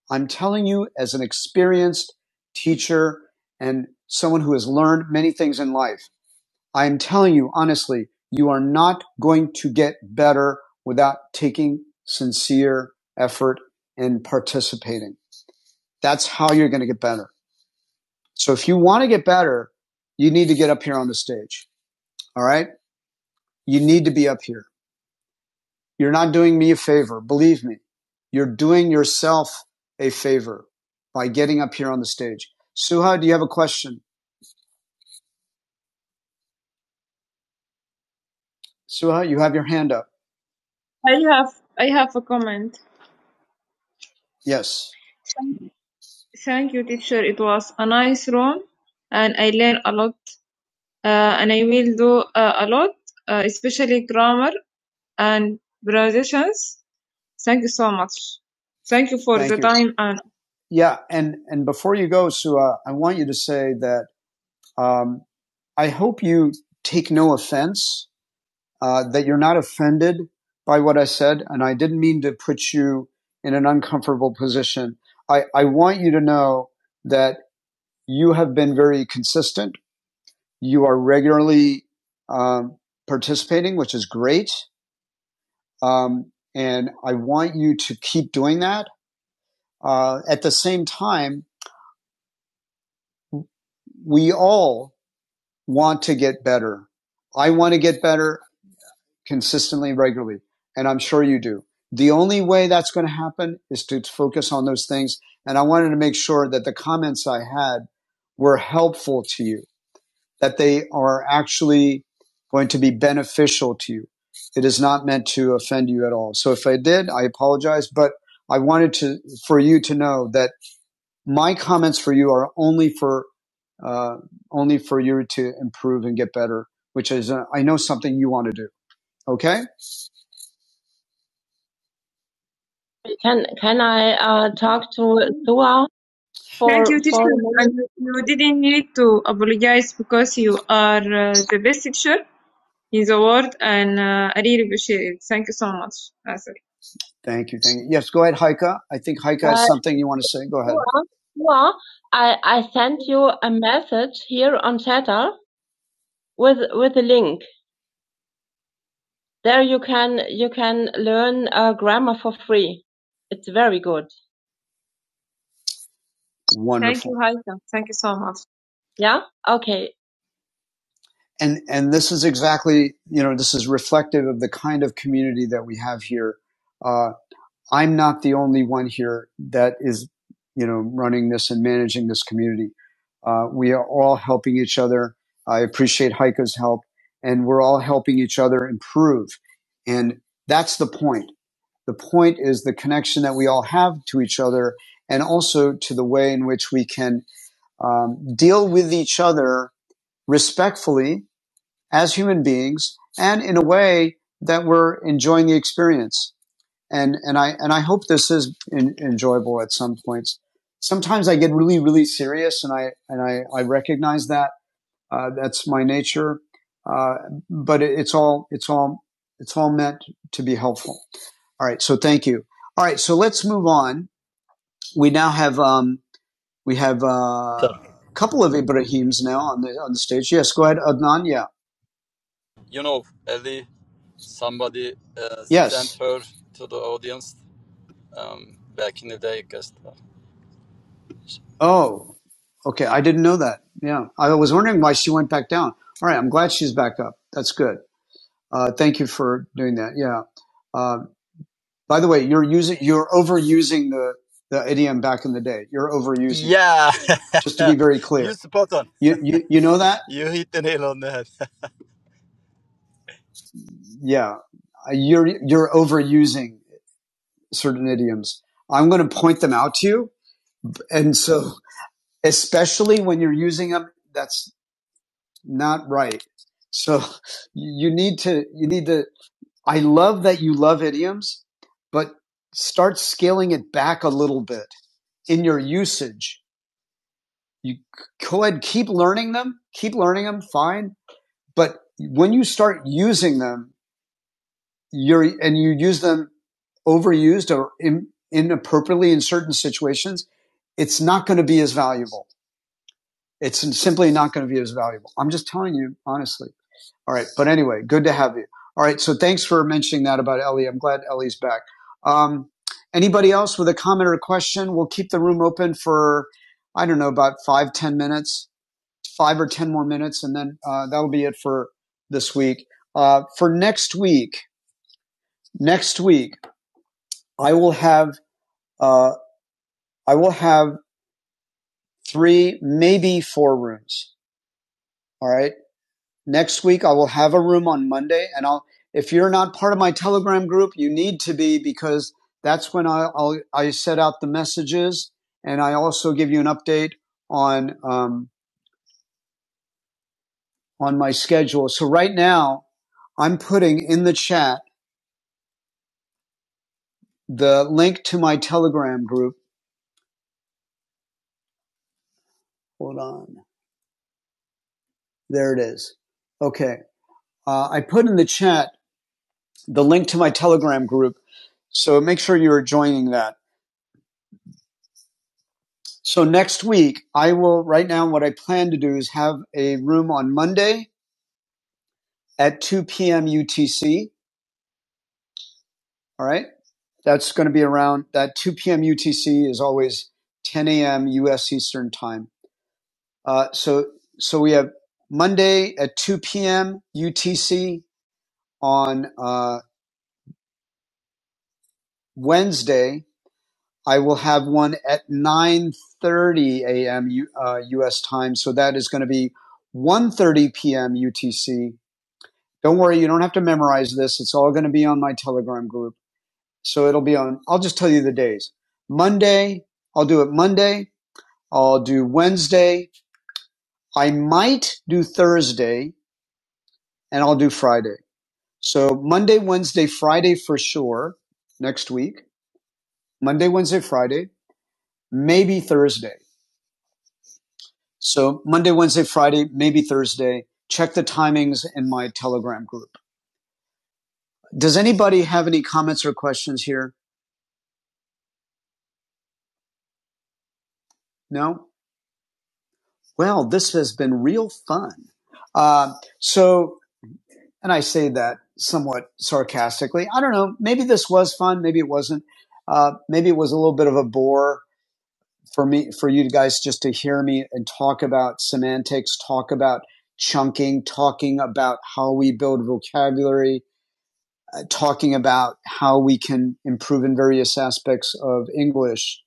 S1: I'm telling you as an experienced teacher and someone who has learned many things in life, I'm telling you honestly, you are not going to get better without taking sincere effort and participating. That's how you're going to get better. So if you want to get better, you need to get up here on the stage. All right. You need to be up here. You're not doing me a favor. Believe me, you're doing yourself a favor by getting up here on the stage. Suha, do you have a question? Suha, you have your hand up. I have I have a comment. Yes. Thank you, teacher. It was a nice room, and I learned a lot. Uh, and I will do uh, a lot, uh, especially grammar and pronunciations. Thank you so much. Thank you for Thank the you. time and Yeah, and and before you go, Sua, I want you to say that um, I hope you take no offense, uh, that you're not offended by what I said, and I didn't mean to put you in an uncomfortable position. I, I want you to know that you have been very consistent. You are regularly um, participating, which is great, um, and I want you to keep doing that Uh, at the same time, we all want to get better. I want to get better consistently, regularly, and I'm sure you do. The only way that's going to happen is to focus on those things. And I wanted to make sure that the comments I had were helpful to you, that they are actually going to be beneficial to you. It is not meant to offend you at all. So if I did, I apologize, but I wanted to, for you to know that my comments for you are only for uh, only for you to improve and get better, which is uh, I know something you want to do. Okay. Can can I uh, talk to Dua For, Thank you, teacher. you didn't need to apologize because you are uh, the best teacher in the world, and uh, I really appreciate it. Thank you so much, Asir. Thank you. Thank you. Yes. Go ahead, Haika. I think Haika Uh, has something you want to say. Go ahead. Dua, Dua, I I sent you a message here on Chatter. with with a link. There you can you can learn uh, grammar for free. It's very good. Wonderful. Thank you, Haika. Thank you so much. Yeah. Okay. And and this is exactly you know this is reflective of the kind of community that we have here. Uh, I'm not the only one here that is you know running this and managing this community. Uh, we are all helping each other. I appreciate Heike's help, and we're all helping each other improve. And that's the point. The point is the connection that we all have to each other and also to the way in which we can um, deal with each other respectfully as human beings and in a way that we're enjoying the experience. And, and I, and I hope this is en- enjoyable at some points. Sometimes I get really, really serious and I, and I, I recognize that uh, that's my nature. Uh, but it, it's all, it's all, it's all meant to be helpful. All right. So thank you. All right. So let's move on. We now have, um, we have uh,
S4: Sir.
S1: a couple of Ibrahims now on the, on the stage. Yes. Go ahead. Adnan. Yeah.
S4: You know, Ellie, somebody uh, sent
S1: Yes.
S4: her to the audience um, back in the day, I guess.
S1: Oh, okay. I didn't know that. Yeah. I was wondering why she went back down. All right. I'm glad she's back up. That's good. Uh, thank you for doing that. Yeah. Uh, By the way, you're using, you're overusing the, the idiom back in the day. You're overusing it.
S4: Yeah,
S1: Just to be very
S4: you
S1: clear.
S4: spot on.
S1: You, you, you know that?
S4: You hit the nail on the head.
S1: Yeah. Uh, You're, you're overusing certain idioms. I'm going to point them out to you. And so, especially when you're using them, that's not right. So you need to, you need to, I love that you love idioms, but start scaling it back a little bit in your usage you go ahead, keep learning them, keep learning them, fine. But when you start using them, you're and you use them overused or in, inappropriately in certain situations, it's not going to be as valuable. It's simply not going to be as valuable. I'm just telling you honestly. All right, but anyway, good to have you. All right, so thanks for mentioning that about Ellie. I'm glad Ellie's back. Um, anybody else with a comment or a question? We'll keep the room open for I don't know about five ten minutes five or 10 more minutes, and then uh, that'll be it for this week. Uh, for next week, next week, I will have, uh, I will have three, maybe four rooms. All right. Next week, I will have a room on Monday, and I'll, if you're not part of my Telegram group, you need to be because that's when I, I'll, I set out the messages and I also give you an update on, um, on my schedule. So right now I'm putting in the chat the link to my Telegram group. Hold on. There it is. Okay. Uh, I put in the chat the link to my Telegram group. So make sure you're joining that. So next week, I will, right now, what I plan to do is have a room on Monday at 2 p.m. UTC. All right. That's going to be around that 2 p.m. UTC is always 10 a.m. U.S. Eastern time. Uh, so, so we have Monday at 2 p.m. UTC on, uh, Wednesday, I will have one at 9:30 a.m. U- uh, U.S. time, so that is going to be one thirty p.m. UTC. Don't worry, you don't have to memorize this. It's all going to be on my Telegram group. So it'll be on. I'll just tell you the days. Monday, I'll do it Monday. I'll do Wednesday. I might do Thursday, and I'll do Friday. So Monday, Wednesday, Friday for sure next week. Monday, Wednesday, Friday, maybe Thursday. So Monday, Wednesday, Friday, maybe Thursday. Check the timings in my Telegram group. Does anybody have any comments or questions here? No? Well, this has been real fun. Uh, so, and I say that somewhat sarcastically. I don't know. Maybe this was fun. Maybe it wasn't. Uh, maybe it was a little bit of a bore for me, for you guys just to hear me and talk about semantics, talk about chunking, talking about how we build vocabulary, uh, talking about how we can improve in various aspects of English.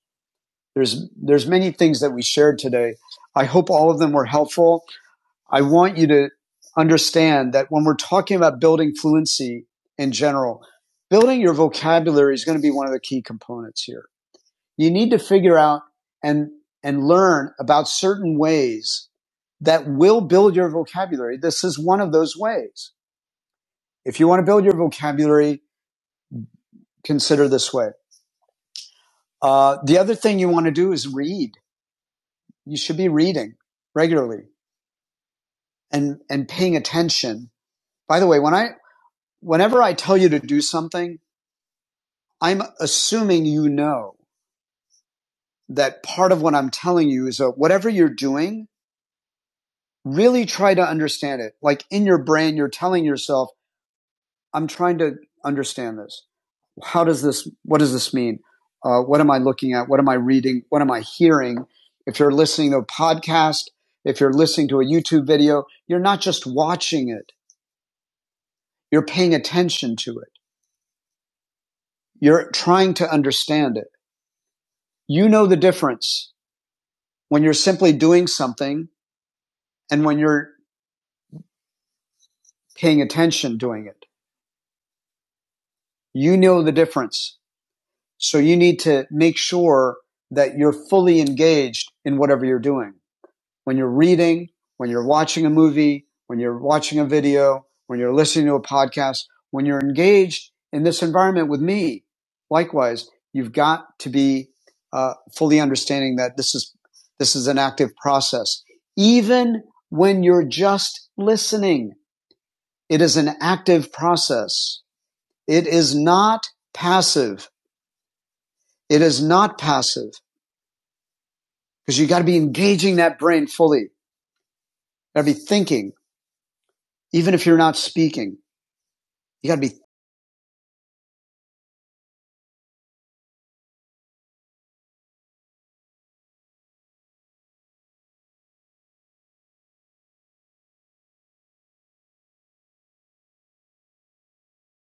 S1: There's there's many things that we shared today. I hope all of them were helpful. I want you to understand that when we're talking about building fluency in general, building your vocabulary is going to be one of the key components here. You need to figure out and and learn about certain ways that will build your vocabulary. This is one of those ways. If you want to build your vocabulary, consider this way. Uh, the other thing you want to do is read. You should be reading regularly and, and paying attention. By the way, when I, whenever I tell you to do something, I'm assuming you know that part of what I'm telling you is that whatever you're doing, really try to understand it. Like in your brain, you're telling yourself, I'm trying to understand this. how does this what does this mean uh, what am i looking at what am i reading what am i hearing if you're listening to a podcast if you're listening to a youtube video you're not just watching it you're paying attention to it you're trying to understand it you know the difference when you're simply doing something and when you're paying attention doing it you know the difference so you need to make sure that you're fully engaged in whatever you're doing when you're reading, when you're watching a movie, when you're watching a video, when you're listening to a podcast, when you're engaged in this environment with me, likewise, you've got to be uh, fully understanding that this is this is an active process. Even when you're just listening, it is an active process. It is not passive. It is not passive because you got to be engaging that brain fully. You Got to be thinking, even if you're not speaking. You got to be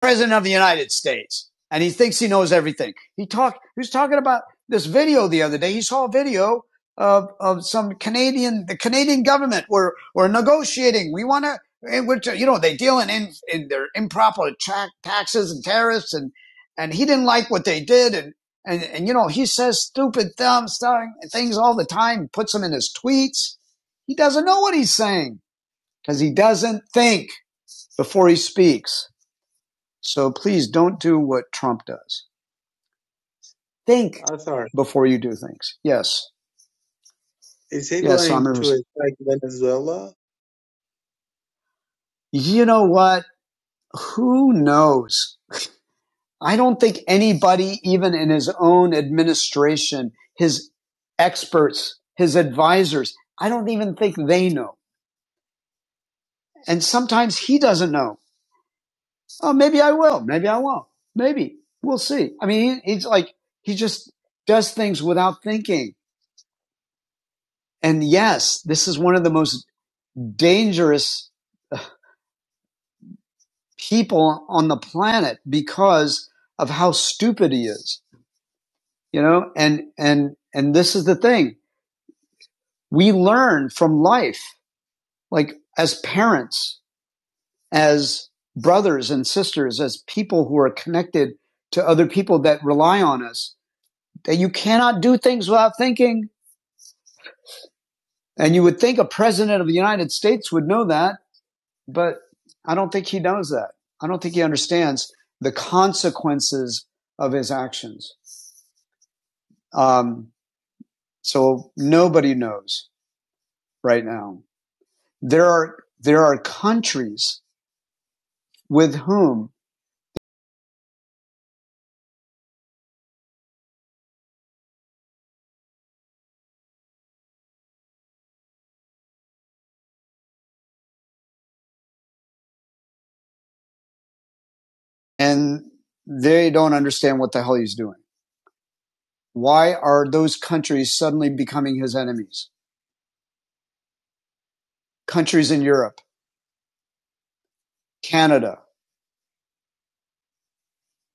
S1: president of the United States. And he thinks he knows everything. He talked, he was talking about this video the other day. He saw a video of, of some Canadian, the Canadian government were, were negotiating. We want to, which, you know, they deal in, in, in their improper tra- taxes and tariffs. And, and he didn't like what they did. And, and, and you know, he says stupid thumb starting things all the time, puts them in his tweets. He doesn't know what he's saying because he doesn't think before he speaks. So please don't do what Trump does. Think
S5: Arthur,
S1: before you do things. Yes.
S5: is he
S1: Yes,
S5: going to
S1: Summers.
S5: attack Venezuela?
S1: You know what? Who knows? I don't think anybody, even in his own administration, his experts, his advisors, I don't even think they know. And sometimes he doesn't know. Oh, maybe I will. Maybe I won't. Maybe we'll see. I mean, he, he's like, he just does things without thinking. And yes, this is one of the most dangerous uh, people on the planet because of how stupid he is, you know? And, and, and this is the thing we learn from life, like as parents, as brothers and sisters, as people who are connected to other people that rely on us, that you cannot do things without thinking. And you would think a president of the United States would know that But I don't think he knows that. I don't think he understands the consequences of his actions. Um, so nobody knows right now. There are there are countries with whom and they don't understand what the hell he's doing. Why are those countries suddenly becoming his enemies? Countries in Europe, Canada,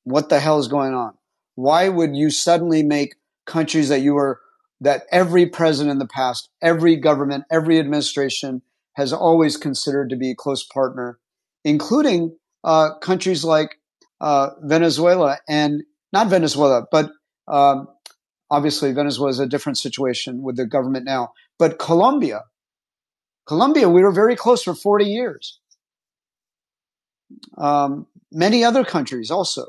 S1: what the hell is going on? Why would you suddenly make countries that you were that every president in the past, every government, every administration has always considered to be a close partner, including uh, countries like uh, Venezuela and not Venezuela, but um, obviously Venezuela is a different situation with the government now. But Colombia, Colombia, we were very close for 40 years. Um, many other countries also,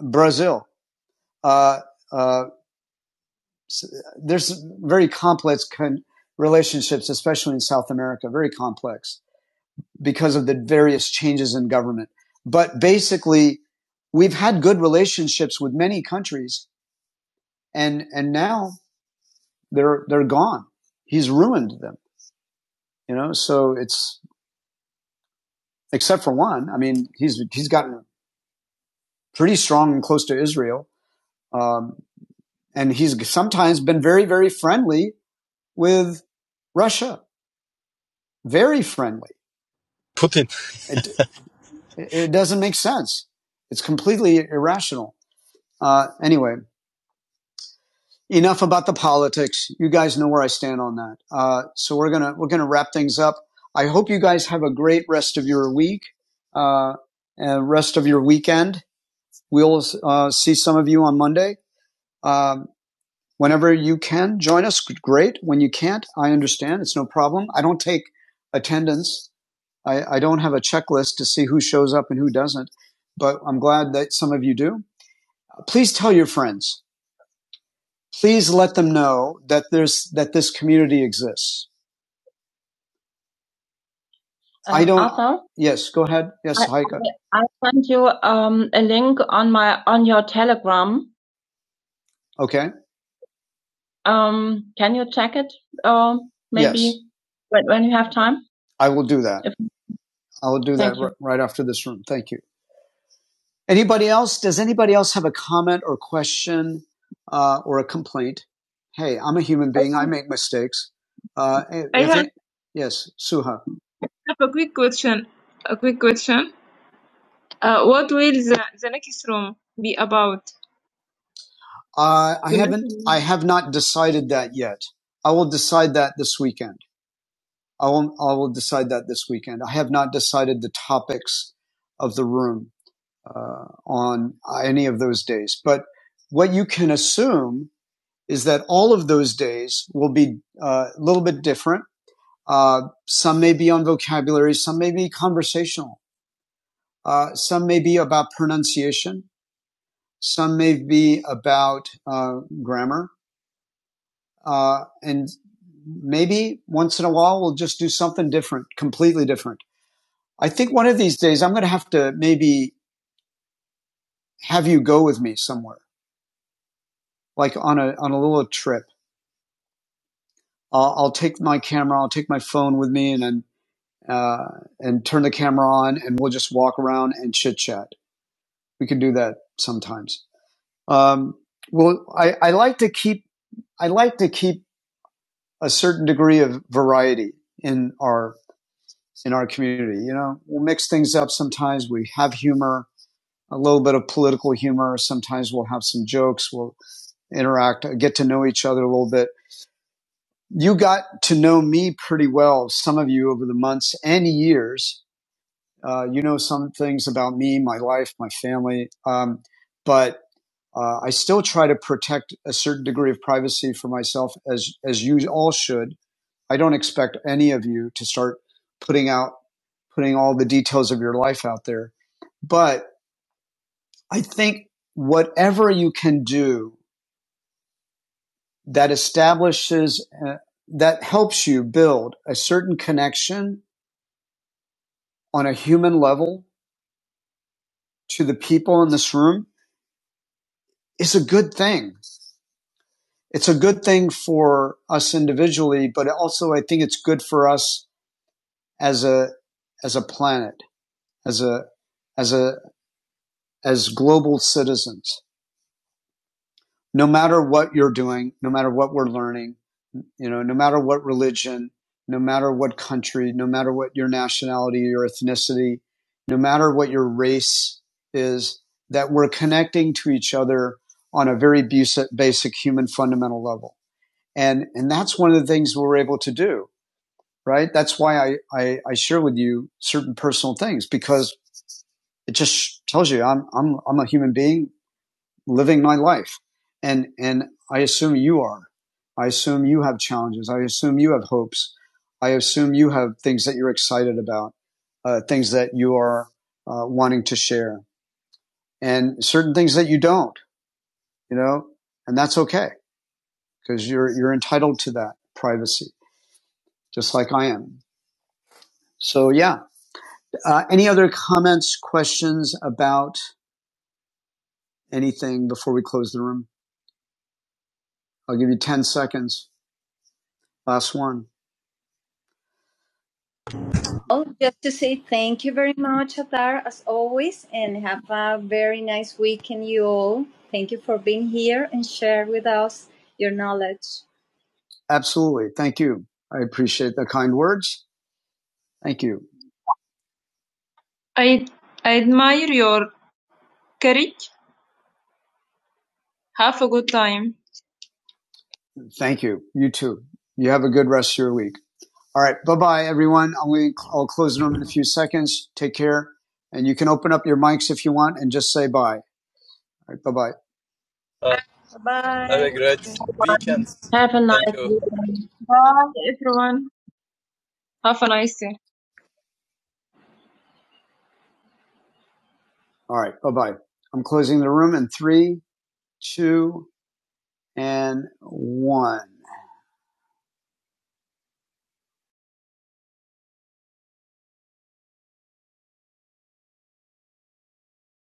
S1: Brazil, uh, uh, there's very complex con- relationships, especially in South America, very complex because of the various changes in government. But basically, we've had good relationships with many countries, and and now they're they're gone. He's ruined them, you know. So it's except for one. I mean, he's he's gotten pretty strong and close to Israel, um, and he's sometimes been very very friendly with Russia, very friendly.
S4: Putin.
S1: It, It, doesn't make sense. It's completely irrational. Uh, anyway, enough about the politics. You guys know where I stand on that. Uh, so we're gonna we're gonna wrap things up. I hope you guys have a great rest of your week, uh, and rest of your weekend. We'll uh, see some of you on Monday. Um, whenever you can join us, great. When you can't, I understand. It's no problem. I don't take attendance. I, I don't have a checklist to see who shows up and who doesn't. But I'm glad that some of you do. please tell your friends. Please let them know that there's that this community exists. Uh, I Um, don't. Arthur, Yes, go ahead. Yes, I, Heike. I sent you um, a link on my on your Telegram. Okay. Um, can you check it? Um, Yes, maybe yes. when, when you have time. I will do that. If I will do that r- right after this room. Thank you. Anybody else? Does anybody else have a comment or question uh, or a complaint? Hey, I'm a human being. I make mistakes. Uh, eh, I have yes, Suha. I have a quick question. A quick question. Uh, what will the, the next room be about? Uh, I haven't. I have not decided that yet. I will decide that this weekend. I will. I will decide that this weekend. I have not decided the topics of the room. uh, on any of those days. But what you can assume is that all of those days will be uh, a little bit different. Uh, some may be on vocabulary, some may be conversational, uh, some may be about pronunciation, some may be about uh, grammar, uh, and maybe once in a while we'll just do something different, completely different. I think one of these days I'm going to have to maybe have you go with me somewhere, like on a on a little trip, I'll, I'll take my camera, I'll take my phone with me, and then uh, and turn the camera on, and we'll just walk around and chit chat. We can do that sometimes. Um, well, I, I like to keep I like to keep a certain degree of variety in our in our community. You know, we'll mix things up sometimes. We have humor, a little bit of political humor. Sometimes we'll have some jokes. We'll interact, get to know each other a little bit. you got to know me pretty well, some of you over the months and years. Uh, you know some things about me, my life, my family, um, but uh, I still try to protect a certain degree of privacy for myself, as as you all should. I don't expect any of you to start putting out putting all the details of your life out there, but I think whatever you can do that establishes uh, that helps you build a certain connection on a human level to the people in this room is a good thing. It's a good thing for us individually, but also I think it's good for us as a as a planet, as a as a as global citizens. no matter what you're doing, no matter what we're learning, you know, no matter what religion, no matter what country, no matter what your nationality, your ethnicity, no matter what your race is, that we're connecting to each other on a very basic, human fundamental level. And, and that's one of the things we're able to do, right? That's why I, I, I share with you certain personal things because it just tells you I'm, I'm, I'm a human being living my life. And, and I assume you are. I assume you have challenges. I assume you have hopes. I assume you have things that you're excited about, uh, things that you are uh, wanting to share and certain things that you don't, you know, and that's okay because you're, you're entitled to that privacy, just like I am. So yeah. Uh, any other comments, questions about anything before we close the room? I'll give you 10 seconds. Last one. Oh, just to say thank you very much, Atar, as always, and have a very nice weekend, you all. Thank you for being here and share with us your knowledge. Absolutely. Thank you. I appreciate the kind words. Thank you. I I admire your courage. Have a good time. Thank you. You too. You have a good rest of your week. All right. Bye bye, everyone. I'm I'll close the room in a few seconds. Take care. And you can open up your mics if you want and just say bye. All right. Bye bye.
S4: Uh, have a great weekend.
S1: Have a nice
S4: Thank you.
S1: weekend. Bye, everyone. Have a nice day. All right. Bye bye. I'm closing the room in three, two, and one.